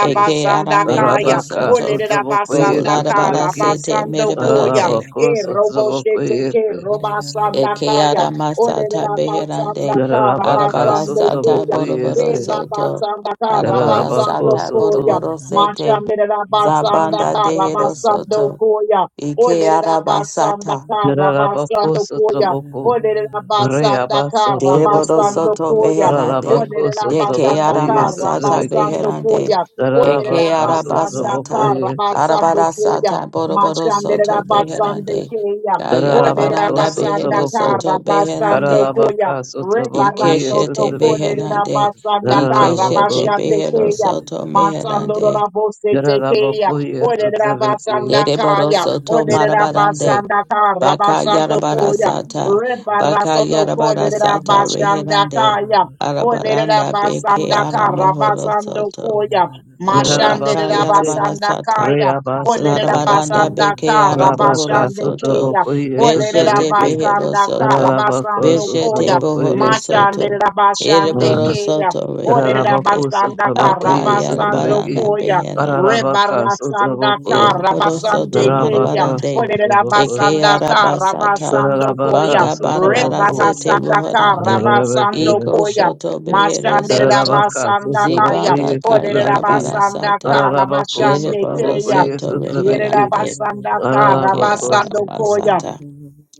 D: Eke Ara Mehero
A: kaya.
D: Soto,
E: it
D: Bo
A: Olerabasanda kara
D: Larabara Sete
A: basando koya. E Robosheteke shete ke robasanda
D: Eke
A: kaya.
D: ara masata
A: Olerabasanda
D: beherande.
A: kara
D: Arabara
A: basando
D: sata
A: koya.
D: boroboro
A: Eh,
D: soto.
A: Rabasanda ka,
D: Arabara
H: Rabako,
A: Rabasando
D: sata
A: koya.
D: boroboro sete.
A: Mashande Rabasanda
D: Zabanda
A: ka,
D: dehero
A: Rabasando
D: soto.
A: koya.
D: Ike
A: Ole Rabasanda
D: arabasata.
A: ka, Rabasando
H: so
A: koya. Ole Rabasanda ka,
D: Dereboro
A: Rabasando
D: soto
A: koya.
D: meherande.
A: Ole
D: Deke
A: Rabasanda
D: ara
A: ka,
D: masata
A: Rabasando
D: beherande.
A: koya. Ole
D: Eke
A: Rabasanda ka,
D: arabasata.
A: Rabasando
D: Arabara
A: koya.
D: sata boroboro
A: Mashande
D: soto
A: Rabasande
D: beherande.
A: keya. Ole
D: Kayarabaranda
A: Rabasanda
D: behero
H: trouble,
D: soto
A: Rabasando
D: beherande.
A: koya.
H: Ararabaka
E: Russia.
H: Sutrabokoye
A: Rebarasoto
D: Ikeshete
E: Russia.
H: Sutraveki
A: Kolerera
D: beherande.
A: Basandaka
H: Yararabako
D: Ikeshete behero
H: Sutrabo
A: Rabashandekeya.
D: soto
A: Matandora
D: meherande.
A: Bose Tekeya.
H: Yararabokoye
A: Olerera
H: Sutraveki
D: Dereboro
A: Basandakaya.
D: soto
A: Olerera
D: marabarande.
A: Basandaka
D: Baka
A: Rabasando
D: yarabara
A: Koya.
D: sata. Baka
A: Rebarasoto
D: yarabara
A: Kolerera
D: sata reherande.
A: kaya. Olerera
D: Arabaranda beke
A: basanda
D: ara
A: kara
D: mohoro
A: basando
D: soto.
A: koya.
D: O laka
A: Mashanderera
H: Yararabako Se
D: yarabara
A: basanda
D: sata.
A: kaya.
H: Reabasu
A: Olerera
D: Larabaranda
H: Traboko
A: basanda
D: beke
A: kara
H: Rabaka
D: araboro
A: basande
D: soto.
A: keya.
H: Sutrabokoye
A: Olerera
D: Beshete
H: Sutraveki
D: behero
A: basanda kara
D: soto.
H: Yararabako
A: basando koya.
D: Beshete
H: Sutrabokoye
D: bohoro soto.
A: Mashanderera basande
D: Ereboro
A: keya.
D: soto
A: Olerera
H: Yararabako
D: reherande.
A: basanda kara
H: Sutrabokoye
A: basando
D: Akayarabaranda
H: Sutraveki
A: koya.
D: beherande.
H: Ararabaka
A: Rebarasanda
E: Thank
H: Sutraboko
D: Ereboro
A: Karabasande
D: soto
A: Kaya,
H: Yarabaka
D: marabarande.
H: Sutraboko
D: Eke
A: Olerabasanda
D: arabasata.
A: Karabasando Koya,
H: Yararabaka
D: Banda barabara
H: Sutraboko
D: sete
A: Rebarasanda
D: rohorande.
A: Karabasando
H: Rabaka,
D: Iko
A: Koya,
D: shoto behero
A: Mashande
D: soto.
H: Rabaka,
A: Rabasanda Kaya,
D: Zibanda
H: Sutravokoye, Sutraveki,
D: kayarabara
A: Olerabasanda
D: sata.
H: Rabako,
A: Karabasande
D: Ereboro
A: Kaya,
H: Sutravokoye,
D: soto
H: Sutraveki,
D: reherande.
A: Yerabasanda
D: Eke
H: Rabako,
A: Karabasando
H: Sutravaki,
A: Koya,
D: aramasata.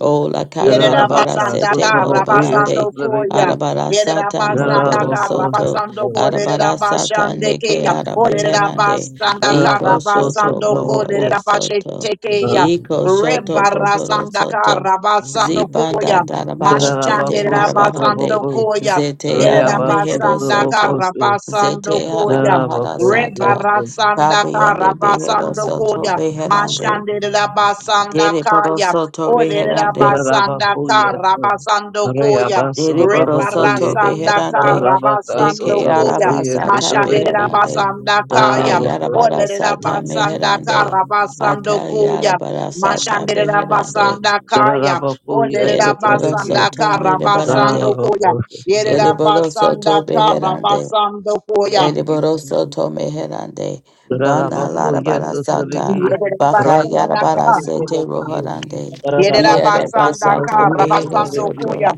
D: O la kayara
A: Yerera
D: bara
H: Rabaka,
A: basanda
D: sete
A: ka
H: Sutravokoye,
D: morobarande.
A: rabasando koya.
H: Sutraveki,
D: Arabara
A: Yerera
D: sata
A: basanda
D: morobaro
A: ka
H: Rabako,
D: soto.
A: rabasando ko
H: Sutravaki,
A: derera
D: Arabara sata
A: basande
D: neke
A: keya. Olerera
D: arabeherande.
A: basanda ka
D: Iko
H: Rabako,
D: shoto
A: rabasando ko
D: bohoro
H: Sutravoko,
A: derera basete
D: soto.
A: keya.
D: Iko shoto bohoro
A: Rebarasanda ka
D: soto.
A: rabasando
D: Zibanda
A: koya.
D: darabara
E: you.
A: Mashande
D: sete
H: Rabako,
D: marabarande.
A: rabasando
H: Sutravoko,
E: Thank
A: koya.
D: Zete ara
A: Yerera
H: Reaba,
D: mehero
A: basanda ka
H: Sutravoko,
D: soto.
H: Rabako,
A: rabasando
D: Zete ara
A: koya.
D: mahara sata.
H: Yes, Rabako,
A: Rebarasanda
D: Kabi behero
A: Karabasando
D: soto
A: Koya
D: beherande.
A: Mashande Rabasanda
D: Dere boro
A: Kaya
D: soto
A: Ole
D: beherande.
A: Rabasanda
H: Yes,
A: Karabasando Koya
H: Reaba,
D: Dere boro soto
H: Sutravokoye,
A: Rebarasanda
D: beherande.
H: Tararabaka
A: Karabasando
D: Deke ara
A: Koya
H: Sotrabokoye
D: masata
A: Mashande
H: Sotraveki
D: beherande.
A: Rabasanda
D: Aka
A: Kaya
D: yara
H: Rahabako
D: bara
A: Ole
H: Sutra
D: sata
A: Rabasanda
D: meherande.
A: Karabasando
D: Aka yara
A: Koya
D: bara sata
A: Mashande
D: beherande.
A: Rabasanda Kaya
H: Tararabakoye
A: Ole
D: Ere boro
H: Sotraveki
A: Rabasanda
D: soto mere
A: Karabasando
D: barande.
H: Rahabako
A: Koya Yere
D: Ere
H: Sutra
D: boro
A: Rabasanda
D: soto
E: you.
D: beherande.
A: Karabasando Koya
D: Ere
E: Thank
D: boro soto meherande. Banda lara
H: Tararabakoye
D: bara
H: Sotraveki
D: sata. Baka yara
H: Radaka
D: bara
A: Yerabasandaka.
D: sete
H: Sotrabokoye
D: rohorande.
H: Tararabaka
D: Iere
A: Yerabasandaka.
D: basata
H: Sotrabokoye
D: behero
H: Sotraveki
D: soto.
A: Rabasandokoya.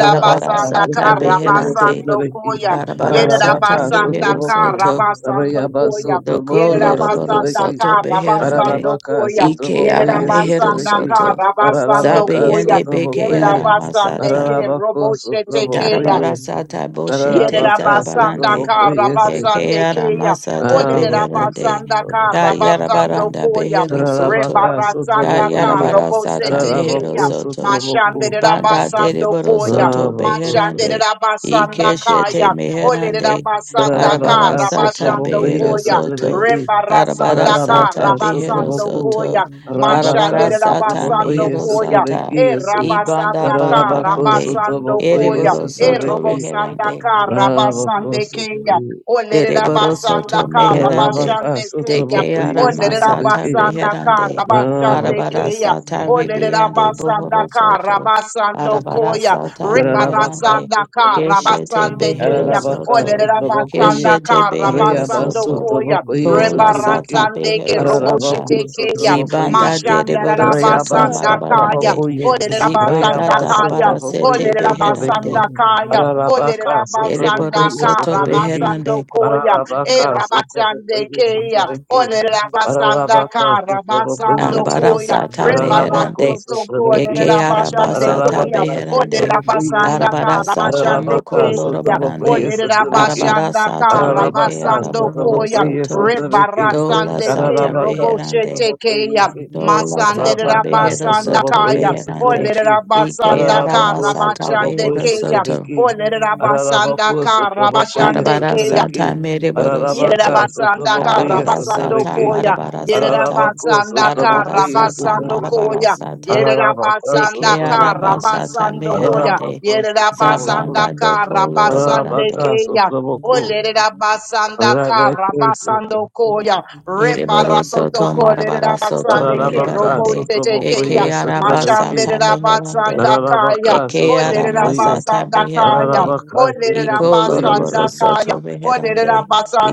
D: Arabara sata
H: Sotrabokoye
D: beherande.
H: Sotraveki
A: Rabasandokoya.
D: Arabara
H: Tararabaka
D: sata behero
A: Yerabasandaka.
H: Sotraboko
D: soto.
H: Rayaba
A: Rabasandokoya.
D: Doko
H: Sotrabokoye
D: loroboro
H: Sotraveki
A: Yerabasandaka.
D: soto beherande.
H: Ararabaka
A: Rabasandokoya.
D: Ike ara
H: Sotrabokoye
D: mehero
H: Sotrabeki
A: Yerabasandaka.
D: soto.
H: Ararabaka
D: Zabe
A: Rabasandokoya.
D: yende beke
H: Sotrabokoye
D: ara masata.
A: Yerabasandeke.
H: Ararabako
A: Roboshetekeya.
H: Sotrabokoye
D: Darabara sata boshete
H: Ararabaka
A: Yerabasanda
D: zarabarande.
H: Sotrabokoye
D: Eke
A: Karabasande
D: ara
A: Kaya.
D: masata
H: Ararabako
D: beherande.
A: Olerabasanda
H: Sotrabokoye
D: Ka
A: Karabasando
D: yarabaranda
A: Koya.
E: you.
D: behero soto.
H: Ararabaka
E: Thank
D: Ka
A: Rebarasanda
H: Sotrabokoye
D: yarabara
A: Karobose
D: sata mehero
H: Ararabako
A: Tekeya.
D: soto.
H: Sotrabokoye
D: Banda
A: Mashanderabasando
D: deriboro
A: Koya.
D: soto beherande.
A: Mashanderabasanda
D: Ikeshete
A: Kaya.
D: meherande.
A: Olerabasanda
H: Ararabaka
D: Arabara sata
A: Karabasando
H: Sotrabokoye
D: behero
A: Koya.
D: soto.
H: Sotrabeki
D: Arabara
A: Rebarasanda
H: Ararabaka
D: sata behero
A: Karabasando
H: Sotrabokoye
D: soto.
A: Koya.
H: Rabaka
D: Arabara sata
A: Mashanderabasando
H: Sutrabokoye
D: mehero
A: Koya.
D: sata.
H: Sutrabeki
A: E
H: Su
E: you.
D: Ibanda
A: rabasandaka
H: Larabako
D: barabarande.
H: Sutrabokoye
A: rabasandokoya.
D: Eriboro
A: E
D: soto
H: Sutrabeki
A: robosandaka
H: Rabako
A: rabasandekeya.
H: Sutri
A: O lere
D: Dereboro soto
A: lererabasandaka
D: meherande.
H: Larabaka
D: De
A: rabashandekeya. O
D: keara
H: Sutrabokoye
A: lere
D: masata
H: Sutrabeki
A: lererabasandaka
D: beherande.
H: Rabako
D: Arabara
A: rabasandekeya.
D: sata
A: O
H: Sutri
D: ribiande bohoro
A: lererabasandaka
D: soto.
E: Thank
D: Arabara
A: rabasandokoya.
D: sata
H: Larabaka
D: meherande.
A: Ribarasandaka
D: Keshete behero
A: rabasandekeya. O
H: Ararabaka
D: soto.
A: lere
H: Sotrabokoye,
A: lererabasandaka
D: Keshete behero
H: Arayaba
A: Rabasando
D: soto.
A: Koya,
H: Sotrabokoye
D: Kola sata
H: Sotrabeki,
A: Rebarasandeke
D: behero sata.
H: Ararabako
A: Roboshetekeya,
H: Sotrabokoye,
D: Zibanda dereboro soto
H: Arayaba
A: Mashandarabasanda Kaya,
D: marabarande.
H: Satrabokoye,
D: Zibanda
A: Olerabasanda
H: Arayaba
A: Kaya,
D: darabara sete
H: Sotrabokoye Sotrabeki,
A: Olerabasanda
D: beherande.
A: Kaya,
H: Ararabaka
D: Dereboro
A: Olerabasanda
H: Sotrabokoye
D: soto
A: Kara
H: Sotrabeki,
D: beherande.
A: Basando Koya, E
H: Ararabaka
A: Rabasande
H: Sotrabokoye
A: Kaya,
H: Sotrabeki,
A: Olerabasanda
H: Ararabaka
A: Kara
H: Sotrabokoye,
A: Basando Koya,
D: Arabarasata
H: Ararabako
D: meherande.
A: Rebarato Toko,
H: Sotrabeki,
D: Eke
A: Olerabasande
D: arabasata
A: Kaya,
H: Ararabaka
D: beherande.
H: Sotrabokoye,
A: Olerabasanda Kara
D: Arabarasata
A: Basande
H: Ararabaka,
D: moko
A: Kaya,
H: Sotobokoye,
D: lorobarande.
H: Sotobeki,
A: Olerabashanda
E: you.
D: Arabarasata reke
H: Ararabaka,
A: Karabasando
E: Thank
A: Koya
H: Sotobokoye,
D: araborosoto.
H: Sotobeki,
D: Dola
A: Rebarasande Ke
D: sata
H: Ararabaka,
D: beherande.
A: Roboshete
H: Sotobokoye,
A: Keya
D: Dola
A: Masande
D: sata
H: Rabaka,
A: Rabasanda
D: beherosoto
H: Sotobokoye,
A: Kaya
D: beherande.
H: Sotobeki,
D: Ike
A: Olerabasanda
H: Ararabako,
D: aramasata
A: Karabashande
H: Sotobokoye,
A: Keya
D: beherosoto.
H: Sotobeki, Ararabako,
A: Olerabasanda
H: Sotobokoye,
A: Karabashande Keya
H: Sotobeki,
D: Arabarasata
H: Ararabaka,
D: meriborosoto.
A: Yerabasandaka
H: Sotobokoye,
A: Rabasando
D: Arabarasata
H: Sotobeki,
A: Koya.
D: marabarasata.
H: Ararabako,
A: Yerabasandaka
H: Sotobokoye,
D: Arabarasata
A: Rabasando
H: Sotobeki,
A: Koya.
D: marabarasata.
H: Ararabaka,
D: de que
A: Yerabasandaka
H: Sotobokoye,
D: arabasata
A: Rabasando Koya.
D: meherande
H: Ararabako, Sotobokoye,
D: zabanda
A: Yerabasandaka
D: doko
A: Rabasande
D: lorobarande
H: Rabaka
A: Kaya.
H: Sotraboko,
A: Olerabasandaka
H: Rabake,
A: Rabasando Koya.
D: ereboroso to
A: Rebarasoto
D: marabaraso to
A: Kolerabasande Ke
H: Rabaka
A: Robo
D: merebarande
H: Sotraboko,
D: eke
A: Tekeya.
H: yes, at the
E: you.
H: Beke,
D: arabasata
E: Yeah.
D: meherande
A: Mashambirabasandakaya.
H: Rabaka
D: eke
H: Sotraboko, yes,
D: aramasata
A: Olerabasandakaya.
D: beherande
H: Rabaka
D: Iko
H: Sotraboko, yes,
D: loroboro soto
A: Olerabasandakaya.
D: beherande.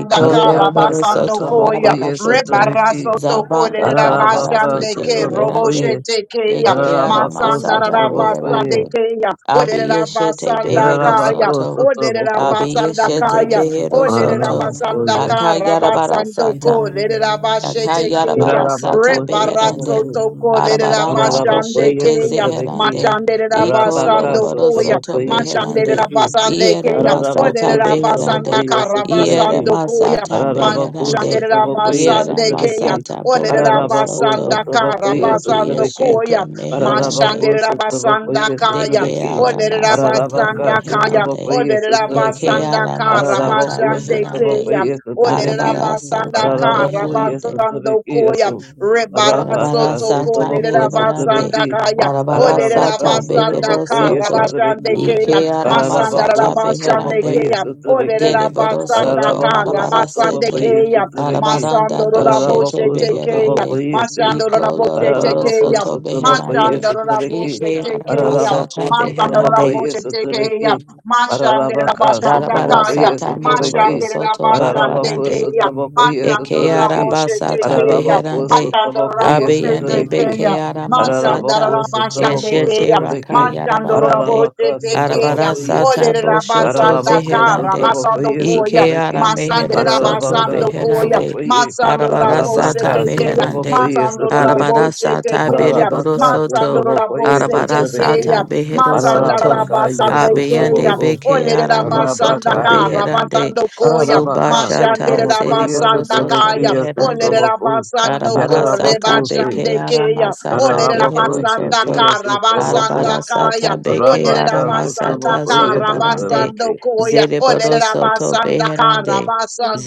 D: Iko loroboro
H: Reabasa
D: soto
H: Traboko,
D: marabara
H: yes, at the
D: shete.
H: Beke,
A: Rebarasotoko
D: Zabanda darabara
H: Rabaka
D: sete
A: olerabasandeke
H: Sotraboko,
D: beherande.
H: yes,
A: roboshetekeya.
D: Eke ara
H: Rabako
D: masata
H: Sotraboko, yes,
D: beherande.
A: Masandarabasandekeya.
D: Abi
A: Oderera
D: yeshete
A: basanda
D: behero
A: kaya.
H: Rabako
D: soto.
A: Oderera
H: Sotraboko,
D: Abi
A: basanda
D: yeshete
A: kaya.
D: behero
A: Oderera
D: soto.
A: basanda
H: Rabako, yes,
A: kara
D: Akayarabara
A: basando ko,
D: sata.
A: Olerabasandakaya. Olerabasandakaya. Olerabasandakara basandoko. Lerabashetekeya.
D: Akayarabarasata
H: Rabako
D: beherande.
H: Sotraboko,
A: Rebarazotoko.
D: Arabaranda
H: Rabako, yes,
D: boshete
H: at
A: Lerabashandekeya.
H: the Beke,
D: zeherande. Iko
H: Rabaka
A: Machanderabasandokoya.
D: loroboroso to
H: Sotrabokoye
D: beherande.
H: Sotrebeki,
D: Iere
A: Machanderabasandekeya.
D: masata
H: Ararabaku
D: beherande.
H: Sotrabokoye
E: Thank you.
D: Iere
H: Sotrebeki,
A: Olerabasandakarabasandokoya.
D: masata
H: Ararabaku
A: Machanderabasandekeya.
D: beherande.
H: Sotrabokoye
D: Iere
H: Sotrebeki,
D: masata
H: Ararabaku
D: bohorosoto.
H: Sotrabokoye
D: Lobi
H: Sotrebeki,
A: Olerabasandakarabasandokoya.
D: eshete meherande.
H: Ararabaku Sotrabokoye
A: Mashanderabasandakaya.
D: Deke
H: Sotrebeki,
D: ara masata
H: Ararabaka
A: Olerabasanda kaya.
D: beherande.
H: Sotrabokoye Sotrebeki,
D: Eke
A: Olerabasanda
D: ara
A: kara
D: masata
H: Ararabaku
A: basande
D: beherande.
A: kaya.
H: Sotrabokoye Sotrebeki,
A: Olerabasanda
D: Arabarasata
A: kara
H: Ararabaku
D: meherande.
A: basando
H: Yesotrebeki
A: koya.
H: Yesu,
A: Rebaraso
H: Rabaka
D: Arabara
A: toko
D: sata
H: Sotraboko
D: mere barande.
A: lerabasanda
H: Sotrebeki,
A: kaya.
D: Arabara
H: Ararabaka
D: sata
A: Olerabasanda
D: behero
H: sotrabokoye
A: kara
D: soto.
A: basande
H: sotrabeki.
A: kaya.
D: Ike arama
A: Masanda
H: Ararabako
D: sata
A: rabasande
D: beherande.
H: sotrabokoye
A: kaya.
H: sotrabeki.
D: Dereboro
A: Olerabasanda
D: soto
H: Ararabako
A: kara
D: marabara
A: basande
D: sete.
H: sotrabokoye
A: kaya.
H: sotrabeki.
A: Masando
D: Arabaranda
A: raboshe
D: doshete
H: Ararabako
E: Baba
A: tekeya.
D: beherande.
H: sotrabokoye se.
A: Masando
D: Iko
A: raboshe
D: loroboro
H: Ararabako
A: tekeya.
D: soto
H: sotrabokoye
D: beherande.
A: Mashandoro
H: sotrabeki.
A: Raboshe
D: Ike arama
A: Tekeya.
H: Ararabako
D: sata
A: Mashandara
D: beherande.
H: sotrabokoye
A: Boshete Kaya,
H: sotrabeki.
A: Mashandara
H: Ararabaka
D: Darabara
A: Bashandakaya,
H: sotrabokoye
D: sata
H: sotrabeki.
D: moroboro
A: Mashandara
D: soto
H: Ararabako
D: barabarande.
A: Bashandekaya,
H: sotrabokoye
D: Eke
A: Mashandara
H: sotrabeki.
A: Boshete
D: arabasata
A: Kaya,
H: Ararabako
D: beherande.
A: Mashandara
H: sotrabokoye
A: Boshete
D: Abiyande
H: sotrabeki.
D: beke
A: Kaya,
H: Ararabako
D: aramasata.
A: Mashandara
H: sotabako
A: Bashandekaya,
D: Eshete raka
H: sotabeki.
A: Mashandara
D: yarabarande.
H: Ararabaka
A: Boshete Kaya,
H: sotabako yesi.
D: Arabarasata
A: Olera
D: boshoto
H: Ararabako
A: Basandakara,
D: zeherande.
H: sotabako yesi
A: Basandokoya,
D: Ike
H: tabeki.
D: ara mehero
A: Masandra
D: soto
H: Ararabaka
A: Basandokoya,
D: beherande.
H: sotabako ye.
A: Masandra
H: Arabaka
D: Arabarasata
A: Boshete Kaya,
H: sotabako
D: meherande.
H: yesi
A: Masandra
H: tabeki.
A: Boshete
D: Arabarasata
A: Kaya,
D: bereboro
H: Ararabaka
D: soto.
A: Masandra
H: sotabako yesi
A: Boshete
E: Yere ra ra
H: tabeki.
E: ba ba
D: Arabarasata
A: Kaya,
E: ba ba.
D: behero
A: Masanda
D: soto.
E: Yere
H: Ararabaka
E: ra ba
A: rabasanda
H: yesu
D: Abiyande
A: ikeya.
H: tabako.
D: beke
A: Olere rabasanda
D: aramosoto
H: Arabaka ye.
A: kara
D: beherande.
A: basando koya.
H: Ararabaka
A: Mashande
D: Zobashata
H: sotabako yesi
D: Zereboro
A: rabasanda
D: Soto
H: tabeki
A: kaya.
H: yesu
A: Olere
D: Meherande
H: tabako.
A: rabasando
D: Arabara
A: kore
D: Sata
H: Yararabako se.
D: Beke
A: bashande keya.
D: Aramasata
A: Olere
H: Ararabako
D: Behero
A: rabasanda
D: Soto
H: yesi
A: kara
H: tabako.
D: Arabara
A: basanda kaya.
D: Sata Beke
A: Olere
H: Rabaka
A: rabasanda
D: Aramasata
H: Sotraboko
A: kara
D: Zorobarande
A: basando
H: Yesaviki.
A: koya. Olere
D: Zereboro Soto
A: rabasanda kara
D: Beherande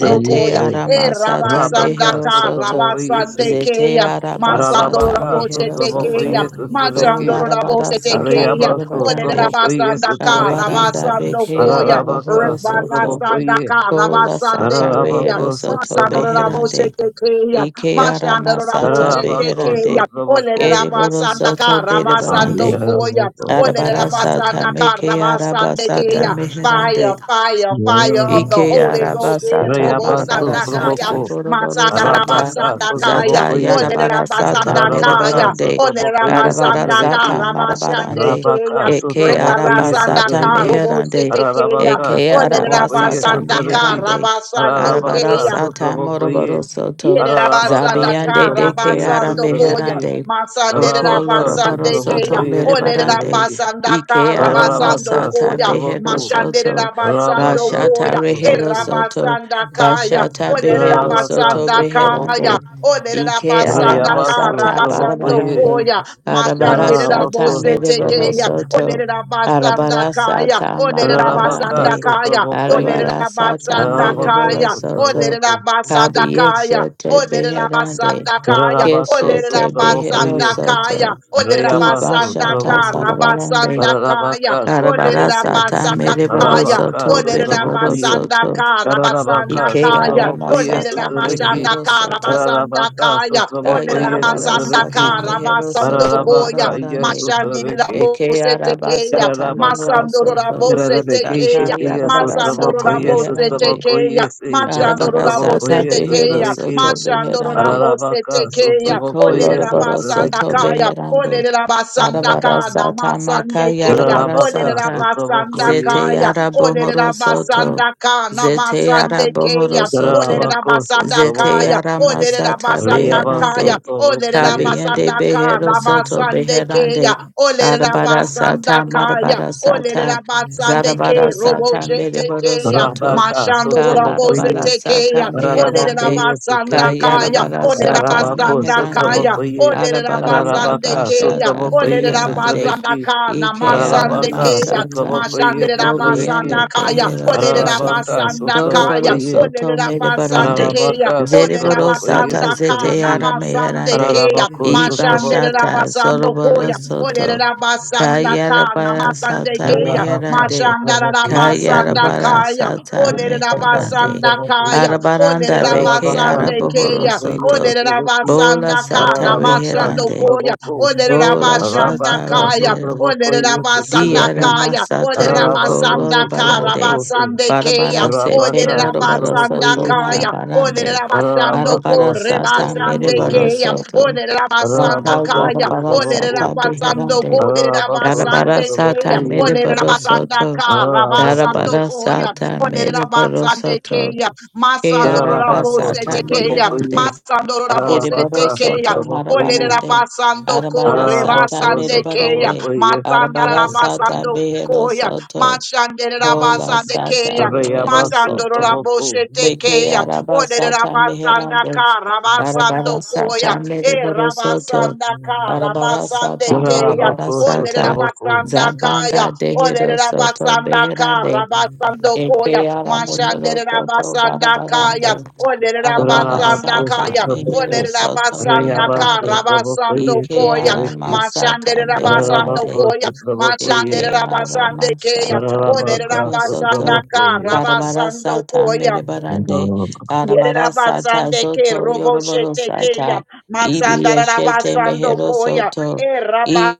H: And you
A: koya
H: say
D: Aramasata
A: rabasanda
H: Rabaka
D: Behero
A: ka
H: Sotraboko
D: Soto
A: rabasande
H: Yesi.
D: Zete
A: keya masando
D: Arabasata
H: Rabaka
A: rabose
D: Mehero
H: Sotraboko
D: Soto
A: tekeya
D: O
A: machando
H: Yesaviki.
D: Larabara
A: rabose
D: Sata
A: tekeya
H: Rayabasu
A: ole
D: Merebarande
H: Traboko
A: rabasanda ka
H: Yesaviki.
D: Arabaranda
A: rabasando
D: Beke
A: koya
D: Araboro
H: Rabaka
D: Soto
H: Sotraboko
A: Rebarasanda
H: Ye.
A: ka
D: Kola
A: rabasande
D: sata
A: keya
D: rehero
H: Rabako
D: soto
A: masando
H: Sotraboko.
D: beherande.
A: rabose tekeya
D: Ike ara
A: machando
D: masata
A: rabose
H: Rabako
A: tekeya
D: beherande.
A: ole
H: Sotraboko.
D: Ereboro
A: rabasanda ka
D: soto
A: rabasando
D: berebarande.
A: koya
H: Yarabako.
D: Arabara sata meke araba sata
A: Olerabasandakarabasandekeya.
D: meherande.
A: Fire, fire, fire of the
E: ba
D: Ike
E: ba ba
A: Holy
E: ba
D: araba
A: Ghost.
E: sha.
D: sata
E: It
H: Rayabasu
D: marabara
A: Erobosandakaya.
D: sata
H: Traboko.
D: boroboro sata
H: Rabaka
A: Masandarabasandakaya.
D: zata
H: Sotraboko Ye.
D: yarabara sata
A: Olerabasandakaya.
H: Rabaka
D: merebarande
H: Sotraboko
D: arabara
H: Yesaviki.
D: sata marabarande
A: Olerabasandakarabasandekeya.
H: Rabaka
D: eke araba
H: Sutrabokoye
D: sata
H: Sutraviki,
D: meherande
A: Rebarasandakarobosetekeya.
H: Ararabaka
D: eke araba
H: Sutrabokoye
D: sata
H: Sutraviki,
D: meherande arabara
H: Ararabaka
A: Olerabasandakarabasandekeya.
D: sata
H: Sutrabokoye,
D: moroboro soto
A: Yerera
H: Ararabaka
A: basanda
D: zabiande
A: kara
D: deke
H: Sutrabokoye
D: ara
A: basando koya.
H: Sutraviki,
D: meherande
A: Masanderera
D: oko
H: Rabaka
D: loroboro
A: basande
D: soto
A: keya.
H: Sutrabokoye
A: Olerera
D: merebarande
H: Sutraviki,
A: basanda
D: ike
A: kara
D: arama
A: basando
H: Ararabaka
D: sata
A: koya.
D: behero
H: Sutraboku,
D: soto
A: Mashanderera basando
H: Rabaka
D: Bashata
A: koya.
D: Rehero
A: Era
H: Sutraboku,
D: Soto,
A: basanda kaya.
D: Bashata
A: Olerera
D: Behero
H: Ararabaka
D: Soto
A: basanda kaya.
D: Beherande,
H: Sutraboku,
A: Olerera
D: Ike
A: basanda
H: Rayabasu
A: kara
D: Aramasata
A: basando
H: Trabokoye,
D: Barabarande,
A: koya. Mashandira
E: is
D: Arabarasata
H: Narabako
A: bose
D: Merebaro
E: Yeah.
A: tekeya.
H: Sutraboku,
D: Soto,
A: Olerera basanda kaya.
D: Arabarasata
A: Olerera
H: Ararabaka
A: basanda
D: Marabarande,
A: kaya.
H: Sutrabokoye,
A: Olerera
D: Arabarasata
A: basanda
H: Navakas
D: Merebaro
A: kaya.
D: Soto,
A: Olerera
H: Utravaka
A: basanda kaya.
D: Kabiyeshete
A: Olerera
D: Beherande,
A: basanda kaya.
H: Yararabaka
A: Olerera
D: Keshete Behero
H: Sutravakoye
A: basanda kaya.
D: Soto,
A: Olerera
H: Rayaba
A: basanda
D: Dubashata
A: kara
H: Sutravaku
D: Sarabarande,
A: basanda kaya.
H: Yararabaka
A: Olerera
H: Sutravaku
D: Arabarasata
A: basanda
D: Merebaro
A: kaya.
H: Yarabaka
D: Soto, Berebaro
H: Sutravakoye
D: Soto,
A: Olerabasandaka,
H: Yararabaka
D: Ike
A: Rabasandakaya,
D: yara
H: Sutravakoye
D: masata bere
H: Sutraviki
D: boro
A: Olerabasandaka,
D: soto.
H: Yararabaka
A: Rabasandakaya,
D: Da
H: Sutravakoye
D: bara
A: Olerabasandaka,
D: sata
H: Sutraviki
D: mehero soto
A: Rabasandokoya,
H: Yararabaka Iya
D: marabarande.
H: Sutraviki
D: Ike
A: Mashandirabose
D: yara
A: tekeya,
D: basata
H: Yararabaka
D: mehero soto.
A: Masandorabose
D: Da
H: Yararabeke
A: tekeya,
H: Shetiya
D: yara bara sata
H: Sutravakoye
A: Masandorabose
D: meherande.
A: tekeya,
H: Sutravakoye Se
D: Yara bara
A: Machandorora
D: sata
H: Yasutravakoye
A: bosete
D: behero
A: keya,
H: Sutraviki
D: soto
A: machandorora
D: beherande.
H: Ararabaka
E: He did
A: bosete
E: a
A: keya,
H: sotraboko
D: Iko loro
A: olerera
D: boro
A: basanda
D: soto
H: yesotrabeki.
A: kaya,
D: beherande.
A: olerera basanda
D: Arabara
A: kana,
D: sata maka
A: masande keya,
D: yarabara
H: Ararabaka
A: olerera
D: sata.
H: sotraboko
A: basanda
D: Zete
H: yese.
A: kaya,
D: yara
A: olerera
D: bohoro soto.
A: basanda kana,
D: Zete yara
A: masande
D: bohoro
A: keya,
D: soto.
A: olerera
H: Ararabako
A: basanda
D: Zete
H: sotraboko.
A: kaya,
D: yara
A: olerera
D: masata
A: basanda
H: Riyaba
A: kaya,
D: beherande.
H: sotraboko
A: olerera
H: yese.
D: Kabiyende
A: basanda
D: behero
A: kana,
D: soto
A: masande keya,
D: beherande.
A: olerera
D: Arabara
A: basanda
D: sata
A: kaya,
D: marabara
A: olerera
D: sata. Zarabara
A: basande robo
D: sata mereboro
A: shetekeya,
D: soto.
H: Ararabaka
E: Baba,
A: mashando robo
H: sotraboko ye.
D: Kalarabara sata
A: shetekeya, olele
H: Ararabako
A: la
D: meherande.
A: basanda
H: yesotrabeki.
A: kaya,
D: Kayarabara
A: olele la
D: sata
H: Ararabako
A: basanda
D: meherande.
A: kaya,
H: sotraboko ye.
A: olele la
D: Arabaranda
A: basande
H: Ararabaka
A: keya,
D: Bashata
H: sotraboko
A: olele la
D: Beherande
A: basanda
H: yesotrabeki.
A: kana,
D: Ike
E: he
A: masande
E: did
H: Ararabaka
E: a
A: keya,
D: Aramasata
H: sotraboko
A: mashande la
E: baby,
H: yesotrabeki.
D: Obiende
A: basanda
E: It is
A: kaya,
D: Behero
A: olele la
D: Soto
H: Ararabaka
A: basanda
H: sotraboko
A: kaya,
D: Doroboro
H: ye.
A: olele
D: Soto
A: la basande
D: Medebarande
A: keya,
H: Ararabaka
A: olele la
D: Zeriboro
H: sotraboko
D: Sata
A: basanda
D: Zete
A: kana,
H: yesotrabeki.
D: Ara
A: masande
D: Meherande
A: keya,
H: Ararabako
A: mashande
H: Sotraboko
A: la
D: Ibashata
A: basando
D: Zoroboro
A: koya, olele
D: Soto
A: la basanda basanda ka
D: Kayarabara
A: namasande
D: Sata
A: keya
H: Ararabaka
D: Meherande
A: mashanda la
H: sotraboko ye
A: basanda
H: sotrabeki.
D: Kayarabara
A: kaya
D: Sata
A: olere la
H: Ararabaka
D: Meherande
A: basanda
H: sotraboko ye.
A: kaya olere
D: Arabaranda
A: la
D: Beke
H: Ararabaka
A: basande
D: Arabohoro
A: keya
H: Sotraboko
D: Soto
A: olere la
H: Yesotrabeki
D: Bola
A: basanda ka
D: sata
H: Ararabaka
A: namashando
D: reherande.
A: koya
H: Sotraboko
A: olere la
D: Bola
A: basanda
D: sata
H: Arabaka
A: kaya
D: rehera.
H: Sotraboko
A: olere la basanda
D: Diara
H: Yesotrabeki
A: kaya
D: masata
A: olere la
D: roko
H: Ararabako
D: lora
A: basanda ka
D: barande.
H: Sotraboko Se
A: rabasande keya
D: Barabara sete
A: olere
H: Arabaka
A: la
D: morabara
H: Sotraboko
A: basanda
D: soto
H: Yese
A: kaya olere
D: marabarande.
A: la basando
D: Barabara
H: Ararabako
A: kore
D: sata
H: Sotraboko
A: basande
E: a
D: merebaro
H: Ye
A: keya
D: soto.
A: olere la
E: Yes.
A: basanda
D: Sata
H: Ararabako
A: Rabakaya,
D: yarabara
H: Sotraboko
D: sata beherande.
A: Olerabasandoko,
H: Ararabako
D: Darabara sata
H: Sotraboko
A: Rabasandekeya,
H: Ye
D: merebaro soto.
A: Olerabasandaka,
H: Ararabako
D: Darabara
A: Rabasandokoya,
D: sata merebaro soto.
A: Olerabasandekeya,
D: Keara
H: Ararabacos,
A: Masandorabose
D: basata
A: Tekeya,
H: Trabocoye,
D: meherande.
A: Masandorabose
D: Eriboro
H: Ararabacas,
A: Tekeya,
D: soto
H: Trabocoye,
D: marabarande.
A: Olerabasando ko
D: Arabara sata
H: Ararabacos,
A: rebasande keya
D: mirabarande.
H: Trabocoye,
A: matanda
D: Arabara sata
A: rabasando
D: behero
A: koya
D: soto.
A: machande
D: Kola
A: rabasande
D: sata
A: keya
D: behero
H: Arayabas,
A: matando
D: soto.
H: Traboco,
A: rabose
D: Beke
A: tekeya
D: araba sata
A: olerabasanda
D: meherande. Arabara
A: rabasando koya,
D: sata
A: e
D: miraboro soto.
A: rabasanda ka,
D: Arabara
A: rabasande
D: sata
A: keya,
D: marabara
H: Ararabacos,
A: ole
D: sata.
H: Traboco,
A: rabasanda kaya,
D: Zabanda
A: ole
D: dehero soto
A: rabasanda ka,
D: beherande.
A: rabasando koya,
D: Eke ara
A: mashande
D: mehero soto
A: rabasanda kaya,
D: barabarande.
A: ole
D: Arabara
A: rabasanda
H: Ararabacos,
D: sata
E: Thank
A: kaya, ole
D: mehero
H: Traboco,
D: soto
A: rabasanda
H: Arayabas,
A: ka,
D: beherande.
A: rabasando
H: Trabocoye,
D: Ike
A: koya,
D: ara
H: Trebeki,
A: mashande
D: masata
A: rabasando
D: beherande.
H: Ararabacos,
A: koya, mashande
H: Trabocoye,
D: Ike ara
A: rabasande keya,
D: masata
A: ole
H: Ararabacas,
D: mehero soto.
A: rabasanda ka,
H: Trabocoye,
D: Barabara
A: rabasando
D: sata
A: koya,
D: merebarande. Arabara sata
A: Yerabasande ke
D: zoto
A: robo
D: yoroboro
A: shete ke ya.
D: sata. Ibi
A: Masanda
D: yeshete
A: rabasando
D: mehero
A: koya.
D: soto.
A: E raba
D: Ibi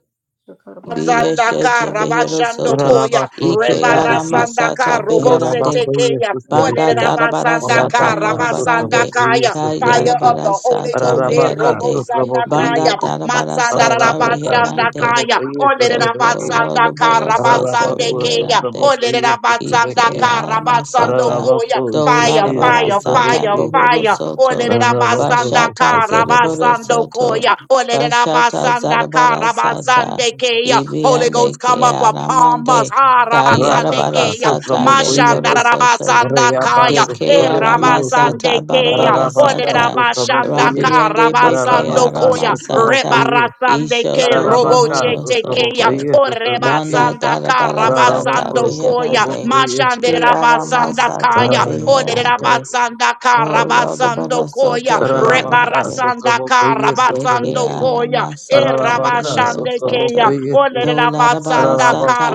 A: Sandaka
D: yeshete behero
A: Rabashando
D: soto.
A: Koya
H: Ararabacos,
D: Ike
A: Rebara
D: ara
H: Trebeki,
A: Sandaka
D: masata
A: Robose
D: beherande.
H: Ararabacoye,
A: Tekeya
D: Banda
H: Trebeki,
D: darabara
A: Olerabasandaka
D: sata
H: Rabaka
D: morobarande.
H: Sutraboko
A: Rabasandakaya Fire
H: Sutrabeki,
A: of
D: Yarabara
A: the Holy
D: sata
A: Ghost eh,
H: Rabaka
A: Robo
D: meherande.
H: Sutraboko
A: Sandakaya
D: Banda darabara sata
H: Rabaka
D: reherande.
A: Masandarabasandakaya
H: Sutraboko
D: Doko
H: Sutrabeki,
A: Olerabasandaka
D: lorobaro soto
H: Rabako
A: Rabasandekeya
D: reherande.
H: Sutraboko
D: Ike
H: Sutrabeki,
A: Olerabasandaka
D: masata
E: you.
A: Rabasandokoya
H: Rabako
D: do
A: Fire,
H: Sutia
D: larabara
A: fire,
E: Thank you.
D: sata
A: fire,
H: Sutrabeki,
D: bohoro
A: fire.
D: soto
H: Rabako
D: bashata
A: Olerabasandaka
H: Sutrabeki,
D: zereboro
A: basando
D: soto
A: koya. Olerera
D: bashata
A: basanda
D: zarabara
A: kara
D: sata
A: basande keya. Holy Ghost
D: ibiande ke
A: come up upon us.
D: aramande
A: Ara basande
D: kayarabara
H: Rabaka
A: keya.
D: sata
H: Sutraboko
A: Mashanda
D: mereboro soto
A: rabasanda kaya.
H: Rayabas
D: de ke
H: Sutraboko
A: Era
H: Yesu,
A: basande
D: aramasata
A: keya.
D: barabara
H: Rabaka
A: Olerera
D: sata
H: Sutraboko
A: basanda kara
D: rabiande beke
A: basando
H: Rabaka
A: koya. Reba
D: aramasata
H: Sutraboko
A: rasande ke
D: ishoto
A: robo
H: Rabaka
D: bohoro
A: chete keya.
D: soto
H: Sutraboko
A: Oreba
H: Sutrabeki,
D: banda
A: sanda
D: darabara
A: kara
D: sata
H: Ararabako
A: basando koya.
D: beherande
H: sotraboko yese.
A: Mashande
D: Kiara
A: rabasanda
D: Masata
A: kaya.
H: Ararabako sot-
D: Beherande,
A: Oderabasanda
D: Rolo
A: karabasando
D: barosoto
A: koya.
D: Soto
H: Ararabaka
D: Beherande,
A: Rebarasanda
H: sotraboko yese
A: karabasando
H: trebeki.
D: Bekiara
A: koya.
D: Masata
H: Ararabaka
D: Behero
A: Erabashande
H: sotraboko
A: keya.
D: Soto,
H: yese.
D: Dola Bara
A: Oderabasanda
D: Sata
H: Ararabako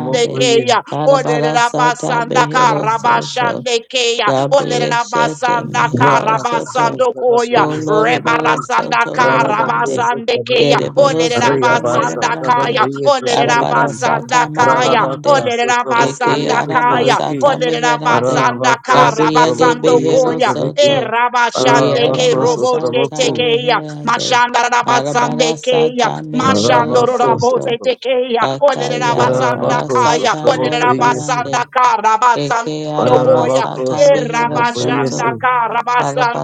E: Thank
H: ye.
A: keya.
D: Arabara Sata
A: Oderabasanda
D: Behero Soto,
A: karabashande keya.
D: Dabi Shete
A: Oderabasanda
H: Rabaka
D: meherosoto.
A: karabasando
H: sotraboko
A: koya.
H: yese trabeki,
D: Colorado
A: Rebarasanda
D: Soto
H: Ararabako
D: Reherande,
A: karabasande keya.
H: sotraboko.
D: Ereboro Soto
H: Arayabasa
A: Oderabasanda
H: sotraboko
D: Merebarande,
A: kaya.
H: yese trebeki.
D: Arabara
A: Oderabasanda
D: Sata
A: Kaya,
H: Ararabaka
D: Marabarande,
A: Olerera
H: sotraboko
D: Eke
A: Basanda
H: yese
D: Araba
A: Kaya,
H: trebeki.
D: Sata
A: Olerera
D: Meherande,
A: Basanda
H: Ararabako
A: Kara
D: Gabriende
H: sotraboko
A: Basando
H: yese
D: Behero
A: Koya, E
H: trebeki.
D: Soto,
A: Rabashande
D: Riera
A: Ke
H: Ararabako
A: Robo
H: sotraboko.
D: Masata
A: Tekeya,
D: Reherande,
A: Mashanda Rabasande
D: Arabara
A: Keya,
D: Sata
A: Mashando
D: Mereboro
H: Rabakos
A: Rabo
D: Soto,
A: Tekeya,
D: Akai
A: Olerera Basanda
D: Arabara
H: Garabakos
A: Kaya,
D: Sata
A: Olerera
H: Trabokoyes
A: Basanda
D: Morabarande,
A: Kara Basanda
D: Eke Arama
A: Boya,
D: Sata
H: Parabakos
D: Behero
H: Trabokoyes
D: Soto,
A: Erabashanda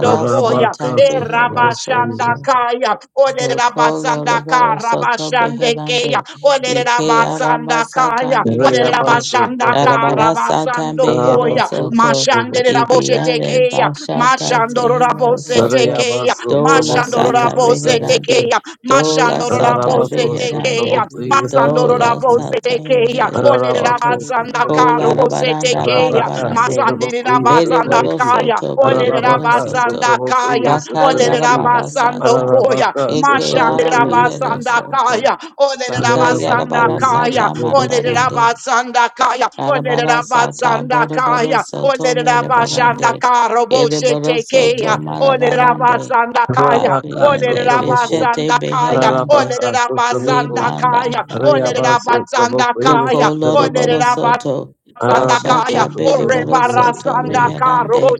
E: you.
A: Koya,
D: sata
E: Thank
H: Narabakas
D: behero
A: Erabashanda
H: Trabokoyes
D: soto.
A: Kaya,
D: Kolo
A: Olerabasanda
D: Rabara Soto
A: Karabashande Kaya,
D: Beherande, Ike
A: Olerabasanda
D: Arama
A: Kaya,
D: Satan Beherande,
H: Rayabas
A: Olerabashanda
H: Traboko
D: Arabara Satan
A: Karabasando
D: Behero
A: Koya,
H: Rabakos
D: Soto,
A: Mashande
H: Traboko
A: Raboshe
D: Ibiane
A: Tekeya,
D: Bashata
A: Mashando
D: Zehero
A: Rabose
D: Soto,
A: Tekeya,
H: Narayabas
D: Dola
A: Mashando
H: Trabokoyes
D: Sata
A: Rabose
D: Beherande,
H: Trabeki
A: Tekeya,
D: Dola
A: Mashando
D: Sata
A: Rabose
H: Parabakos
A: Tekeya,
D: Beherande,
H: Trabokoyes
A: Masando
D: Dola
H: Trabeki
A: Rabose
D: Sata
A: Tekeya,
D: Behero Soto, Kola
H: Parabakos
A: Olerabasanda
D: Rabaranda
A: Setekeya,
H: Rabaka
D: Barabarande,
A: Masandina
H: Sutrabokoye
D: Bere
A: Basanda
D: Boro
H: Sutraveki,
A: Kaya,
D: Soto, Bere
A: Olera
D: Boro
H: Ararabaka
D: Soto,
A: Basanda
H: Sutrabokoye
A: Kaya,
D: Baka
A: Olera
H: Sutraveki,
D: Yarabara
A: Basando
D: Sata,
A: Koya,
H: Ararabaka
D: Eke ara
A: Mashandira
H: Sutrabokoye
D: mehero
A: Basanda
D: soto.
A: Kaya, Olera
D: Baka yara
A: Basanda
D: bara
H: Ararabakoye
A: Kaya,
D: sata mara
H: Sutraveki,
A: Olera
E: you.
D: barande.
A: Basanda Kaya,
E: Thank
D: Yara bara
A: Olera
D: sata
A: Basanda
D: boro boro
A: Kaya,
D: soto
A: Olera
D: mere
A: Basanda
D: barande.
A: Karo
D: Ere boro
A: Bosetekeya,
D: soto mara
A: Olera
D: barande.
A: Basanda Kaya,
H: Rabaka
D: Abriende
H: Sutraboko,
D: beshete
A: Olerabasandakaya,
D: beherande.
H: Ararabaka Sutraboko,
D: Limanda
A: olerabasandakaya,
H: Rayaba
D: kaya
H: Sutrabokoye
A: olerabasandakaya,
D: Doko
H: Sutraveki,
D: Loroboro
A: olerabasandakaya.
D: Soto,
H: Ararabako
A: Sandakaya,
D: Bashata Beriboro
H: Sutrabokoye
A: Orebara
D: Soto
H: Sutraveki,
A: Sandaka,
D: Meherande,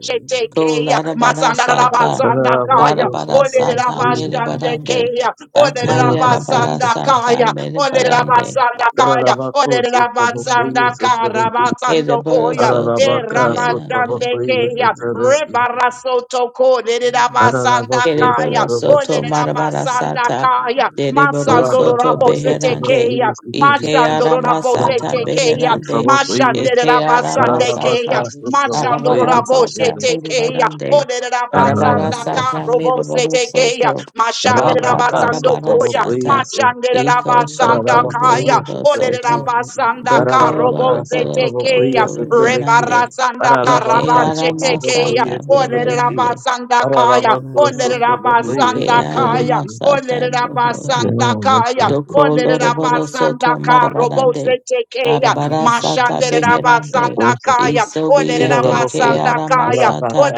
D: Ko lada Larabara
A: Mazandaraba
D: Sata,
A: Sandakaya,
H: Ararabako Sutrabokoye Sutraveki, Ararabako
D: Barabara Sata
A: Oleraba
H: Sutrabokoye Sutraveki,
D: Merebarande,
A: Sandekea, Oleraba
D: Bakayarabara Sata
A: Sandakaya, Oleraba
D: Merebarande,
A: Sandakaya,
H: Arabako
A: Oleraba
H: Sutrabokoye
A: Sandaka,
H: Sutraveki,
D: Ereboro
A: Rabasandokoya,
D: Soto
H: Ararabaka
A: Eraba
D: Beherande.
H: sotraboko iye
A: Sandekea,
H: sotrabeki.
A: Rebara Sotoko, Leraba
H: Ararabako
A: Sandakaya,
D: Kereboro
H: sotraboko.
D: soto
A: Oleraba
D: marabara sata.
E: you.
A: Sandakaya,
D: Dereboro soto
H: Rabaka
A: Masandorabo
E: Thank
H: sotraboko
D: beherande.
H: iye
A: Setekea,
H: sotrabeki.
D: Ikeara
A: Mashandoro Rabose
D: masata
H: Ararabaka
A: Tekea,
D: beherande.
H: sotraboko iye.
A: Mashandere
D: Ikeara
A: Rabasande Kea,
H: Ararabaka
D: masata.
H: sotraboko
A: Mashandoro
D: Arabara
H: iye
D: sata
A: Rabose
H: sotrabeki.
A: Tekea,
D: berebarande.
A: Odere
D: Arabara
A: Rabasanda
H: Ararabako.
D: sata
A: Karobose
D: mereboro
A: Tekea,
D: soto.
A: Mashandere
D: Banda
H: Rabaka
A: Rabasando
D: barabara
A: Koya,
H: sotraboko iye
D: sata.
H: so-
A: Mashandere
D: Iko
A: Rabasanda
D: soto
H: Ararabako iye
A: Kaya,
D: bohoro
A: Odere
H: sotrabeki.
D: soto.
A: Rabasanda
D: Doko
H: Ararabaka
D: loroboro
H: sotraboko
D: soto
H: iye
A: Tekea,
H: sotrabeki.
D: beherande.
A: Rebarasanda
H: Ararabaka
D: Ikeara
A: Karabache
H: sotraboko
A: Tekea,
D: masata
H: iye
A: Odere
H: sotrabeki.
D: beherande.
A: Rabasanda Kaya,
H: Ararabako
A: Odere
H: sotraboko iye
A: Rabasanda
D: Ikeara
A: Kaya,
H: sotrabeki.
D: masata
A: Odere
D: bohoro.
H: Yeah,
A: Rabasanda
H: that's
A: Rabasaya,
H: that's
D: Doko loroboro soto
A: Olerabasandaka,
D: marabarande.
A: Robosetekea,
D: Arabara sata
H: it.
D: beherande.
H: Also,
A: Mashanderabasandakaya,
H: Ira
D: Isobiande
H: Rabaku,
D: keara
A: Olerabasandakaya,
E: you.
D: masata.
H: Rabaka,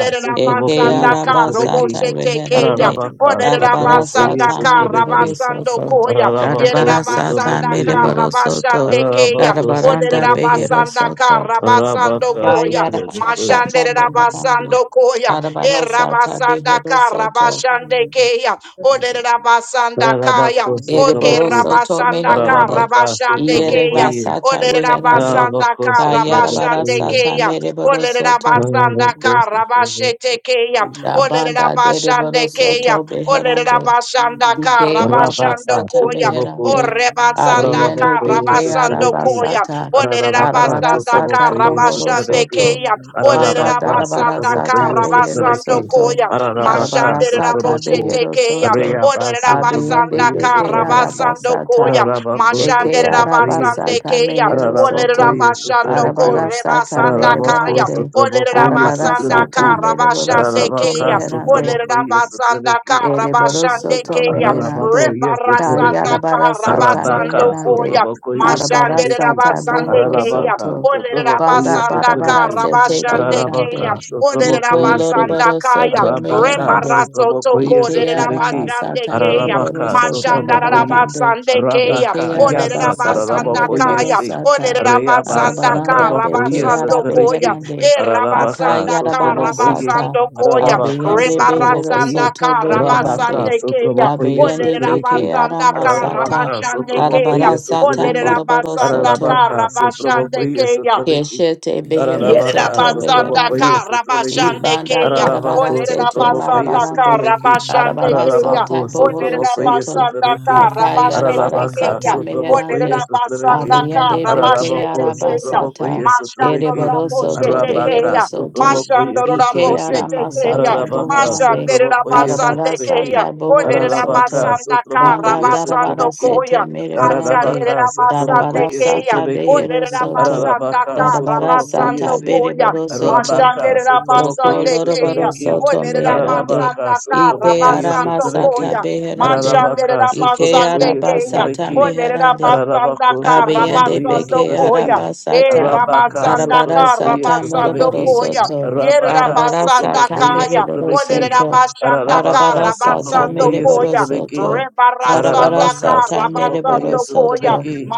E: Thank
D: Eke
H: Sotrabokoye, Sotrabeki,
D: arabasata
A: Robosetekea,
D: reherande.
H: Ararabaka,
D: Arabara
H: Sotrabokoye,
D: sata
A: Olerabasandaka,
H: Sotrabeki,
D: mereboro soto.
A: Rabasandokoya,
H: Ararabako,
D: Arabara sata
A: Yerabasandaka,
H: Sotrabokoye,
D: mereboro soto.
A: Rabashandekeya,
H: Ararabako,
D: Arabaranda
H: Sotraboko,
D: behero
A: Olerabasandaka,
D: soto.
H: Arabaka,
A: Rabasandokoya,
D: Kayarabara
H: Sotrabokoye,
D: sata merebande.
A: Mashanderabasando koya.
D: Arabara
A: Yere
D: sata
A: Rabasanda
D: behero
A: Ka
D: soto.
A: Rabasande Keya, Ole Rabasanda Ka Rabasando koya. Mashande Rabasando koya. E Erabasandaka rabashandekeya. Ode Rabasanda Kaya.
H: Ararabako,
A: Oke
H: Sotraboko,
D: Ereboroso to
A: Rabasanda Ka
D: meherande.
H: Ararabaka,
A: Rabashande
D: Iere
A: Kaya.
H: Sotrabokoye,
D: basata
A: Ode
D: reherande.
A: Rabasanda
H: Ararabako,
A: Ka
D: Kayarabara
A: Rabashande
H: Sotrabokoye,
D: sata
A: Kaya. Ode
D: mereboroso to.
A: Rabasanda
H: Ararabako,
A: Ka
H: Sotrabokoye,
A: Rabashete Kaya. Ode
D: Rabanda
A: Rabashande
D: dereboroso
A: Kaya.
D: to
A: Ode
D: beherande.
A: Rabasanda Ka
D: Ike
H: Rabaka,
A: Rabashando
D: arabasata
A: Koya.
H: Sotraboko,
D: meherande.
A: Ore Basanda
D: Abiyende
A: Ka
H: Ararabakoye
D: beke
A: Rabasando
H: sutraveki.
A: Koya.
D: arabasata.
A: Ode
H: Ararabaka
D: Arabara
A: Rabasanda Ka
D: sata
H: sutravokoye
A: Rabashande
D: bohoroso
H: sutraveki.
D: to.
A: Kaya. Ode
D: Banda
H: Ararabaka
D: darabara
A: Rabasanda Ka
E: you.
D: sata
H: sutravokoye
A: Rabasando
D: beheroso
H: sutraveki.
E: Thank
D: to.
A: koya.
E: you.
H: Ararabaka
D: Arabara
A: Mashandere
D: sata
H: sutravoku.
A: raboshete
D: beheroso
A: keya.
D: to.
H: Arayaba
A: Odere
D: Abiyende
A: rabasanda
H: sutravokoye
D: beke
H: sutraveki.
A: karabasando
D: arabasata.
A: koya.
H: Ararabako
D: Eke
A: Mashandere
H: sutravokoye se.
A: rabasande
D: arabasata
A: keya.
D: mehero
A: Odere
D: soto.
H: Ararabakoye
A: rabashando
H: sutraveki.
D: Arabarasata
A: korebasanda
H: Ararabako
A: kaya.
D: mereborande.
A: Odere
H: sutravokoye
A: rabasanda
D: Arabarasata
H: sutraveki.
D: mereboro
A: karabashande
D: soto
H: Ararabaka
A: keya.
D: meherande.
A: Odere
H: sutravokoye
A: rabasanda
H: sutraveki.
D: Ereboro
A: karabashande
D: soto
A: keya.
H: Ararabako,
D: meherande.
H: yes, the
A: Reparasanda
H: Trebeki.
D: Kayarabarasata
A: karabasando
H: Arabaka, so
D: meherande.
A: koya.
H: Trabako, yes, the
A: Mashandere
H: Trebeki.
D: Arabarasata
A: rabasande
D: bohoro
A: keya.
H: Ararabaka,
D: soto.
H: so
A: Olere
H: Trabako,
D: Banda
H: yes, the
A: rabasanda ka
D: barabara
H: Trebeki.
D: sete
A: rabashande keya.
D: meherande.
H: Ararabaka, so
A: Olere
H: Trabako,
D: Iko
H: yes.
A: rabasanda
D: loroboro
A: kaya.
D: soto
H: Rabaka
D: meherande.
A: Rebaraso Toko.
H: Sotrabokoye
D: Ike
A: olere
H: Sotraveki
A: rabashande
D: aramasata
A: keya.
D: mereboro
H: Ararabaka
D: soto
A: Mashanda
H: Sotrabokoye
D: marabarande.
A: Olerabasandakarabasandekeya.
D: Eke
H: Rabaka Yasa
D: arabasata
H: Tarabokoye
D: mereboro
A: Olerabasandakaya. Rebarasotoko. Lererabasandekeya. Mashandarabasandekeya.
H: Se
D: sata.
H: Reabasa
A: Olerabasandakaya.
D: Arabaranda
E: Thank
D: beke
H: Tarabokoye
A: Karabasando Koya,
H: Sotraveki
A: E
D: arabeherande.
H: Ararabaka
A: Rabasanda
D: Akaya
H: Sotrabokoye
D: arabarasata.
A: Karabasando Koya,
H: Ararabaka
D: Abeyende behero
A: Rebarasanda
H: Sotrabokoye
D: soto
H: Rabaka
A: Karabasande
D: beherande.
A: Kaya,
H: Sotrabokoye
A: Ole
D: Abeyende
H: Sotraveki
D: beke
A: Rabasanda
D: aramasata.
H: Ararabaka
A: Karabashande Kaya,
H: Sotrabokoye
A: Ole
D: Arabarasata
H: Sotraveki
D: moroboro
A: Rabasanda
D: soto.
H: Ararabaka
A: Karabashande
H: Sotrabokoye
A: Kaya,
H: Sotraveki
D: Keshete behero
H: Ararabaka,
D: soto
H: Sotrabokoye,
D: meherande.
A: Yerabasandaka
H: Sotraveki,
D: Ibanda
A: Rabashandekeya. O
D: darabara
H: Ararabako,
D: sete
H: Sotrabokoye,
A: Lerabasandaka
D: marabarande.
H: Sotraveki,
D: Arabara
A: Rabashandekeya.
D: sata
H: Ararabako,
A: O
D: bohoro
H: Sotrabokoye,
D: soto.
H: Sotraveki,
A: Lerabasandaka
D: Akayarabara
H: Ararabaka,
D: sata
A: Rabashandekeya. O
H: Sotrabokoye,
D: meherande.
H: Sotraveki,
A: Lerabasandaka
D: Abiyande beke
H: Ararabako,
A: Rabashandekeya.
D: arabasata.
H: Sotrabokoye, Sotraveki,
A: Mashandora
D: Ereboro soto behero
H: Arabaka,
A: Boshetekeya.
D: soto.
H: Sotrabokoye,
E: you.
A: Mashandora
D: Ike
H: Sotraveki,
E: Thank
A: Boshetekeya.
D: aramasata
H: Ararabaka,
D: bohorande.
A: Mashandera
H: Sotrabokoye,
D: Arabara
H: Sotraveki,
A: Basandekeya.
D: sata
A: O
D: bohoro
H: Ararabaka,
D: soto.
A: Lerabasandaka
D: Banda
H: Sotrabokoye,
D: darabara
H: Sotraveki,
D: sete
A: Rabasandokoya.
D: merebarande.
H: Ararabaka
A: Mashandera
D: Darabara
H: sotrobokoye
A: Basandekeya.
D: sata
H: sotrobeki.
D: behero soto.
A: Olerabasandaka,
H: Ararabaka
D: Darabara
H: sotrobokoye
D: sata
H: si.
A: Rabasandokoya,
D: beriboro soto.
H: Arabaka
D: Doko
H: sotrobokoye
A: Mashanderabasandekeya,
D: loroboro
H: sotrobeki.
D: soto meherande.
H: Ararabaka
A: Olerabasandaka,
D: Ike
H: sotrobokoye
D: arama sata
H: sotrobeki.
A: Rabasandokoya,
D: beherande.
H: Ararabaka
D: Ike
H: sotrobokoye
D: araba
A: Mashanderabasandekeya,
D: sata
H: sotrobeki.
D: meherande.
H: Ararabako
A: Olerabasandaka,
D: Abiyande
H: sotrobokoye
D: beke
H: sotrobeki.
A: Rabasandokoya, E
D: arabasata.
H: Arabaka
A: Rabasandaka,
H: sotrobokoye
D: Arabarasata moroboro
H: sotrobeki.
A: Rabasandokoya,
D: soto.
A: Yerra
H: Arabaka
A: basanda
D: Arabarasata
H: sotrobokoye
A: kaya,
D: mereboro
H: sotrobeki.
A: oderera
D: soto.
A: basanda
H: Ararabaka
A: kara
D: Arabarasata
A: basando
H: sotrobokoye
D: mereboro
A: koya,
H: sotrobeki.
D: soto.
A: rebarasanda
H: Ararabaka,
A: kara
D: Arabarasata
H: Sotobokoye,
D: mereboro
A: basando koya,
D: soto.
H: Sotlebeki,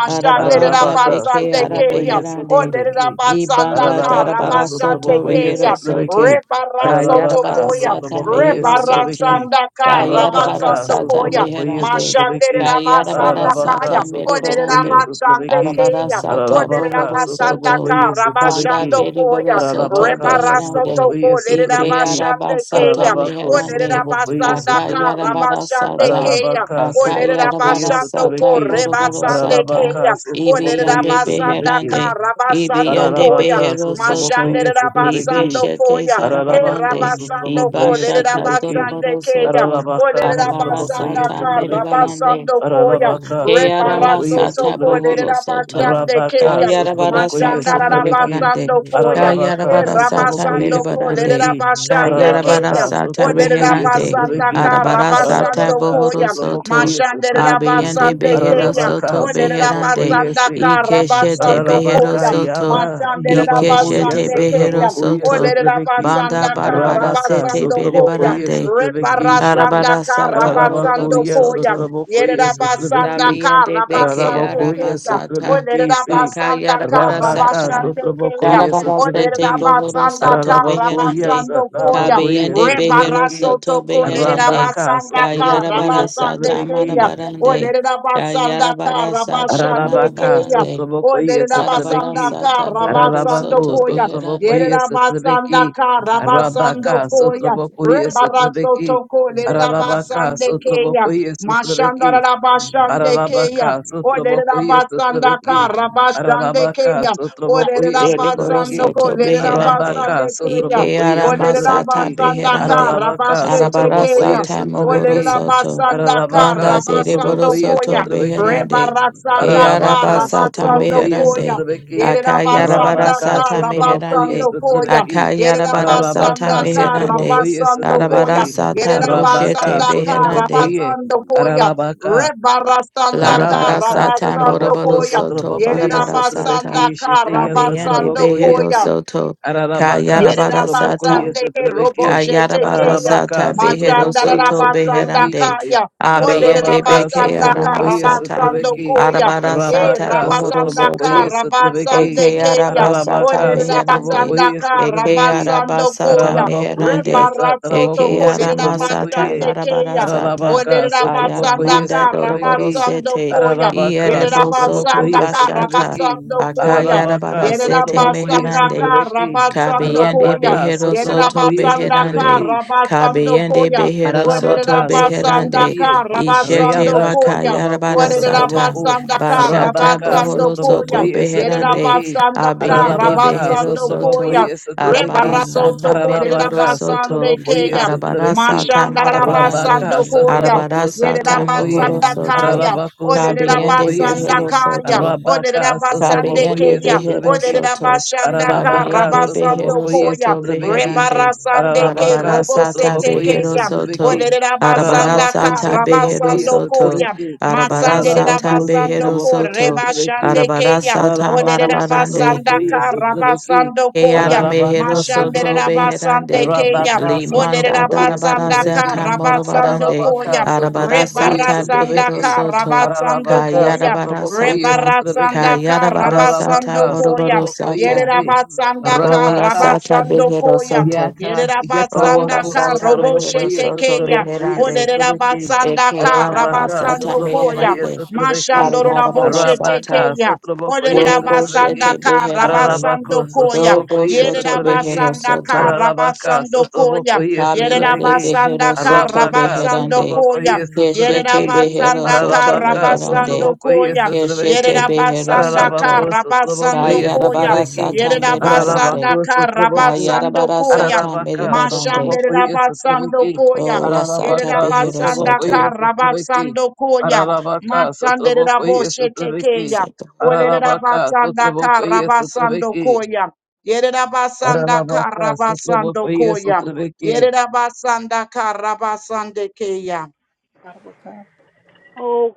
E: you.
D: Arabaranda
H: Ararabaka,
D: beke
E: Thank you.
H: Sotobokoye,
A: Yerabasandakaya,
D: arabeherande.
H: Sotlebeki,
D: Ibanda
A: Oderabashandaka,
H: Ararabaka,
D: darabara reherosoto
H: Sotobokoye,
D: rehero
A: Rabasandokoya, Rebarasandaka, Rabasandokoya, Mashanderabasandekeya, koya, Rabasandekeya,
D: soto.
H: Sotlebeki, Ararabaka,
A: Rebarasotokoya,
D: Kayarabarasata
H: Sotobokoye,
D: mehero soto.
H: Sotlebeki,
A: Rebarasandaka,
H: Arabaka,
D: Kayarabarasata
A: koya.
H: Sotobokoye,
D: meherande.
A: Mashandera
H: Sotlebeki,
A: basanda
H: Ararabaka,
A: kaya,
D: Kayarabarasata
A: olerera
H: Sotobokoye,
D: merebarande.
A: basande
H: Sotlebeki,
D: Arabara
A: keya,
D: sata
A: olerera
H: Ararabaka,
D: bohoro
A: basanda
D: soto.
H: Sotobokoye,
A: kara
D: Banda
H: Sotlebeki,
A: bashando koya,
D: beriboro soto
H: Ararabaka,
A: rebaraso
D: beherande.
A: toko
H: Sotobokoye,
A: olerera
D: Ike
H: Sotlebeki,
A: basande keya,
D: arabasata
H: Ararabako,
A: olerera
D: meherande.
H: Sotobokoye,
A: basanda kara
H: Sotlebeki,
D: Akayarabara
A: bashande
D: sata.
A: keya.
H: Ararabaka
A: Olerera
H: Sotrabokoye
D: Akayarabara
A: basando ko
D: sata
H: Sotrabeki.
D: boroboro
A: rebasande
D: sata.
H: Ararabaka
A: keya, olerera
H: Sotrabokoye
D: Ibiyande
A: basanda
H: Sotrabeki.
D: beherande.
A: kara basando
D: Ibiyande
A: koya,
H: Ararabaka
D: behero
H: Sotrabokoye
D: soto.
A: Mashandere
H: Sotrabeki.
A: rabasando
D: Libeshete
A: koya, e
H: Ararabaka
D: zarabarande.
A: rabasando
H: Sotrabokoye
A: kole
D: Ibashata
H: Sotrabeki.
A: rabasande
D: zoroboro
A: keya,
D: soto.
A: ole
H: Aralabaka,
D: Arabara
A: rabasanda
H: Sotrabokoye,
D: sata
A: ka
H: Sotrabeki,
D: merebarande.
A: rabasando koya,
H: Aralabaka,
D: Kayara
H: Sotrabokoye,
A: reparato to
D: Masata
A: kole
H: Sotrabeki,
D: Bohoro Soto.
A: rabasande
H: Arabaka,
A: keya,
D: Kayara Bara
H: Sotrabokoye,
D: Sata
A: mashandara
D: Mere
H: Sotrabeki,
A: rabasando
D: Barande.
A: koya,
D: Kayara
A: e
H: Aralabaka,
D: Bara Sata
H: Sotrabokoye,
D: Mere
A: rabasando kole
D: Barande.
H: Sotrabeki,
A: rabasande
D: Kayara Bara
A: keya,
H: Aralabaka,
D: Sata
A: ole
H: Sotrabokoye,
D: Reherande.
A: rabasanda
H: Sotrabeki,
A: ka
D: Arabara Sata
A: rabasando
H: Aralabaka,
D: Bohoro
A: koya,
D: Soto.
H: Sotrabokoye,
A: mashandere
H: Sotrabeki,
D: Abiyande
A: rabasande
D: Behero
A: keya,
H: Aralabaka,
D: Soto
A: ole
D: Beherande.
A: rabasanda
H: Sotrabokoye,
A: ka
D: Ikeshete
A: rabasando
D: Behero
H: Ararabaka
A: koya,
D: Soto.
H: yaba
A: Mashandere
H: yabakoya
D: Ikeshete
A: rabasande
D: Behero
A: keyam.
H: satrabokoya
D: Soto.
A: Odere
H: satrabeki
D: Banda
A: rabasanda
D: Barabara
H: Arabaka
D: Sete
A: karabasando
D: Bere
A: koyam.
H: sotrabokoya
D: Barande.
H: satrabeki shete
A: Rebarasanda
D: Arabara Sata
A: karabasando
D: Moroboro
H: Ararabakoya
A: koyam.
D: Soto.
A: Yere
H: sotrabokoya
A: rabasanda
H: satrabeki
D: Dabiende beke
A: karabasande
H: Ararabakoya
A: keyam.
D: aramasata.
A: Odere
H: satrabeki si
A: rabasanda
D: Bakaya
H: Arabaka
D: rabarasata.
A: karabasande keyam.
H: sotrabokoya
A: Odere
D: Darabarasete
H: satrabeki
D: bohoro
E: Thank you.
A: rabasanda
D: soto
H: Ararabakoya
D: beherande.
A: karabasando
E: Thank
A: koyam.
H: satrabokoya
D: Kabiende behero
H: satrabeki
A: Rebarato
D: soto
A: toko dere
D: beherande.
H: Arabaka
A: rabasanda
H: sotrabokoya
A: karabasande
D: Kayarabarasata
H: satrabeki
A: keyam.
D: marabarande.
A: Odere rabasanda
D: Kayarabarasata
A: karabasande
H: Ararabaka,
A: keyam.
D: marabarande.
H: Sotrabokoye, Sotrabeki,
A: Olerabasandaka
D: Darabarasata bohoro
H: Ararabako,
D: soto
A: Rabasandokoya.
D: beherande.
H: Sotrabokoye, Sotrabeki,
A: Yerabasandaka
H: Arabaka,
A: Rabasandokoya.
H: Sotrabokoye, Sotrabeki,
A: Rebarasotoko
H: Ararabaka,
A: Lerabasandekeya.
H: Sotrabokoye, Sotrabeki,
A: Mashandarabasandekeya.
H: Ararabaka, Sotrabokoye,
A: Olerabasandaka
H: Sotrabeki, Ararabaka,
A: Rabasandekeya.
H: Sotrabokoye,
D: Deriboro
H: Sotrabeki,
A: Olerabasandoko
D: soto beherande.
H: Arabaka,
A: Lerabasandekeya.
D: Ike
H: Sotrabokoye,
D: ara masata
H: Sotrabeki,
A: Olerabasandaka
D: beherande.
H: Ararabaka,
D: Arabara
A: Rabasetekeya.
H: Sotrabokoye,
D: sata mohoro
A: Olerera
H: Sotrabeki,
D: soto.
A: basanda
H: Ararabaka,
D: Banda
A: kara
D: deriboro
A: basando
H: Sotrabokoye,
D: soto
A: koya.
H: Sotrabeki,
D: beherande. Ke
A: Rebarasanda
H: Ararabaka
D: araba
A: kara
D: sata
A: basando
H: sotrabokoye
A: koya.
D: meherande.
H: sotrabeki.
A: Yerera
D: Akayarabara
A: basanda
H: Arabaka
D: sata
A: kara
H: sotrabokoye
A: basando
D: meherande.
A: koya.
H: sotrabeki.
A: Yerera
D: Akayarabara sata
A: basanda
H: Ararabaka
A: kara
D: meherande.
H: sotrabokoye
A: basando koya.
D: Arabara
H: sotrabeki.
D: sata
A: Yerera
H: Arabaka
D: boshete
A: basanda kara
D: beherande.
H: sotrabokoye.
A: basando koya.
H: Ararabaka
A: Rebarasanda
D: Larabara
A: kara
H: Rabaka
D: sata
A: basando
H: Satrabako
D: moroboro
A: koya.
D: soto
H: Sotrabako
A: Yerera
H: yes
E: you.
D: barabara
A: basanda
D: sata
H: Satrabeki
A: kara
H: Shitya
D: kabiyande
A: basando
H: Satrabako yes
D: behero
A: koya.
D: soto
H: Ararabaka
D: kayarabara
H: Sotrabako
D: sata
H: yes
A: Yerabasandeke
H: Satrabeki
D: kayarabara
A: roboshetekeya.
D: sata
H: Ararabaka
D: behero
H: Sotrabako yes
D: soto
H: Satrabeki
D: beherande
H: Shitty
A: Machandarabasandakaya.
D: abiyande
H: Ararabaka
D: beke
A: Olerabasandaka
H: Sotrabako yes
D: aramasata
H: Satrabeki
A: rabasandokoya.
D: arabara
A: E
D: sata
H: Rabaka
D: bohoro
H: Sotrabako
D: soto
A: rabasandaka
H: yes Satrabeki
D: Eke
A: rabasandekeya.
D: arabasata
H: Ararabaka
D: meherande.
H: Sotrabako yes
A: Olerabasandaka
D: Eke
H: Satrabeki
D: arabasata
A: rabasandokoya.
H: Ararabako yes
D: meherande. Eke
A: Rebaratsotoko
H: Satrabako Sotrabako
D: aramasata
H: yes
A: lerabasandekeya.
D: larabarasata.
H: Ararabaka
D: Ayana
H: Sotrabako yes
A: Olerabatsandaka
D: manda doroboro
H: Satrabeki
D: sete.
A: rabatsandokoya.
H: Ararabaka,
D: Ierebo soto
A: Yerabasanda
H: Sotrabokoye,
D: blashata.
H: Sotraveki,
A: Karabasando koya.
H: Ararabaka,
D: Akayarabarasete
H: Sotrabokoye,
A: Yerabasanda
D: meherande.
H: Sotraveki,
A: Karabasando
D: Kabiyende
A: koya.
H: Arabaka,
D: Behero Soto
H: Sotrabokoye,
A: Yerabasanda
D: Beherande.
H: Sotraveki,
E: Irererererererosha.
A: Karabasando koya.
D: Kabiyende Behero Soto
H: Ararabaka
A: Oderabasanda
D: Beherande.
H: sotrabokoye,
D: Ishete
A: Karabasando
H: Reabasa
D: Raka
A: koya.
H: trabako
D: Yarabara Sata.
H: sotraboko,
D: Bashata
H: Rabaka
D: Bohoro
A: Yerabasandakarabasandokoya.
D: Soto
H: sotrabokoye
A: Yerabasandakarabasandokoya.
D: Beherande.
H: sotrabeki,
D: Abiyende
H: Ararabaka
D: Behero
A: Yerabasandakarabasandokoya.
D: Soto.
A: Olerabasandakarabasandokoya. Olerabasandakarabasandokoya.
E: Irererererererosha.
H: sotrabokoye
A: Yerabasandakarabasandokoya.
D: Arabara
H: sotrabeki,
D: Sata
A: Rebarasotoko,
D: Mereboro
H: Ararabaka
D: Soto.
H: sotrabokoye
A: Yerabasandekea.
D: Arabara
H: sotrabeki,
D: Sata Marabarande.
H: Rabaka
A: koya.
D: Arabara
H: sotraboko
D: Sata
H: sotrabokoye,
D: Mohoro Soto.
A: Yerabasandakaya,
H: Ararabako
D: Kabiyende
H: sotrabokoye si,
D: Behero
A: Oderabasandakaya,
D: Soto.
E: Irererererererosha.
H: Rabaka sotrabokoye
D: Kabiende
A: Oderabasandekeya,
D: Behero
H: sotrabeki,
D: Soto.
A: Oderabashandaka,
H: Ararabaka
D: Kabiende Behero
H: sotrabokoye
A: Rabasandokoya,
D: Soto
H: sotrabeki.
D: Beherande.
A: Rebarasandeke,
D: Arabara
H: Ararabaka
D: Sata
H: sotrabokoye
D: Behero
A: Robosetekeya,
H: sotrabeki.
D: Soto. Arabara
A: Oderabasandaka,
H: Ararabako
D: Sata Behero
H: sotrabokoye
D: Soto.
A: Rabasandokoya,
H: sotrabeki.
D: Arabara Sata
H: Ararabako
D: Behero
A: Masanderabasandoko,
H: sotraboko
D: Soto.
H: sotrabeki.
D: Arabara
A: Rebashandekeya,
D: Sata
H: Ararabako
D: Marabarande.
H: sotrabokoye
A: Oderabasandaka,
H: sotrabeki.
A: Rabasandokoya,
D: Keara
H: Ararabaka
D: mehero soto
H: sotraboko.
D: beherande.
A: Mashanderabasandekeya,
H: Arabaka
D: Limanda
H: sotrabokoye
D: darabara
A: Oderabasandaka,
H: sotrabeki.
D: sata morobarande.
H: Ararabaka
A: Rabasandokoya,
D: Arabara
H: sotrabokoye
D: sata behero
H: sotrabeki.
A: Rebarasandaka
D: soto.
H: Ararabaka
A: Rabatsandokoya.
D: Kayarabara
H: sotrabokoye
D: sata.
H: sotrabeki.
A: Rebarasandaka
D: Kayarabara
H: Ararabaka,
D: sata
A: Rabatsandokoya.
D: moroboro sata.
H: Sotrabokoyese,
A: Yerabatsandaka
D: Ola
H: Rabaka,
E: Basha.
D: sata behero
A: Rabatsandokoya.
D: soto.
H: Yaka,
D: Ola
E: Thank
H: Yataboko,
A: Yerabatsandaka
D: sata behero
H: Sotorobokoi,
D: soto
A: Roboshetekeya.
H: Sotorobokoi,
D: beherande.
H: Sotorobeki,
A: Oderabatsandaka
D: Eke araba
H: Arabaka,
D: sata
A: Rabatsandokoya.
H: Sotorobokoi,
D: meherande.
H: Sotorobeki,
A: Mashandoro
D: Arabara
A: raboshe
H: Arabaka,
D: sata.
A: tekeya. Olere
H: Sotorobokoi,
D: Dobo
A: rabasanda
D: shete
H: Sotorobeki,
A: ka
D: beherande.
A: rabasando
H: Arabako,
A: koya.
D: Dobo
H: Sotorobokoi,
A: Yere
D: shoto
H: Sotorobeki,
D: behero
A: rabasanda ka
D: soto.
H: Arabaka,
A: rabasando koya.
H: Sotorobokoi,
A: Yere
D: Kabiende
H: Sotorobeki,
A: rabasanda
D: behero
A: ka
D: soto
H: Arabaka,
A: rabasando
D: beherande.
A: koya.
H: Sotorobokoi,
A: Yere
D: Keshete
H: Sotorobeki,
D: behero
A: rabasanda ka
D: soto
H: Arabaka,
A: rabasando
D: meherande.
H: Sotorobokoi,
A: koya. Yere
D: Keshete
H: Sotorobeki,
D: behero
A: rabasanda ka
D: soto.
H: Arabako,
A: rabasando
H: Sotorobokoi,
A: koya.
D: Kayarabara
H: Sotorobeki,
D: sata
A: Yere rabasanda
D: merebarande.
H: Arabako,
A: ka
H: Sotorobokoi,
A: rabasando
D: Kayarabara
A: koya.
D: sata
H: Ararabaka,
D: merebarande.
A: Mashandera
H: Sotrabokoye,
A: basando
H: Sotrabeki,
A: koya.
D: oh la sata
A: Yerera
H: Ararabaka,
D: behero
A: basanda
H: Sotrabokoye,
D: soto.
A: kara
H: Sotrabeki,
A: basando koya.
H: Ararabaka,
A: Masandera
H: Sotrabokoye,
A: boshe
H: Sotrabeki,
A: tekeya. Olerera
H: Ararabaka,
A: basanda kara
H: Sotrabokoye,
A: basando
H: Sotrabeki,
A: koya. Yerera basanda kara
H: Ararabaka,
A: basando
H: Sotrabokoye,
A: koya.
H: Sotrabeki,
A: Yerera basanda kara basande keya.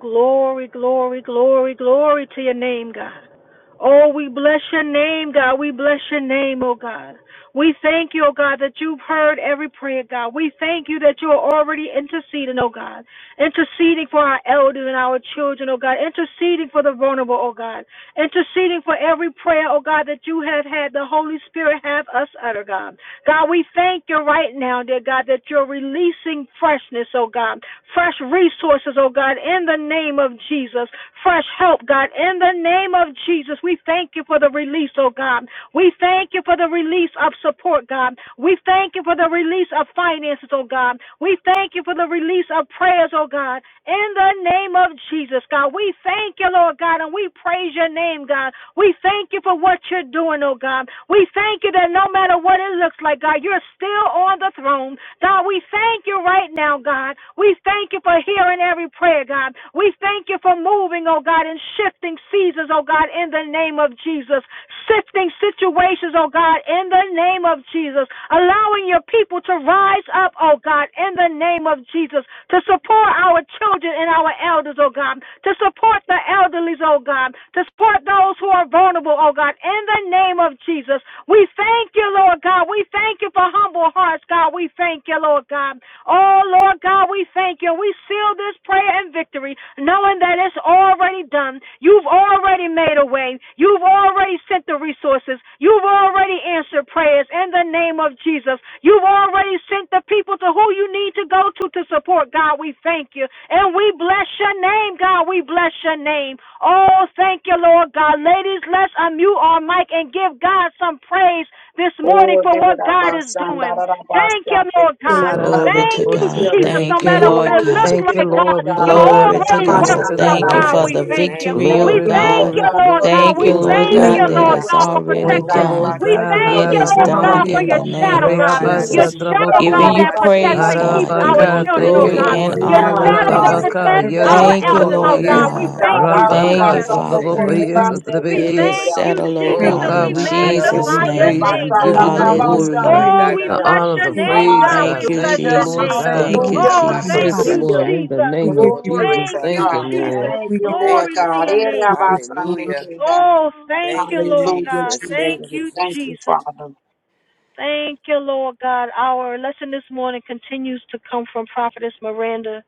B: glory, glory, glory, glory to your name, God. Oh, we bless your name, God. We bless your name, oh God. We thank you, oh God, that you've heard every prayer, God. We thank you that you are already interceding, oh God. Interceding for our elders and our children, oh God. Interceding for the vulnerable, oh God. Interceding for every prayer, oh God, that you have had the Holy Spirit have us utter, God. God, we thank you right now, dear God, that you're releasing freshness, oh God. Fresh resources, oh God, in the name of of Jesus. Fresh help, God, in the name of Jesus. We thank you for the release, oh God. We thank you for the release of support, God. We thank you for the release of finances, oh God. We thank you for the release of prayers, oh God. In the name of Jesus, God, we thank you, Lord God, and we praise your name, God. We thank you for what you're doing, oh God. We thank you that no matter what it looks like, God, you're still on the throne. God, we thank you right now, God. God. We thank you for hearing every prayer, God. We thank you for moving, oh God, and shifting seasons, oh God, in the name of Jesus. Shifting situations, oh God, in the name of Jesus. Allowing your people to rise up, oh God, in the name of Jesus. To support our children and our elders, oh God. To support the elderly, oh God. To support those who are vulnerable, oh God, in the name of Jesus. We thank you, Lord God. We thank you for humble hearts, God. We thank you, Lord God. Oh, Lord God, we thank you. We seal this prayer in victory, knowing that it's already done. You've already made a way. You've already sent the resources. You've already answered prayers in the name of Jesus. You've already sent the people to who you need to go to to support, God. We thank you. And we bless your name, God. We bless your name. Oh, thank you, Lord God. Ladies, let's unmute our mic and give God some praise this
A: Oh,
B: morning for what God is
A: da-da-da-ba-san,
B: doing. Thank
A: da-da-da-ba-san.
B: you,
A: thank
B: Lord
A: you.
B: God.
D: Glory to
B: Thank
H: Ararabako,
B: you,
D: God.
A: Hallelujah.
B: Jesus. No
D: Thank you,
B: matter
H: Sotrabeki.
B: what
D: Lord
B: it
A: Glory to
D: God.
B: looks
H: Thank
A: your
H: you,
B: like,
A: name,
B: God,
H: Lord. We
A: God.
B: you're
H: call it
A: Oh,
H: out of
D: Glory
A: da
H: the
A: da
D: to
B: already
A: ba
H: spirit
B: worked
D: God.
A: san
H: into
F: Oh,
H: the
B: out,
D: Thank
E: you,
D: you
B: God.
F: glory
D: for
H: natural.
E: God.
F: to
B: We
D: the
A: da-da-da-ba-san.
F: your
B: thank you.
F: name,
D: victory,
B: We
A: Thank
F: Father.
D: oh
E: Thank
H: Glory,
E: you,
A: you,
C: praise.
F: Thank
E: God,
F: you
B: thank
A: Lord
D: God.
B: you,
E: for
H: glory,
F: for
A: God,
B: Lord
A: for
E: answered
A: the
H: glory,
B: God.
D: Thank
B: We
D: you,
E: prayer.
F: moving
A: victory.
H: glory,
D: Lord
F: on
B: thank
F: our
C: Thank
B: you,
D: God,
A: Thank you
D: that
A: for
H: glory.
B: Lord
F: behalf,
D: it's
A: what
B: God,
A: you're
B: for
F: Lord God.
A: doing,
D: already
H: Thank you,
A: God.
B: protection.
F: Ora
H: Lord
D: done.
E: Thank
B: We
F: basa
E: you
A: Thank
H: God.
E: for
A: you for
B: thank
D: It
F: teke
A: the
B: you,
D: is
B: Lord
E: resources.
F: randaya.
D: done
B: God,
C: Glory
B: for
A: turnaround,
D: in
H: Hararabokoye,
B: your
D: the
C: to
A: God.
C: the name.
D: name
B: shadow,
C: Father,
F: Ondo
D: of
B: God.
E: God, in
F: bara
E: the
F: de
B: Your
A: Oh,
D: Jesus.
F: di
E: name of
B: shadow,
F: oku
B: God,
D: Giving
H: Reabasa,
C: We
D: you
E: Jesus,
B: that
F: raba
A: da-da-da-ba-san,
C: exalt,
E: we
B: protects
D: praise,
F: sheke.
E: magnify
B: and keeps
D: God.
E: you.
A: da-da-da-ba-san.
B: our
D: Giving you
H: Arabaka,
F: Onda
E: We
B: children,
F: de
C: we
H: thank
B: oh
C: give
F: de
H: you,
D: glory
E: bless
C: you
B: God.
E: your
F: me
D: and
H: Lord.
A: Yay,
F: se
E: name,
B: Your
D: honor,
F: kala
A: God.
E: God.
C: glory.
D: oh
F: da
B: shadow
C: Thank
F: de
B: that
D: God.
H: Arabaka,
F: seko.
B: protects
H: yes,
A: Hallelujah.
C: everything,
B: our
D: Thank you,
B: elders,
H: Utraboko,
B: oh
D: Lord
E: Hallelujah.
F: Moronda
H: ye.
B: God.
A: Bless
B: We
E: Glory
D: God.
F: kala
E: to
C: everything,
B: thank
A: God.
E: God.
F: da
B: you,
C: Lord
A: Ah,
E: Thank
F: kolo
E: you,
C: God.
D: Thank
H: Rabaka,
D: you,
B: Jesus.
E: God.
A: da-da-da-ba-san,
F: lobo
D: Father.
H: Sotraboko,
F: seta.
C: Praise your
H: yes,
C: name.
A: da-da-da-ba-san,
B: We
A: take
C: Jesus.
D: It
A: care,
H: Utrabeki.
D: is
B: thank
F: Celebrate
A: God.
F: you
B: you,
D: settled, oh
F: today,
B: Jesus,
C: Praise.
H: Oh,
D: God,
B: and
F: Lord.
H: God,
D: in
B: we
H: we
F: Kala na
H: thank you,
A: Oh,
D: Jesus'
B: magnify
H: we
F: roko
B: your
H: praise
D: name.
H: you, we
B: name,
H: give
F: skata.
B: Lord
H: you the
B: God.
C: Hallelujah.
H: glory,
D: Hallelujah.
A: Rebasandalabashande
B: Oh,
C: Hallelujah.
B: we
H: the
F: Bandada
A: Kingdom.
B: bless
H: honor,
B: your
H: the
F: boroko
C: Thank
B: name,
H: praise,
B: God. We
H: God.
F: sondaye.
D: Thank you,
B: bless
H: Thank you,
A: Hallelujah,
B: your
H: Lord
D: Jesus.
B: name.
C: you.
H: God.
C: We
D: Thank
F: Onondo
C: lift
D: you,
A: hallelujah,
C: you
B: Oh,
C: in
F: kataria
B: thank
C: high.
H: Thank you,
D: Jesus.
B: you,
A: hallelujah.
H: Lord.
F: kasha.
H: In the
B: Jesus.
C: We
H: name
C: give
H: of
C: you,
A: Glory
H: Jesus,
A: to
B: Thank you,
H: thank you,
A: God.
F: Otokobasata.
H: Lord.
B: Jesus.
A: Thank
C: we
A: you,
C: give
A: Lord
F: Thank
B: Glory
F: you,
B: to
A: God.
B: your
A: Eh,
F: Father.
B: name.
C: you, give you
A: Rabasande
C: glory.
F: Hallelujah.
A: Kingdom.
B: Oh, thank
F: Thank
B: you,
F: you,
B: Lord
A: Hallelujah,
B: God.
F: Jesus.
B: Thank
F: Thank
A: Jesus.
F: you,
B: you,
A: Thank
F: Jesus.
A: you,
B: Jesus.
A: Father.
B: Thank you, Lord God. Our lesson this morning continues to come from Prophetess Miranda,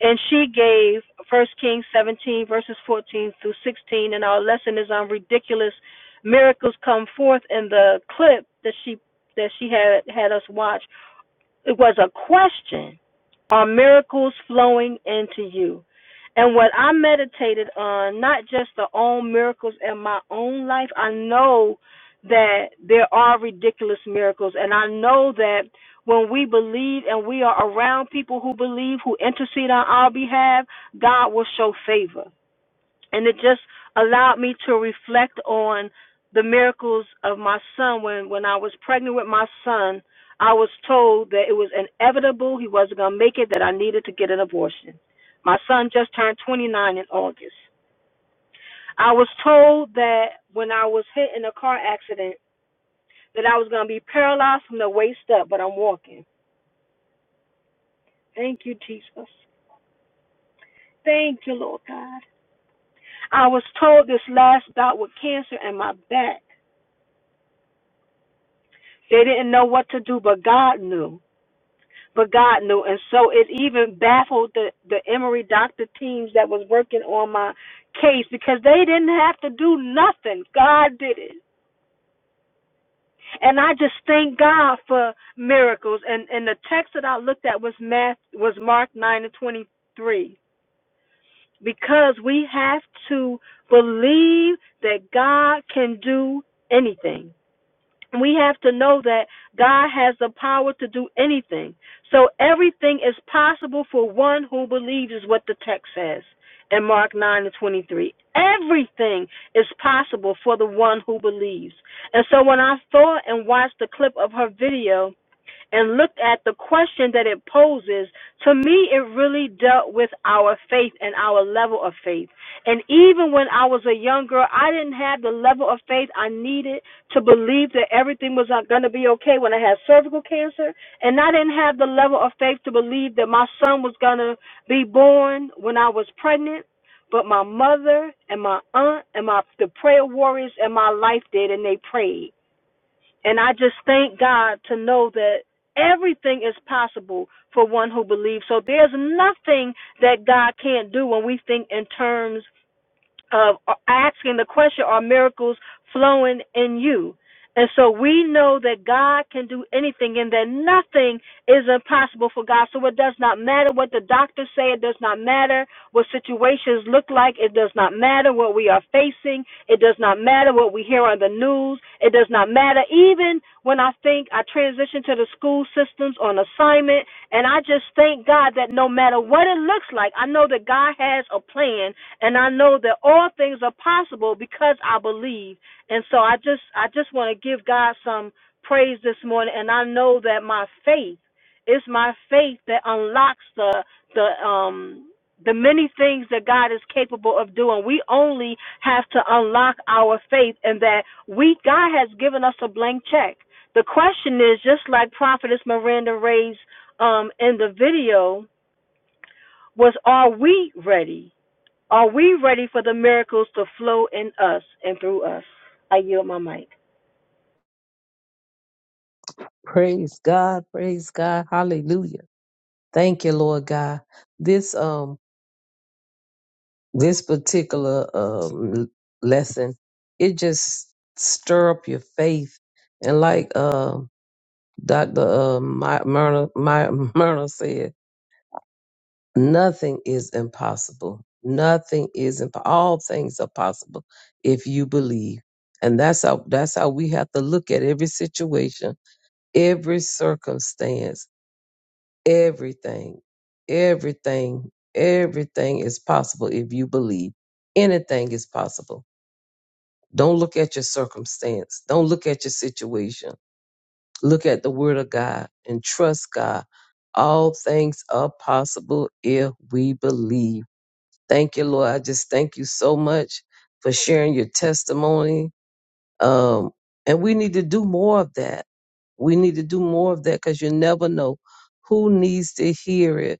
B: and she gave 1 Kings 17, verses 14 through 16, and our lesson is on ridiculous miracles come forth in the clip that she that she had had us watch. It was a question are miracles flowing into you. And what I meditated on, not just the own miracles in my own life, I know that there are ridiculous miracles. And I know that when we believe and we are around people who believe, who intercede on our behalf, God will show favor and it just allowed me to reflect on the miracles of my son when when I was pregnant with my son I was told that it was inevitable he wasn't going to make it that I needed to get an abortion my son just turned 29 in August I was told that when I was hit in a car accident that I was going to be paralyzed from the waist up but I'm walking thank you Jesus thank you Lord God I was told this last bout with cancer in my back They didn't know what to do, but God knew. But God knew. And so it even baffled the, the Emory doctor teams that was working on my case because they didn't have to do nothing. God did it. And I just thank God for miracles. And and the text that I looked at was Math was Mark nine and twenty three. Because we have to believe that God can do anything we have to know that God has the power to do anything. So everything is possible for one who believes, is what the text says in Mark 9 and 23. Everything is possible for the one who believes. And so when I saw and watched the clip of her video, and looked at the question that it poses, to me, it really dealt with our faith and our level of faith. And even when I was a young girl, I didn't have the level of faith I needed to believe that everything was going to be okay when I had cervical cancer. And I didn't have the level of faith to believe that my son was going to be born when I was pregnant. But my mother and my aunt and my the prayer warriors in my life did, and they prayed and I just thank God to know that everything is possible for one who believes. So there's nothing that God can't do when we think in terms of asking the question, are miracles flowing in you? And so we know that God can do anything and that nothing is impossible for God. So it does not matter what the doctors say. It does not matter what situations look like. It does not matter what we are facing. It does not matter what we hear on the news. It does not matter even when I think I transitioned to the school systems on assignment, and I just thank God that no matter what it looks like, I know that God has a plan, and I know that all things are possible because I believe. And so I just I just want to give God some praise this morning, and I know that my faith is my faith that unlocks the the um the many things that God is capable of doing. We only have to unlock our faith and that we God has given us a blank check. The question is just like Prophetess Miranda raised um, in the video was are we ready? Are we ready for the miracles to flow in us and through us? I yield my mic.
H: Praise God, praise God. Hallelujah. Thank you, Lord God. This, um, this particular um, lesson, it just stir up your faith. And like uh, Dr. Uh, My- Myrna, My- Myrna said, nothing is impossible. Nothing is imp- all things are possible if you believe. And that's how that's how we have to look at every situation, every circumstance, everything, everything, everything is possible if you believe. Anything is possible Don't look at your circumstance. Don't look at your situation. Look at the word of God and trust God. All things are possible if we believe. Thank you, Lord. I just thank you so much for sharing your testimony. Um, and we need to do more of that. We need to do more of that because you never know who needs to hear it.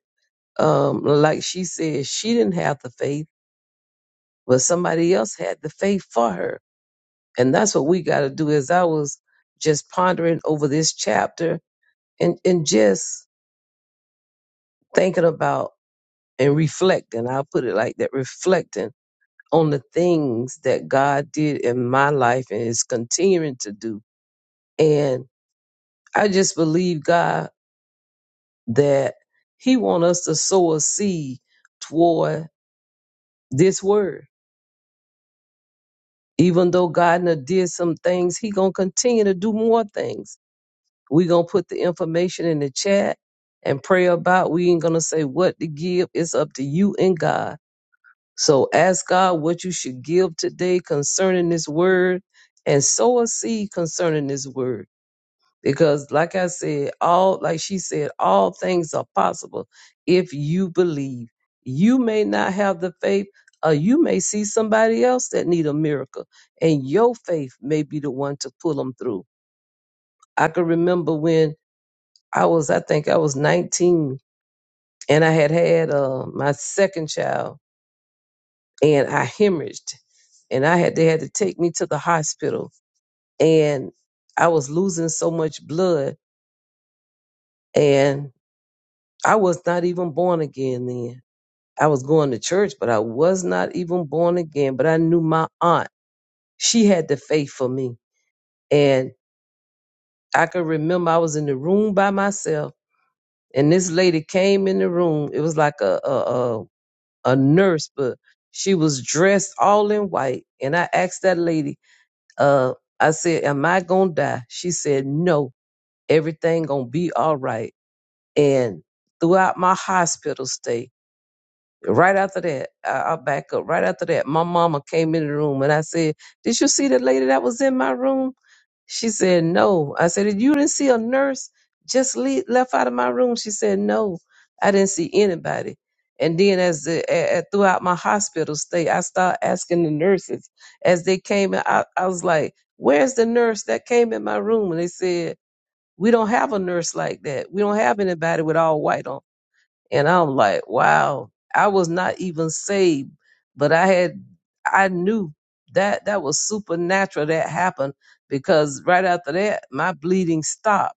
H: Um, like she said, she didn't have the faith, but somebody else had the faith for her And that's what we got to do. As I was just pondering over this chapter and, and just thinking about and reflecting, I'll put it like that reflecting on the things that God did in my life and is continuing to do. And I just believe God that He wants us to sow a seed toward this word. Even though God done did some things, He gonna continue to do more things we gonna put the information in the chat and pray about. We ain't gonna say what to give. It's up to you and God. So ask God what you should give today concerning this word and sow a seed concerning this word. Because like I said, all like she said, all things are possible if you believe. You may not have the faith, or you may see somebody else that need a miracle, and your faith may be the one to pull them through. I can remember when I was, I think I was 19 and I had had uh, my second child and I hemorrhaged and I had, they had to take me to the hospital and I was losing so much blood and I was not even born again then. I was going to church, but I was not even born again. But I knew my aunt, she had the faith for me. And I could remember I was in the room by myself and this lady came in the room. It was like a, a, a a nurse, but she was dressed all in white. And I asked that lady, uh, I said, Am I gonna die? She said, No, everything gonna be all right. And throughout my hospital stay, Right after that, I, I'll back up. Right after that, my mama came in the room and I said, Did you see the lady that was in my room? She said, No. I said, You didn't see a nurse just le left out of my room? She said, No, I didn't see anybody. And then, as the, a, a- throughout my hospital stay, I started asking the nurses as they came in. I, I was like, Where's the nurse that came in my room? And they said, We don't have a nurse like that. We don't have anybody with all white on. And I'm like, wow, I was not even saved, but I had, I knew that that was supernatural that happened because right after that, my bleeding stopped.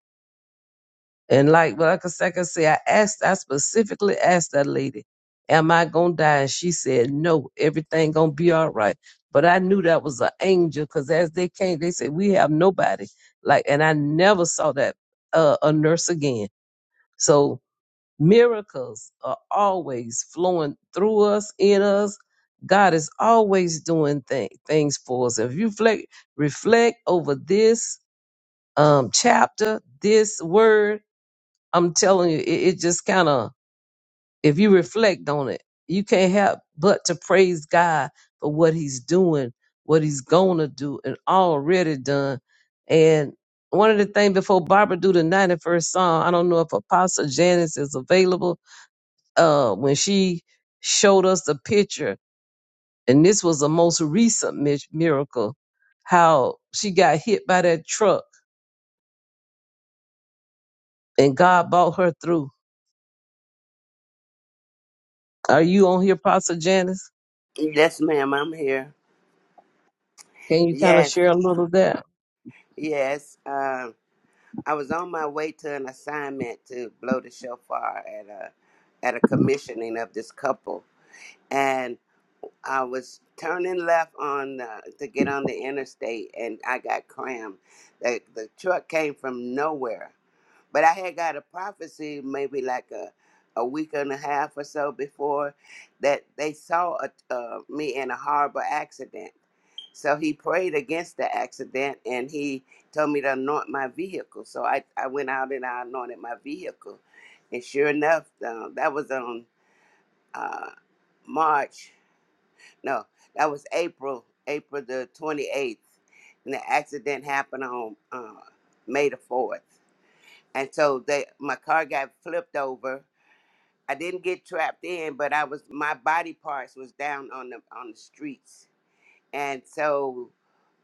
H: And like, well, like I said, like I say, I asked, I specifically asked that lady, am I going to die? And she said, no, everything going to be all right. But I knew that was an angel because as they came, they said, we have nobody. Like, and I never saw that, uh, a nurse again. So, Miracles are always flowing through us, in us. God is always doing thing, things for us. If you reflect, reflect over this um, chapter, this word, I'm telling you, it, it just kind of, if you reflect on it, you can't help but to praise God for what He's doing, what He's gonna do, and already done. And one of the things before Barbara do the 91st song, I don't know if Apostle Janice is available uh, when she showed us the picture, and this was the most recent mi- miracle, how she got hit by that truck and God brought her through. Are you on here, Pastor Janice?
F: Yes, ma'am, I'm here.
H: Can you kind of
F: Yes,
H: share a little of that?
F: yes. Um, I was on my way to an assignment to blow the shofar at a at a commissioning of this couple, and I was turning left on uh, to get on the interstate, and I got crammed. The, the truck came from nowhere, But I had got a prophecy maybe like a, a week and a half or so before that they saw a, uh, me in a horrible accident. So he prayed against the accident and he told me to anoint my vehicle. So I, I went out and I anointed my vehicle. And sure enough, uh, that was on uh, March, no, that was April, April the 28th. And the accident happened on uh, May the 4th and so they my car got flipped over. I didn't get trapped in, but I was my body parts was down on the on the streets, and so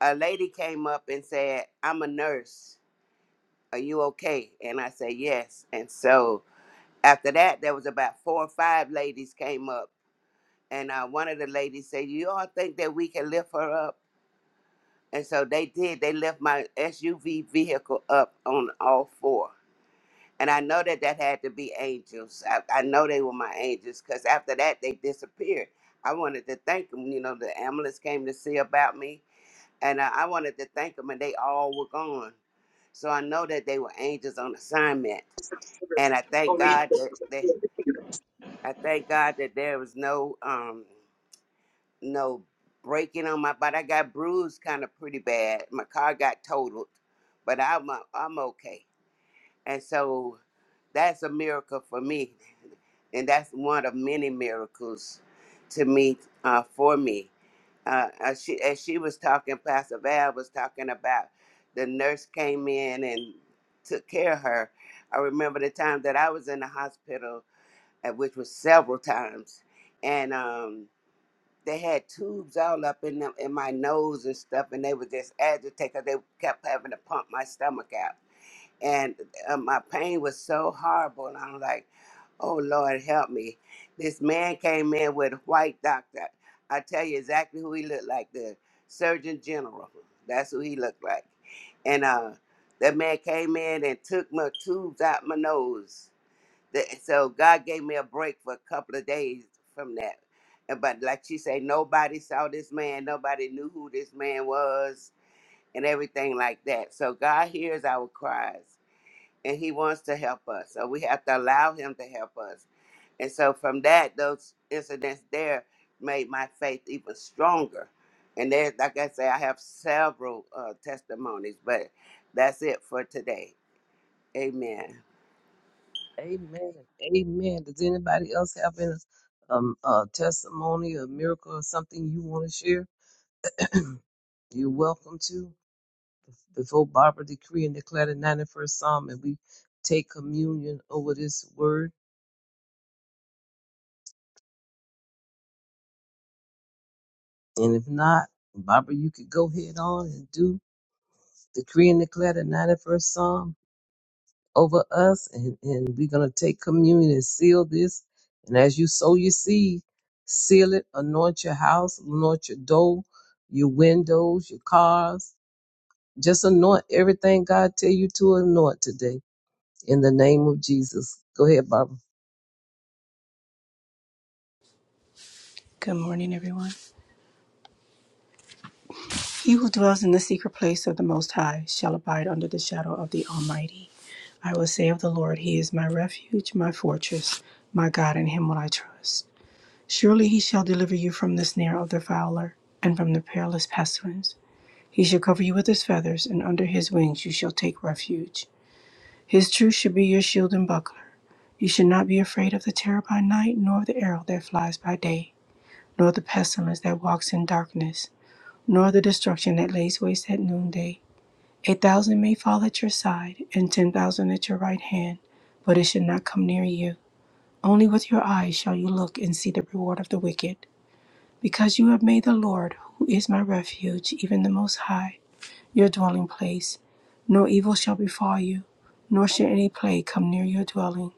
F: a lady came up and said, "I'm a nurse. Are you okay?" And I said, "Yes." And so after that, there was about four or five ladies came up, and uh, one of the ladies said, "You all think that we can lift her up?" And so they did. They lift my SUV vehicle up on all four And I know that that had to be angels. I, I know they were my angels because after that, they disappeared. I wanted to thank them. You know, the ambulance came to see about me, and I, I wanted to thank them, and they all were gone. So I know that they were angels on assignment. And I thank God that they, I thank God that there was no um no breaking on my body. I got bruised kind of pretty bad. My car got totaled, but I'm i I'm okay. And so that's a miracle for me and that's one of many miracles to me uh, for me. Uh, as she as she was talking, Pastor Val was talking about the nurse came in and took care of her. I remember the time that I was in the hospital, uh, which was several times, and um, they had tubes all up in them in my nose and stuff, and they were just agitated. 'cause They kept having to pump my stomach out and uh, my pain was so horrible. And I'm like, oh Lord, help me. This man came in with a white doctor. I tell you exactly who he looked like the Surgeon General. That's who he looked like. And uh, that man came in and took my tubes out my nose. That- So God gave me a break for a couple of days from that. And But like she said, nobody saw this man. Nobody knew who this man was and everything like that. So God hears our cries and he wants to help us. So we have to allow him to help us. And so from that, those incidents there made my faith even stronger. And there, like I say, I have several uh, testimonies, but that's it for today. Amen.
H: Amen. Amen. Does anybody else have any um, uh, testimony or miracle or something you want to share? You're welcome to. Before Barbara decree and declare the 91st Psalm, and we take communion over this word. And if not, Barbara, you could go ahead on and do decree and declare the 91st Psalm over us. And, and we're going to take communion and seal this. And as you sow your seed, seal it, anoint your house, anoint your door, your windows, your cars. Just anoint everything God tell you to anoint today in the name of Jesus. Go ahead, Barbara.
C: Good morning, everyone. He who dwells in the secret place of the Most High shall abide under the shadow of the Almighty. I will say of the Lord, He is my refuge, my fortress, my God, in Him will I trust. Surely he shall deliver you from the snare of the fowler and from the perilous pestilence. He shall cover you with his feathers, and under his wings you shall take refuge. His truth shall be your shield and buckler. You shall not be afraid of the terror by night, nor of the arrow that flies by day, nor of the pestilence that walks in darkness, nor of the destruction that lays waste at noonday. A thousand may fall at your side, and ten thousand at your right hand, but it shall not come near you. Only with your eyes shall you look and see the reward of the wicked Because you have made the Lord, who is my refuge, even the Most High, your dwelling place, no evil shall befall you, nor shall any plague come near your dwelling.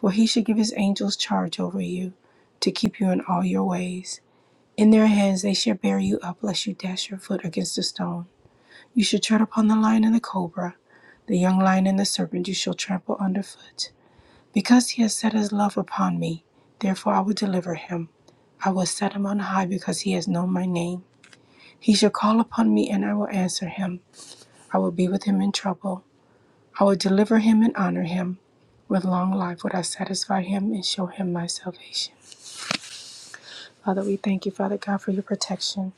C: For he shall give his angels charge over you, to keep you in all your ways. In their hands they shall bear you up, lest you dash your foot against a stone. You shall tread upon the lion and the cobra, the young lion and the serpent you shall trample underfoot. Because he has set his love upon me, therefore I will deliver him. I will set him on high because he has known my name. He shall call upon me, and I will answer him. I will be with him in trouble. I will deliver him and honor him. With long life would I satisfy him and show him my salvation. Father, we thank you, Father God, for your protection.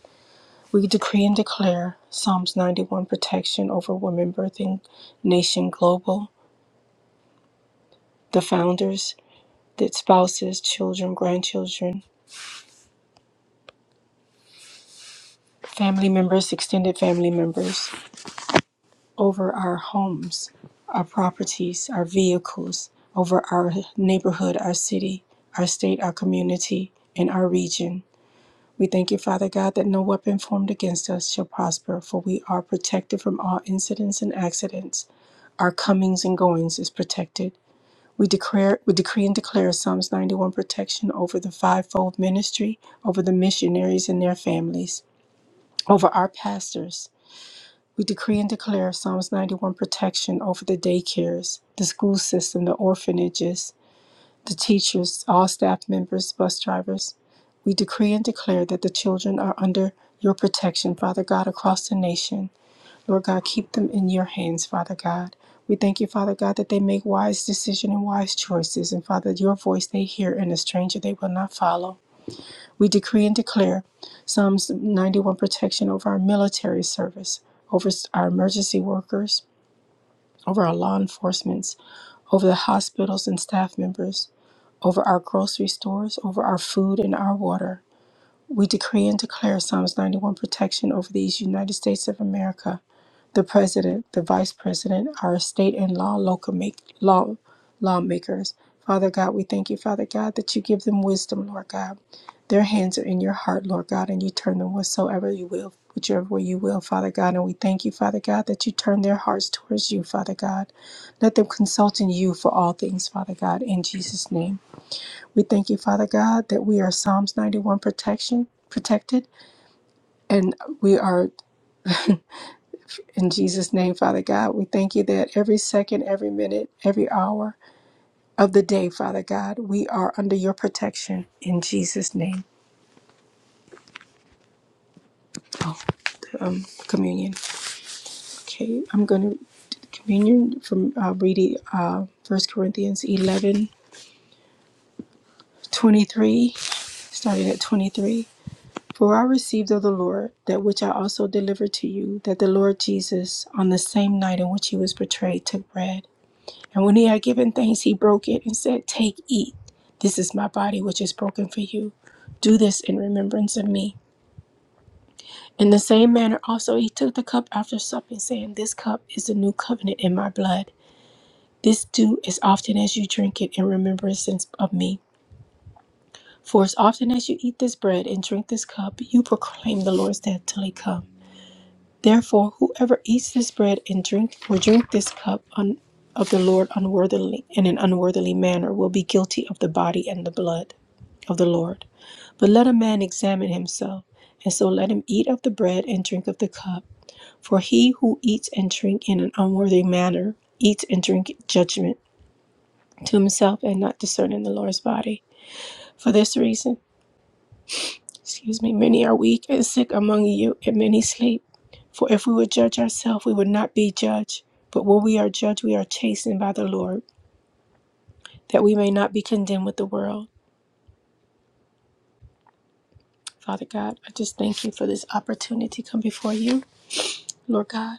C: We decree and declare Psalms 91 protection over women birthing nation global, the founders, the spouses, children, grandchildren, family members, extended family members. over our homes, our properties, our vehicles, over our neighborhood, our city, our state, our community, and our region. We thank you, Father God, that no weapon formed against us shall prosper, for we are protected from all incidents and accidents. Our comings and goings is protected. We declare, we decree and declare Psalms 91 protection over the fivefold ministry, over the missionaries and their families, over our pastors, we decree and declare Psalms 91 protection over the daycares, the school system, the orphanages, the teachers, all staff members, bus drivers. We decree and declare that the children are under your protection, Father God, across the nation. Lord God, keep them in your hands, Father God. We thank you, Father God, that they make wise decisions and wise choices. And Father, your voice they hear, and a stranger they will not follow. We decree and declare Psalms 91 protection over our military service, over our emergency workers, over our law enforcement, over the hospitals and staff members, over our grocery stores, over our food and our water. We decree and declare Psalms 91 protection over these United States of America the president, the vice president, our state and law local make, law lawmakers. Father God, we thank you, Father God, that you give them wisdom, Lord God. Their hands are in your heart, Lord God, and you turn them whatsoever you will, whichever way you will, Father God. And we thank you, Father God, that you turn their hearts towards you, Father God. Let them consult in you for all things, Father God, in Jesus' name. We thank you, Father God, that we are Psalms 91 protection protected and we are in Jesus' name, Father God, we thank you that every second, every minute, every hour of the day, Father God, we are under your protection. In Jesus' name, um, communion. Okay, I'm going to communion from uh, reading uh, 1 Corinthians 11:23. 23, starting at 23. For I received of the Lord that which I also delivered to you, that the Lord Jesus, on the same night in which he was betrayed, took bread. And when he had given thanks, he broke it and said, Take, eat. This is my body, which is broken for you. Do this in remembrance of me. In the same manner, also, he took the cup after supper, saying, This cup is the new covenant in my blood. This do as often as you drink it in remembrance of me. For as often as you eat this bread and drink this cup, you proclaim the Lord's death till he comes. Therefore, whoever eats this bread and drink or drink this cup un, of the Lord unworthily in an unworthily manner will be guilty of the body and the blood of the Lord. But let a man examine himself, and so let him eat of the bread and drink of the cup. For he who eats and drink in an unworthy manner eats and drink judgment to himself and not discerning the Lord's body. For this reason. Excuse me, many are weak and sick among you, and many sleep. For if we would judge ourselves, we would not be judged. But when we are judged, we are chastened by the Lord, that we may not be condemned with the world. Father God, I just thank you for this opportunity to come before you, Lord God.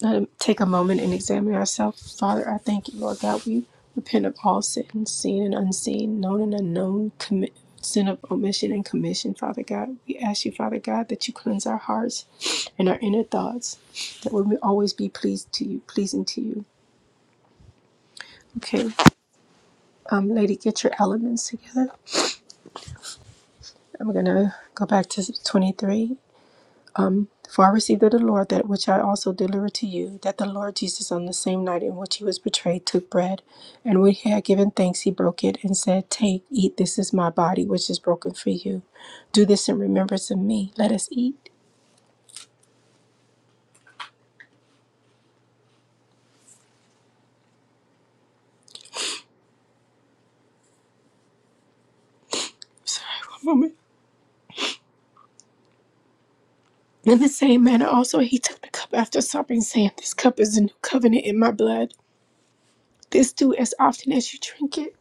C: Let us take a moment and examine ourselves. Father, I thank you, Lord God. We repent of all sin, seen and unseen, known and unknown, commit, sin of omission and commission, Father God. We ask you, Father God, that you cleanse our hearts and our inner thoughts, that we may always be pleased to you, pleasing to you. Okay, um, lady, get your elements together. I'm gonna go back to 23. For I received of the Lord that which I also delivered to you, that the Lord Jesus, on the same night in which he was betrayed, took bread, and when he had given thanks, he broke it and said, Take, eat, this is my body, which is broken for you. Do this in remembrance of me. Let us eat. One moment. In the same manner, also he took the cup after supping, saying, This cup is the new covenant in my blood. This do as often as you drink it.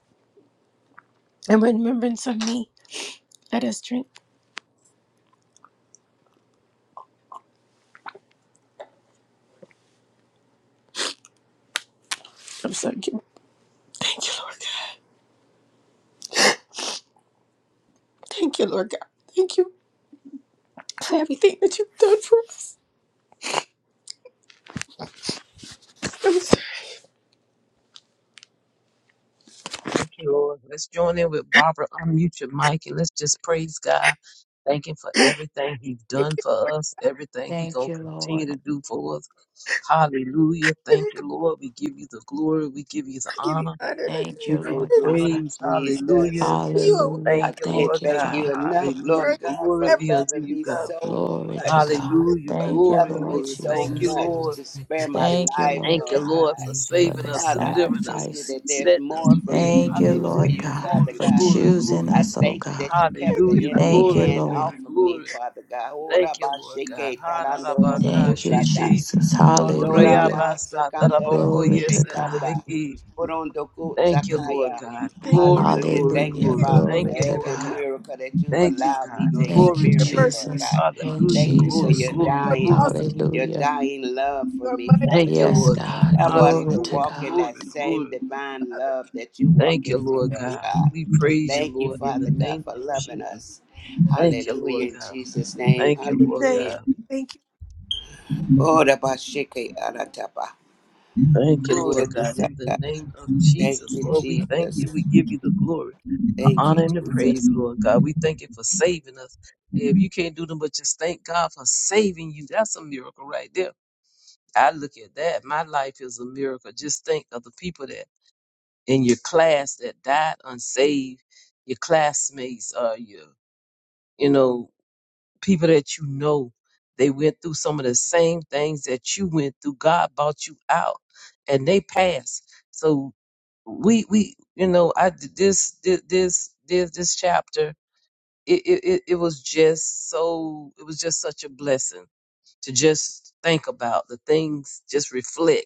C: In remembrance of me, let us drink. I'm sorry. Thank you, Lord God. Thank you, Lord God. Thank you for everything that you've done for us. I'm sorry.
H: Thank you, Lord. Let's join in with Barbara. Unmute your mic and let's just praise God. Thank Him for everything He's
C: I
H: done
C: can't,
H: for
C: I
H: us, everything He's
D: Thank
H: going
D: you,
H: to
D: Lord.
H: continue to do for us. Hallelujah. Thank you,
C: can't,
H: Lord. We give you the glory. We give you the
C: I can't be
H: honor.
C: honored. I
H: We
C: can't
D: Thank you,
H: give
C: be
H: you
F: Thank
H: the
D: Lord
F: you,
C: praised.
F: Lord
D: God.
H: praise.
F: Jesus.
H: Hallelujah.
C: You are
H: Thank
D: Hallelujah.
F: I
H: you,
F: can't
D: Thank
H: Lord
D: you,
F: thank
H: God.
D: Father.
F: you enough, Lord
H: Hallelujah.
C: worthy for
F: God, for
H: Glory
C: every
H: be unto
F: loving
H: you,
F: me
C: time.
H: God.
F: so
D: Glory
F: much.
D: to
E: Thank you,
D: God.
E: Lord,
H: Hallelujah.
F: for
D: Thank you,
H: Glory,
F: loving me
D: Lord
H: glory.
E: that you
F: so
H: Thank
E: died
H: you,
D: Jesus.
F: much
E: for
H: Lord.
E: us.
F: to
E: Thank you,
F: spare my
E: God.
D: Thank
C: I
D: you,
F: life,
D: Lord
H: Thank you,
F: Lord
D: God,
H: Lord, for
F: God.
E: Praise your
D: for
H: saving
D: the
E: name,
H: us,
F: Father,
E: God.
F: I
H: delivering us,
F: thank you
D: sacrifice.
F: that there's
H: setting us
F: more for
H: free.
F: me to
D: Thank you,
E: Oh,
F: do
E: we
F: for
D: Lord
H: Hallelujah.
E: bless
F: you,
E: your
D: God,
F: Father
E: name.
H: Glory,
D: for
E: God.
F: God.
H: glory,
D: choosing
E: Thank
H: glory.
E: You.
F: I
D: us, oh
F: thank you
D: God.
F: that you kept
H: Hallelujah.
F: the enemy
D: Thank you,
H: Glory,
F: hand
D: Lord.
F: off
H: glory,
F: of me,
H: glory.
F: Father God. Ora
H: Thank
F: ba
H: you, Lord God.
F: sheke tarando no no
D: Thank you,
F: kusata.
H: Ha-ra-ra-ba-ka-shi-ti.
D: Jesus.
F: Rondo
D: Hallelujah.
F: rama
H: ta ra
F: sakanda
H: ba ko
D: Glory
H: ye
F: kushe
D: to
H: sa ta
D: God.
F: kanda.
H: ra ki
F: Porondo
H: Thank you, Lord
F: kutsakaya.
H: God.
C: thank
H: Glory,
F: Hallelujah.
H: glory,
F: Thank you,
D: Hallelujah.
C: you.
H: glory.
F: Father,
H: Thank
F: for
D: Glory
H: you,
D: to
F: every
H: Lord
D: God.
H: God.
F: miracle that you've
H: Thank you,
F: allowed me
H: God.
F: to
C: You're good.
D: Thank
H: Glory
D: you,
C: You're
H: be
F: experience,
H: unto
C: merciful.
F: Lord
H: you.
D: Jesus.
F: God.
D: In
H: Hallelujah.
F: Thank you for
H: Glory,
D: Jesus'
F: your
H: glory,
C: You're
D: name.
F: dying,
H: glory.
C: awesome.
F: your
D: Hallelujah.
F: dying love for
C: You're
F: me, Father
H: Thank you,
F: God.
D: Yes,
H: Lord God.
D: God.
F: Help us
D: Glory
F: to
D: to
H: Hallelujah.
F: walk in
D: God.
F: that
H: Glory,
F: same
H: glory.
F: divine love that you walk
H: Thank you,
F: into,
H: Lord
F: Lord
H: God.
F: God.
H: We praise you,
F: Thank you,
H: Lord, in
F: Father
H: the
F: God,
H: name
F: for
H: of
F: loving
H: Jesus.
F: us.
H: Thank you,
F: Hallelujah,
H: Lord
F: in
H: God.
F: Jesus' name.
H: Thank you, Lord
F: Hallelujah.
H: God.
C: mighty.
F: Oh, the Bashike Aratapa.
H: Thank you,
F: Oh, the
H: Lord God, in the
F: Bisata.
H: name of
F: Thank
H: Jesus.
F: you,
H: Lord, we thank
F: Jesus.
H: you. We give you the glory, the
F: Thank you,
H: honor, and the
F: Jesus.
H: praise, Lord God. We thank you for saving us. If you can't do them, but just thank God for saving you. That's a miracle right there. I look at that. My life is a miracle. Just think of the people that in your class that died unsaved, your classmates, are your you know people that you know they went through some of the same things that you went through god brought you out and they passed so we we you know i this this this this, this chapter it, it it it was just so it was just such a blessing to just think about the things just reflect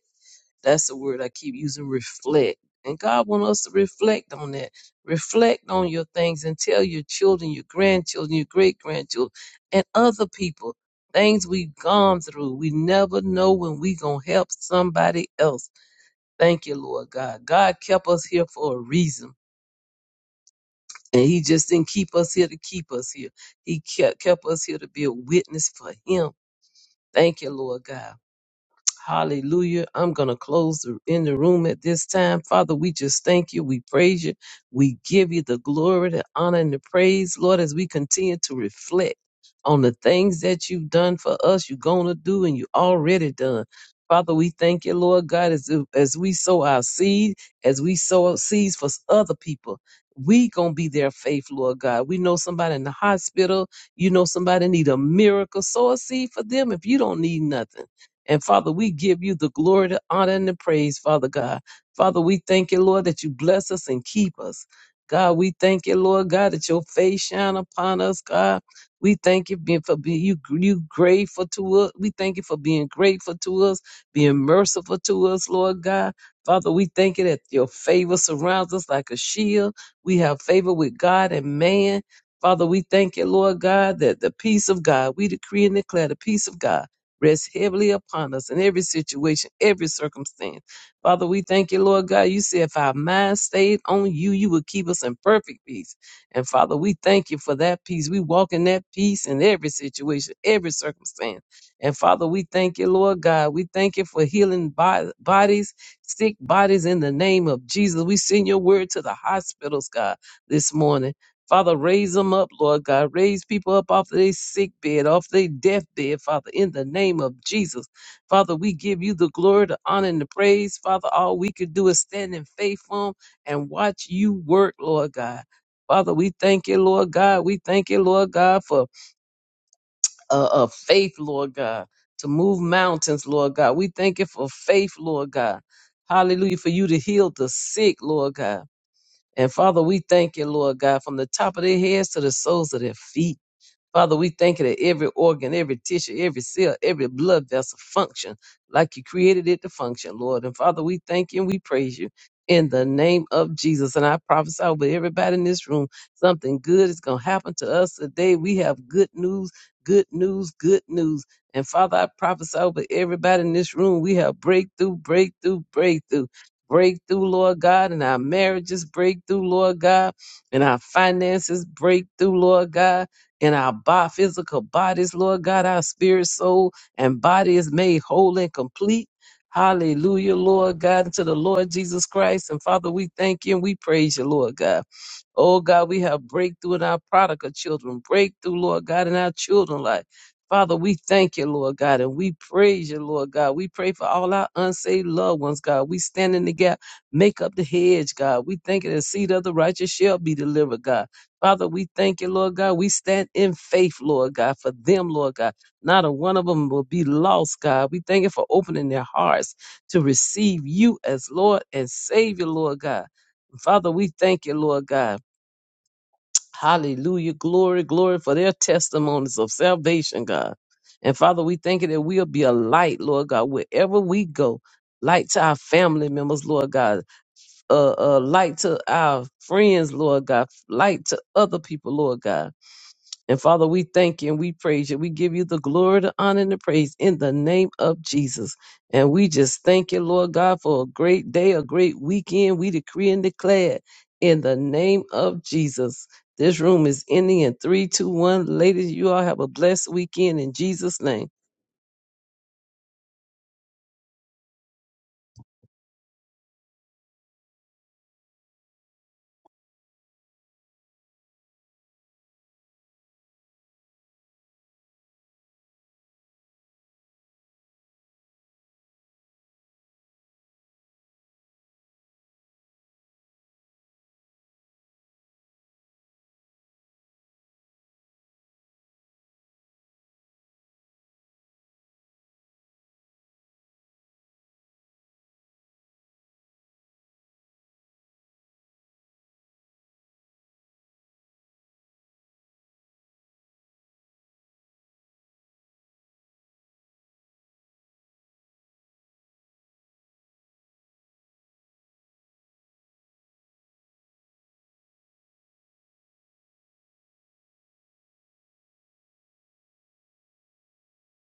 H: that's the word I keep using, reflect. And God wants us to reflect on that. Reflect on your things and tell your children, your grandchildren, your great grandchildren, and other people things we've gone through. We never know when we gonna help somebody else. Thank you, Lord God. God kept us here for a reason. And he just didn't keep us here to keep us here. He kept, kept us here to be a witness for him. Thank you, Lord God. Hallelujah. I'm going to close the, in the room at this time. Father, we just thank you. We praise you. We give you the glory, the honor, and the praise, Lord, as we continue to reflect on the things that you've done for us, you're going to do, and you already done. Father, we thank you, Lord God, as, as we sow our seed, as we sow seeds for other people. We gonna be their faith, Lord God. We know somebody in the hospital. You know somebody need a miracle. Sow a seed for them if you don't need nothing. And Father, we give you the glory, the honor, and the praise, Father God. Father, we thank you, Lord, that you bless us and keep us. God, we thank you, Lord God, that your face shine upon us, God. We thank you being for being you, you grateful to us. We thank you for being grateful to us, being merciful to us, Lord God. Father, we thank you that your favor surrounds us like a shield. We have favor with God and man. Father, we thank you, Lord God, that the peace of God, we decree and declare the peace of God rest heavily upon us in every situation, every circumstance. Father, we thank you, Lord God. You said if our minds stayed on you, you would keep us in perfect peace. And Father, we thank you for that peace. We walk in that peace in every situation, every circumstance. And Father, we thank you, Lord God. We thank you for healing bo- bodies, sick bodies in the name of Jesus. We send your word to the hospitals, God, this morning. Father, raise them up, Lord God. Raise people up off their sick bed, off their death bed, Father, in the name of Jesus. Father, we give you the glory, the honor, and the praise. Father, all we could do is stand in faith on and watch you work, Lord God. Father, we thank you, Lord God. We thank you, Lord God, for a uh, uh, faith, Lord God, to move mountains, Lord God. We thank you for faith, Lord God. Hallelujah, for you to heal the sick, Lord God. And Father, we thank you, Lord God, from the top of their heads to the soles of their feet. Father, we thank you that every organ, every tissue, every cell, every blood vessel function like you created it to function, Lord. And Father, we thank you and we praise you in the name of Jesus. And I prophesy over everybody in this room, something good is going to happen to us today. We have good news, good news, good news. And Father, I prophesy over everybody in this room, we have breakthrough, breakthrough, breakthrough. Breakthrough, Lord God, in our marriages, breakthrough, Lord God, in our finances, breakthrough, Lord God in our bo- physical bodies, Lord God. Our spirit, soul, and body is made whole and complete. Hallelujah, Lord God, to the Lord Jesus Christ. And Father, we thank you and we praise you, Lord God. Oh God, we have breakthrough in our prodigal children, breakthrough, Lord God, in our children life. Father, we thank you, Lord God, and we praise you, Lord God. We pray for all our unsaved loved ones, God. We stand in the gap, make up the hedge, God. We thank you, the seed of the righteous shall be delivered, God. Father, we thank you, Lord God. We stand in faith, Lord God, for them, Lord God. Not a one of them will be lost, God. We thank you for opening their hearts to receive you as Lord and Savior, Lord God. Father, we thank you, Lord God. Hallelujah. Glory, glory for their testimonies of salvation, God. And Father, we thank you that we'll be a light, Lord God, wherever we go. Light to our family members, Lord God. Uh, uh, light to our friends, Lord God. Light to other people, Lord God. And Father, we thank you and we praise you. We give you the glory, the honor, and the praise in the name of Jesus. And we just thank you, Lord God, for a great day, a great weekend. We decree and declare in the name of Jesus. This room is ending in three, two, one. Ladies, you all have a blessed weekend in Jesus' name.